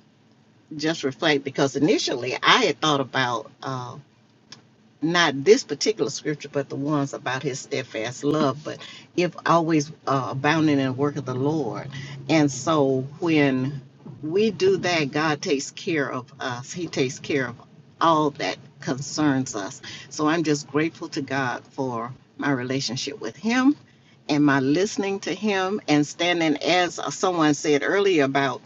Speaker 14: just reflect because initially I had thought about. Um, not this particular scripture, but the ones about his steadfast love, but if always uh, abounding in the work of the Lord. And so when we do that, God takes care of us, He takes care of all that concerns us. So I'm just grateful to God for my relationship with Him am I listening to him and standing as someone said earlier about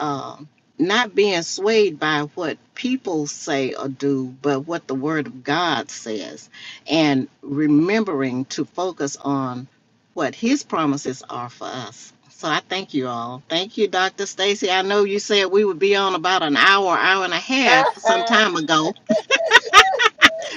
Speaker 14: um not being swayed by what people say or do, but what the Word of God says, and remembering to focus on what His promises are for us. So I thank you all. Thank you, Dr. Stacy. I know you said we would be on about an hour, hour and a half some time ago,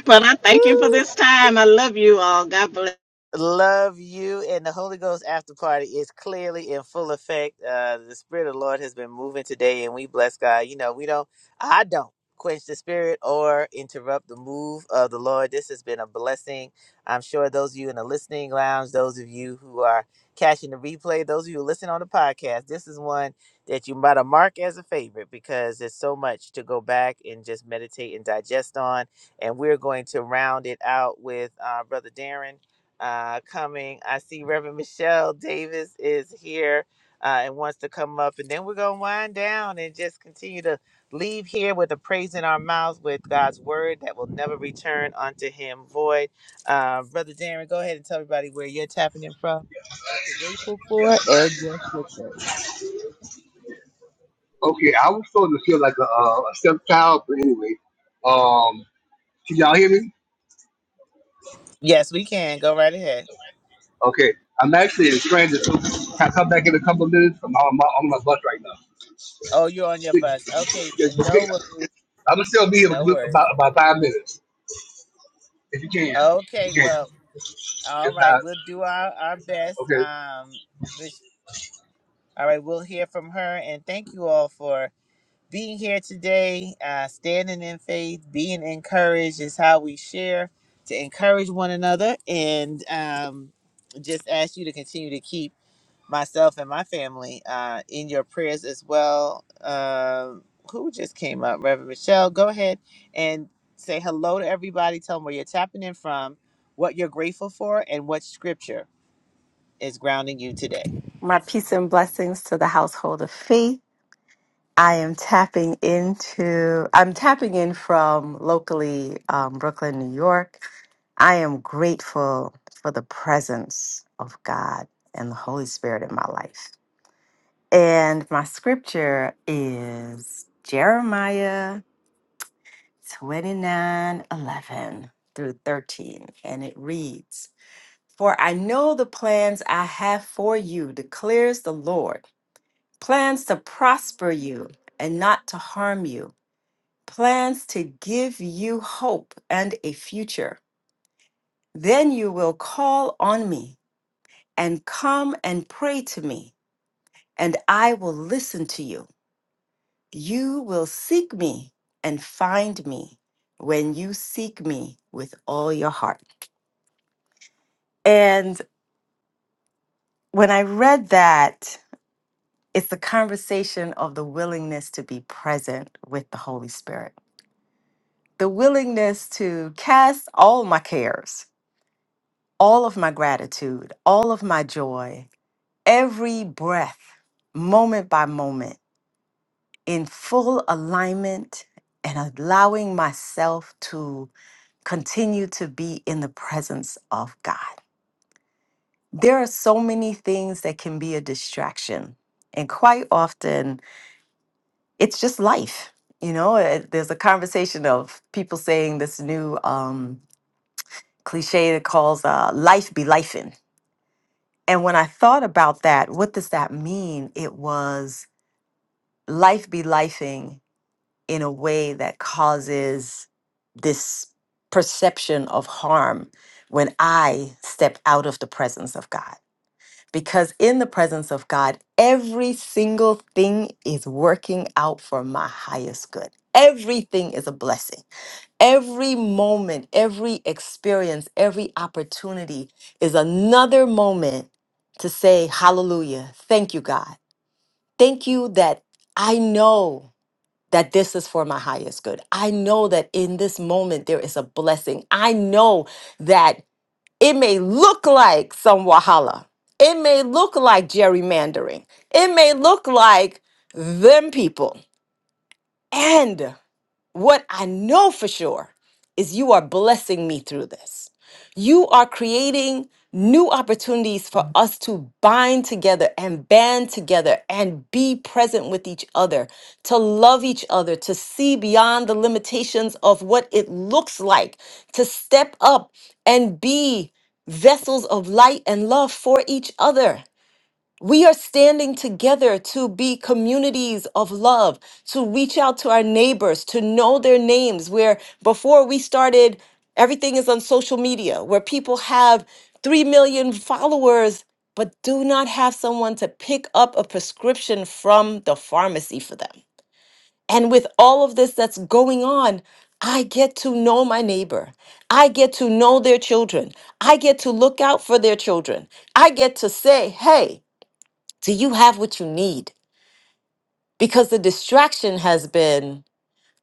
Speaker 14: but I thank you for this time. I love you all. God bless.
Speaker 1: Love you and the Holy Ghost after party is clearly in full effect. Uh, the Spirit of the Lord has been moving today, and we bless God. You know, we don't, I don't quench the Spirit or interrupt the move of the Lord. This has been a blessing. I'm sure those of you in the listening lounge, those of you who are catching the replay, those of you who listen on the podcast, this is one that you might have marked as a favorite because there's so much to go back and just meditate and digest on. And we're going to round it out with uh, Brother Darren uh, coming. I see Reverend Michelle Davis is here uh, and wants to come up. And then we're going to wind down and just continue to leave here with a praise in our mouths with God's word that will never return unto him void. Uh, Brother Darren, go ahead and tell everybody where you're tapping in from, what you're grateful for.
Speaker 15: Okay, I was starting to feel like a, uh, a stepchild, but anyway, um, can y'all hear me?
Speaker 1: Yes, we can. Go right ahead.
Speaker 15: Okay, I'm actually in transit, so can I come back in a couple of minutes? I'm on my, on my bus right now.
Speaker 1: Oh, you're on your bus. Okay, no, wor-
Speaker 15: I'm gonna still be here
Speaker 1: no
Speaker 15: in
Speaker 1: worries.
Speaker 15: about about five minutes, if you can, if
Speaker 1: Okay,
Speaker 15: you can.
Speaker 1: well, all
Speaker 15: If
Speaker 1: right,
Speaker 15: not,
Speaker 1: we'll do our, our best.
Speaker 15: okay.
Speaker 1: Um, All right, we'll hear from her. And thank you all for being here today. Uh, standing in faith, being encouraged is how we share to encourage one another. And um, just ask you to continue to keep myself and my family uh, in your prayers as well. Um, who just came up? Reverend Michelle, go ahead and say hello to everybody. Tell them where you're tapping in from, what you're grateful for, and what scripture is grounding you today.
Speaker 16: My peace and blessings to the household of faith. I am tapping into, I'm tapping in from locally um, Brooklyn, New York. I am grateful for the presence of God and the Holy Spirit in my life. And my scripture is Jeremiah 29 11 through 13. And it reads, For I know the plans I have for you, declares the Lord plans to prosper you and not to harm you, plans to give you hope and a future. Then you will call on me and come and pray to me, and I will listen to you. You will seek me and find me when you seek me with all your heart. And when I read that, it's the conversation of the willingness to be present with the Holy Spirit the willingness to cast all my cares, all of my gratitude, all of my joy, every breath, moment by moment, in full alignment and allowing myself to continue to be in the presence of God. There are so many things that can be a distraction, and quite often it's just life. You know, Eh, there's a conversation of people saying this new um, cliche that calls uh, life be lifing. And when I thought about that, what does that mean? It was life be lifing in a way that causes this perception of harm when I step out of the presence of God. Because in the presence of God, every single thing is working out for my highest good. Everything is a blessing Every moment, every experience, every opportunity is another moment to say, Hallelujah. Thank you, God. Thank you that I know that this is for my highest good. I know that in this moment there is a blessing. I know that it may look like some Wahala. It may look like gerrymandering. It may look like them people. What I know for sure is you are blessing me through this. You are creating new opportunities for us to bind together and band together and be present with each other, to love each other, to see beyond the limitations of what it looks like, to step up and be vessels of light and love for each other. We are standing together to be communities of love, to reach out to our neighbors, to know their names. Where before we started, everything is on social media, where people have 3 million followers, but do not have someone to pick up a prescription from the pharmacy for them. And with all of this that's going on, I get to know my neighbor. I get to know their children. I get to look out for their children. I get to say, hey, do you have what you need? Because the distraction has been,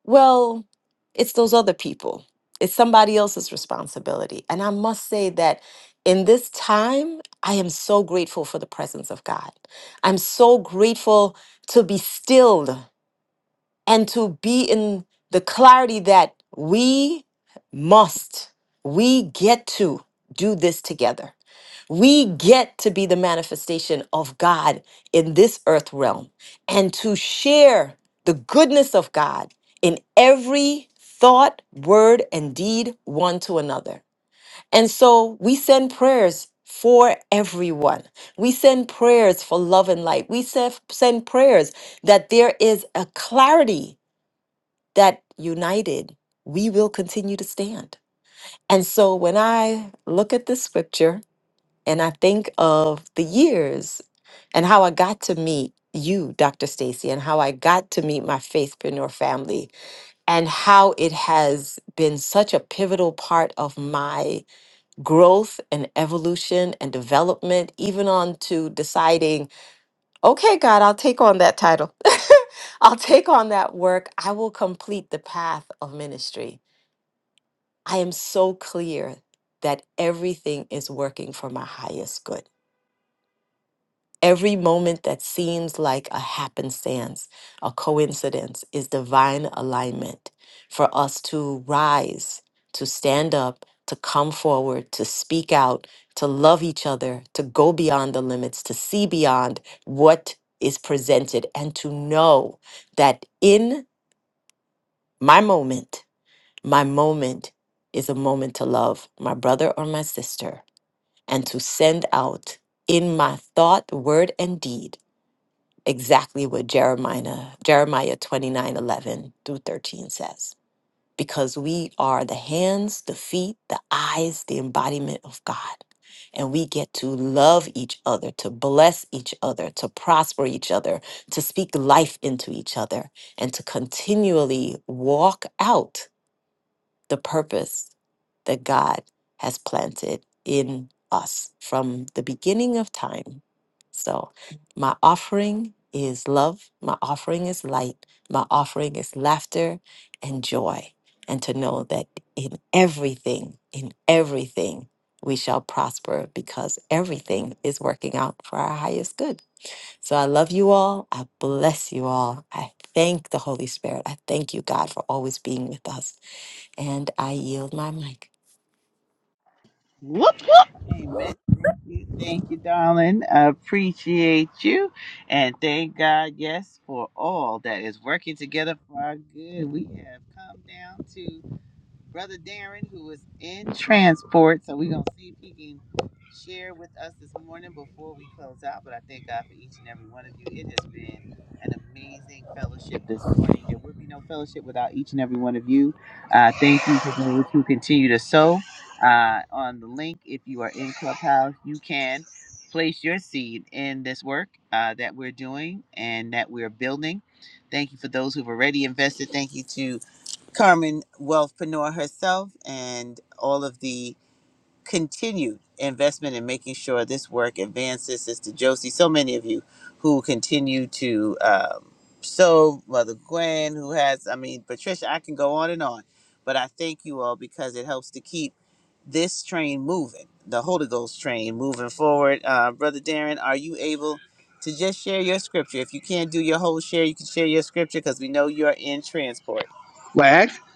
Speaker 16: well, it's those other people, it's somebody else's responsibility. And I must say that in this time, I am so grateful for the presence of God. I'm so grateful to be stilled and to be in the clarity that we must, we get to do this together we get to be the manifestation of God in this earth realm and to share the goodness of God in every thought, word, and deed one to another. And so we send prayers for everyone. We send prayers for love and light. We sef- send prayers that there is a clarity that united, we will continue to stand. And so when I look at this scripture, and I think of the years and how I got to meet you, Dr. Stacy, and how I got to meet my faithpreneur family, and how it has been such a pivotal part of my growth and evolution and development, even on to deciding, okay, God, I'll take on that title. [LAUGHS] I'll take on that work. I will complete the path of ministry. I am so clear that everything is working for my highest good Every moment that seems like a happenstance, a coincidence, is divine alignment for us to rise, to stand up, to come forward, to speak out, to love each other, to go beyond the limits, to see beyond what is presented, and to know that in my moment, my moment is a moment to love my brother or my sister and to send out in my thought, word, and deed exactly what Jeremiah Jeremiah 29 11 through 13 says. Because we are the hands, the feet, the eyes, the embodiment of God. And we get to love each other, to bless each other, to prosper each other, to speak life into each other, and to continually walk out the purpose that God has planted in us from the beginning of time. So, my offering is love, my offering is light, my offering is laughter and joy, and to know that in everything, in everything, we shall prosper because everything is working out for our highest good. So I love you all. I bless you all. I thank the Holy Spirit. I thank you, God, for always being with us. And I yield my mic.
Speaker 3: Whoop, whoop.
Speaker 1: Amen. Thank you, thank you, darling. I appreciate you. And thank God, yes, for all that is working together for our good. We have come down to Brother Darren, who is in transport. So we're going to see if he can share with us this morning before we close out. But I thank God for each and every one of you. It has been an amazing fellowship this morning. There would be no fellowship without each and every one of you. Uh, thank you for those who continue to sow uh, on the link. If you are in Clubhouse, you can place your seed in this work uh, that we're doing and that we're building. Thank you for those who've already invested. Thank you to Carmen Wealthpreneur herself and all of the continued investment in making sure this work advances. Sister Josie, so many of you who continue to um, sow, Mother Gwen, who has, I mean, Patricia, I can go on and on, but I thank you all because it helps to keep this train moving, the Holy Ghost train moving forward. Uh, Brother Darren, are you able? To just share your scripture. If you can't do your whole share, you can share your scripture because we know you're in transport.
Speaker 15: Well,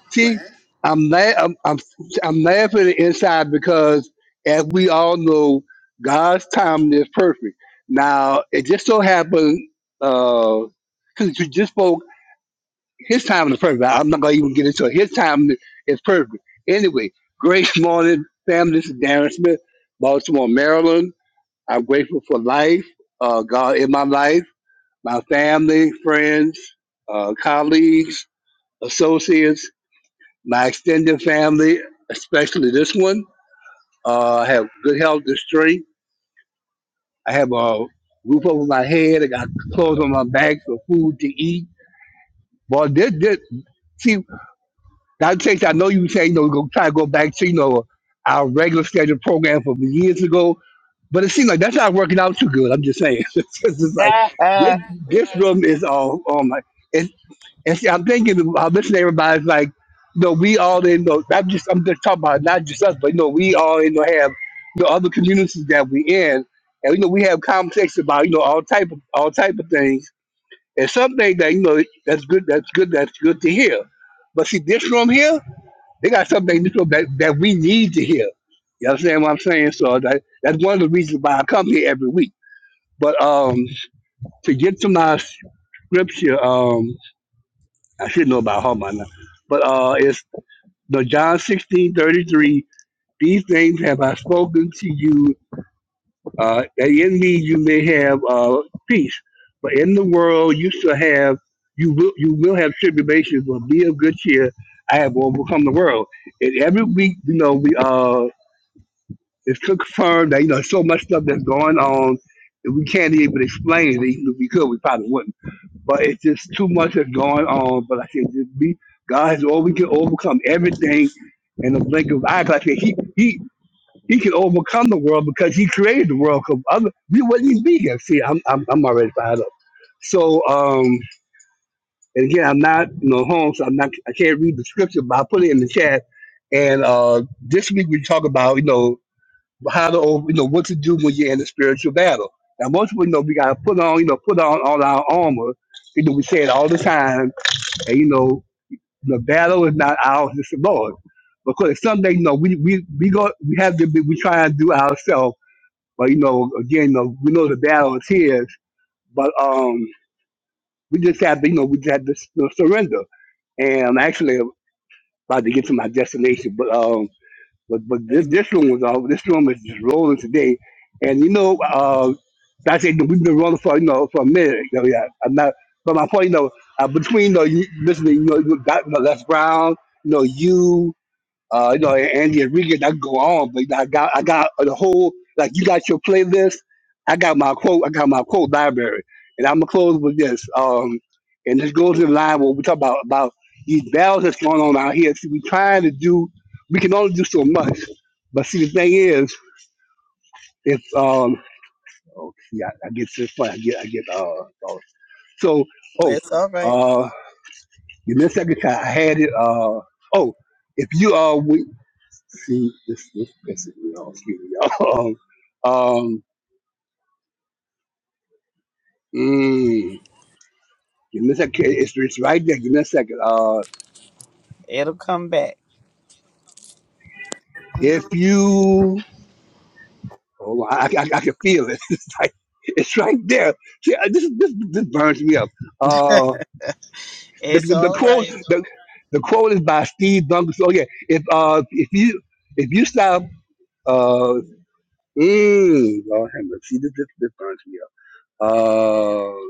Speaker 15: see, I'm, la- I'm I'm I'm laughing inside because, as we all know, God's timing is perfect. Now, it just so happened, uh, since you just spoke, His timing is perfect. I'm not gonna even get into it. His timing is perfect. Anyway, great morning, family. This is Darren Smith, Baltimore, Maryland. I'm grateful for life, uh, God in my life, my family, friends, uh, colleagues, associates my extended family, especially this one, uh, have good health and strength. I have a roof over my head. I got clothes on my back for food to eat. But this, this, see, Dr. Chase, I know you were saying, you know, go try to go back to, you know, our regular scheduled program from years ago. But it seems like that's not working out too good. I'm just saying. [LAUGHS] it's just like
Speaker 1: [LAUGHS]
Speaker 15: this, this room is all oh my. And see, I'm thinking, I'm listening to everybody's like, no, we all in, no, I'm just, I'm just talking about not just us, but, you know, we all in, you have, you know, other communities that we in. And, you know, we have conversations about, you know, all type of, all type of things. And something that, you know, that's good, that's good, that's good to hear. But see, this room here, they got something in this room that, that we need to hear. You understand what I'm saying? So that, that's one of the reasons why I come here every week. But um, to get to my scripture, um, I should know about heart by But uh, it's the John 16 33. These things have I spoken to you, uh, that in me you may have uh, peace. But in the world you shall have, you will, you will have tribulations, but be of good cheer. I have overcome the world. And every week, you know, we uh, it's confirmed that you know so much stuff that's going on, and we can't even explain it. Even if we could, we probably wouldn't but it's just too much is going on. But like I said, just be God is all we can overcome everything in the blink of eyes. Like I said, he he he can overcome the world because he created the world. Because other we wouldn't even be here. See, I'm I'm, I'm already fired up. So um, and again, I'm not you know home, so I'm not I can't read the scripture, but I put it in the chat. And uh, this week we talk about you know how to over- you know what to do when you're in a spiritual battle. Now most people know we gotta put on you know put on all our armor you know, we say it all the time. And you know, the battle is not ours, it's the Lord. Because someday, you know, we we we go we have to be we try and do ourselves. But you know, again, you know, we know the battle is his. But um we just have to, you know, we just have to you know, surrender. And I'm actually about to get to my destination. But um but but this
Speaker 1: Amen.
Speaker 15: this one was all this one was just rolling today, and you know, uh, like I said we've been rolling for you know for a minute. You know, yeah, I'm not. But my point, you know, uh, between you know, you, listening, you know, you got you know, Les Brown, you know, you. Uh, you know, Andy Enriquez, I could go on, but I got I got the whole like you got your playlist. I got my quote. I got my quote library, and I'm gonna close with this. Um, and this goes in line with what we talk about about these battles that's going on out here. See, we trying to do. We can only do so much, but see, the thing is, if um, oh, see, I, I get to this point. I get, I get. Uh, oh. so oh,
Speaker 1: It's all right.
Speaker 15: uh, give me a second. I had it. Uh, oh, if you uh, See, this this pissing me off. Excuse me, y'all. [LAUGHS] Um, mm, give me a second. It's, it's right there. Give me a second. Uh,
Speaker 1: It'll come back.
Speaker 15: if you, oh, I, I, I can feel it. [LAUGHS] It's like it's right there. See, I- this this this burns me up. Uh, the
Speaker 1: It's
Speaker 15: the, the
Speaker 1: all
Speaker 15: quote
Speaker 1: right.
Speaker 15: the, the quote is by Steve Duncan. So yeah, if uh if you if you stop uh mm, Lord have mercy. See, this this, this burns me up. Uh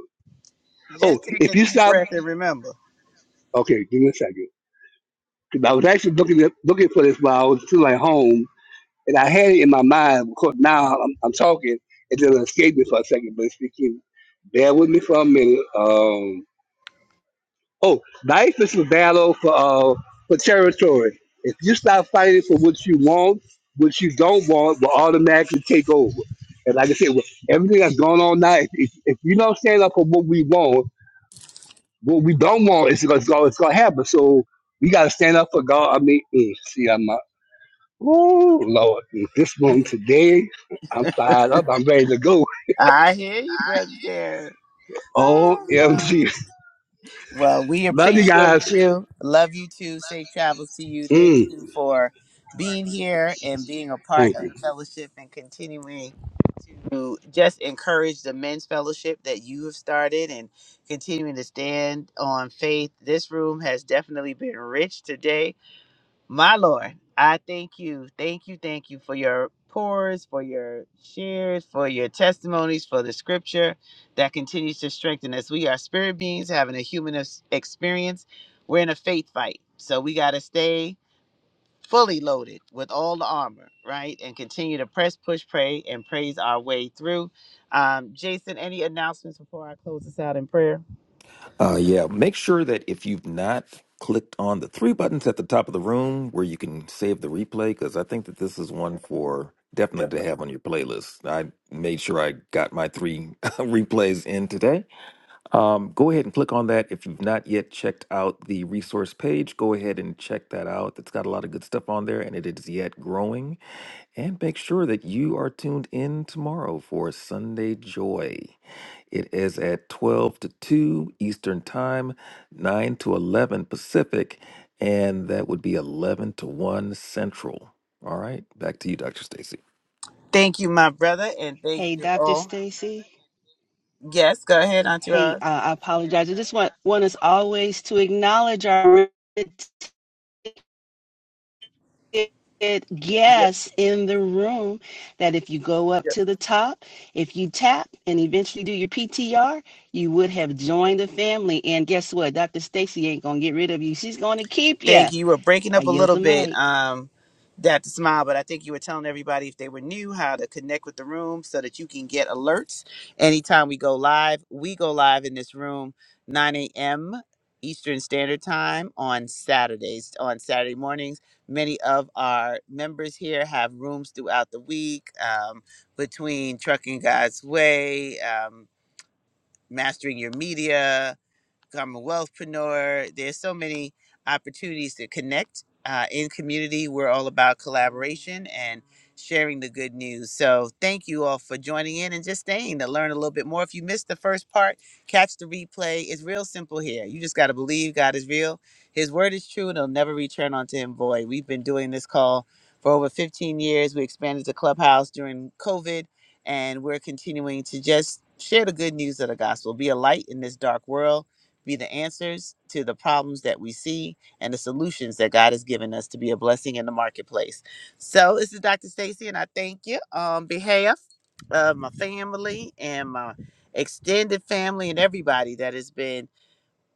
Speaker 15: oh,
Speaker 1: Just take a
Speaker 15: if you
Speaker 1: deep
Speaker 15: stop.
Speaker 1: breath and remember.
Speaker 15: Okay, give me a second. 'Cause I was actually looking at, looking for this while I was still at home, and I had it in my mind. Of course, now I'm, I'm talking, it just escaped me for a second. But speaking, bear with me for a minute. Um, oh, life is a battle for uh, for territory. If you stop fighting for what you want, what you don't want will automatically take over. And like I said, with everything that's going on now, if, if, if you don't stand up for what we want, what we don't want, it's going to it's going to happen. So we got to stand up for God. I mean, mm, see, I'm out. Ooh, Lord, this one today, I'm fired up. I'm ready to go.
Speaker 1: I hear you, Brother Derek. Oh, Lord.
Speaker 15: OMG.
Speaker 1: Well, we
Speaker 15: Love you
Speaker 1: appreciate
Speaker 15: guys.
Speaker 1: you. Love you too. Safe travels to you. Thank
Speaker 15: Mm,
Speaker 1: you for being here and being a part
Speaker 15: thank you.
Speaker 1: of the fellowship and continuing to just encourage the men's fellowship that you have started and continuing to stand on faith. This room has definitely been rich today My Lord, I thank you. Thank you. Thank you for your pours, for your shares, for your testimonies, for the scripture that continues to strengthen us. We are spirit beings having a human ex- experience. We're in a faith fight. So we got to stay fully loaded with all the armor, right? And continue to press, push, pray, and praise our way through. Um, Jason, any announcements before I close this out in prayer?
Speaker 2: Uh, yeah, make sure that if you've not clicked on the three buttons at the top of the room where you can save the replay, because I think that this is one for definitely to have on your playlist. I made sure I got my three [LAUGHS] replays in today. Um, go ahead and click on that. If you've not yet checked out the resource page, go ahead and check that out. It's got a lot of good stuff on there and it is yet growing. And make sure that you are tuned in tomorrow for Sunday Joy. It is at 12 to 2 Eastern Time, 9 to 11 Pacific, and that would be 11 to 1 Central. All right, back to you, Dr. Stacy.
Speaker 1: Thank you, my brother, and thank
Speaker 3: Hey,
Speaker 1: you
Speaker 3: Dr.
Speaker 1: all.
Speaker 3: Stacy.
Speaker 1: Yes, go ahead, Auntie
Speaker 3: Hey,
Speaker 1: Roz.
Speaker 3: uh, I apologize. I just want want us always to acknowledge our guests in the room. That if you go up to the top, if you tap and eventually do your PTR, you would have joined the family. And guess what? Dr. Stacy ain't gonna get rid of you. She's gonna keep you.
Speaker 1: Thank you. You were breaking
Speaker 3: I
Speaker 1: up a
Speaker 3: yield
Speaker 1: little
Speaker 3: the
Speaker 1: bit,
Speaker 3: mic.
Speaker 1: um, Dr. Smile, but I think you were telling everybody if they were new how to connect with the room so that you can get alerts anytime we go live. We go live in this room 9 a.m. Eastern Standard Time on Saturdays. On Saturday mornings, many of our members here have rooms throughout the week um, between Trucking God's Way, um, Mastering Your Media. I'm a wealthpreneur. There's so many opportunities to connect uh, in community. We're all about collaboration and sharing the good news. So thank you all for joining in and just staying to learn a little bit more. If you missed the first part, catch the replay. It's real simple here. You just got to believe God is real. His word is true and it'll never return onto him void. We've been doing this call for over 15 years. We expanded the clubhouse during COVID and we're continuing to just share the good news of the gospel, be a light in this dark world be the answers to the problems that we see and the solutions that God has given us to be a blessing in the marketplace. So this is Dr. Stacy, and I thank you on behalf of my family and my extended family and everybody that has been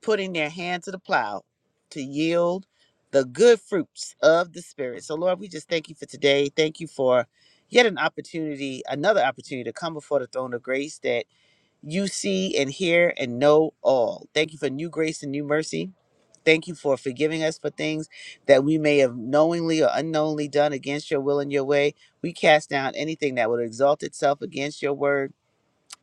Speaker 1: putting their hand to the plow to yield the good fruits of the Spirit. So Lord, we just thank you for today. Thank you for yet an opportunity, another opportunity to come before the throne of grace that you see and hear and know all. Thank you for new grace and new mercy. Thank you for forgiving us for things that we may have knowingly or unknowingly done against your will and your way. We cast down anything that would exalt itself against your word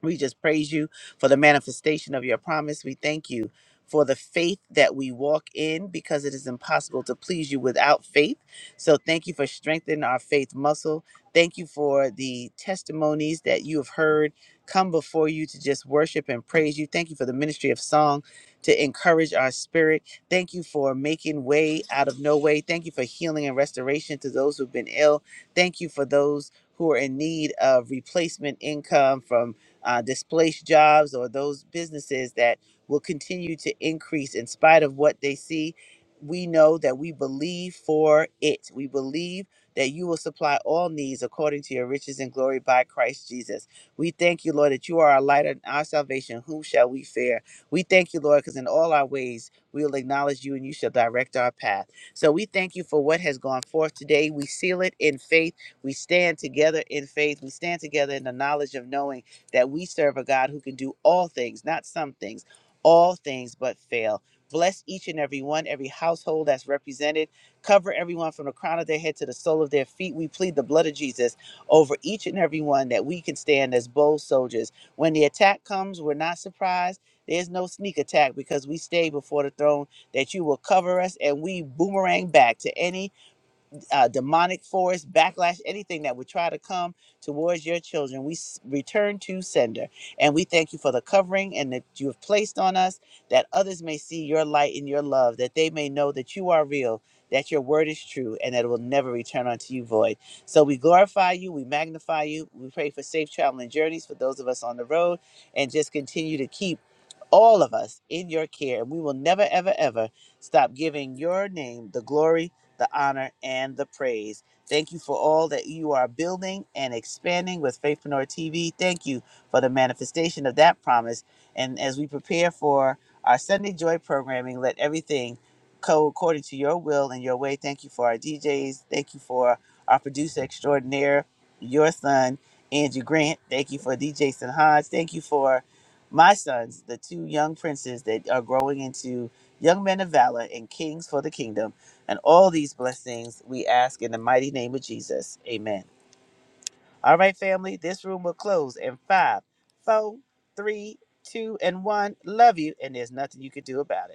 Speaker 1: we just praise you for the manifestation of your promise. We thank you for the faith that we walk in because it is impossible to please you without faith. So thank you for strengthening our faith muscle. Thank you for the testimonies that you have heard come before you to just worship and praise you. Thank you for the ministry of song to encourage our spirit. Thank you for making way out of no way. Thank you for healing and restoration to those who've been ill. Thank you for those who are in need of replacement income from uh, displaced jobs or those businesses that will continue to increase in spite of what they see. We know that we believe for it. We believe that you will supply all needs according to your riches and glory by Christ Jesus. We thank you, Lord, that you are our light and our salvation. Whom shall we fear? We thank you, Lord, because in all our ways we will acknowledge you and you shall direct our path. So we thank you for what has gone forth today. We seal it in faith. We stand together in faith. We stand together in the knowledge of knowing that we serve a God who can do all things, not some things, all things but fail. Bless each and every one, every household that's represented. Cover everyone from the crown of their head to the sole of their feet. We plead the blood of Jesus over each and every one that we can stand as bold soldiers. When the attack comes, we're not surprised. There's no sneak attack because we stay before the throne that you will cover us and we boomerang back to any uh, demonic force, backlash, anything that would try to come towards your children, we s- return to sender. And we thank you for the covering and that you have placed on us, that others may see your light and your love, that they may know that you are real, that your word is true, and that it will never return unto you void. So we glorify you, we magnify you, we pray for safe traveling journeys for those of us on the road, and just continue to keep all of us in your care. And we will never, ever, ever stop giving your name the glory the honor, and the praise. Thank you for all that you are building and expanding with Faithpreneur TV. Thank you for the manifestation of that promise. And as we prepare for our Sunday Joy programming, let everything go according to your will and your way. Thank you for our DJs. Thank you for our producer extraordinaire, your son. Andrew Grant. Thank you for D. Jason Hodge. Thank you for my sons, the two young princes that are growing into young men of valor and kings for the kingdom. And all these blessings we ask in the mighty name of Jesus. Amen. All right, family, this room will close in five, four, three, two, and one. Love you, and there's nothing you can do about it.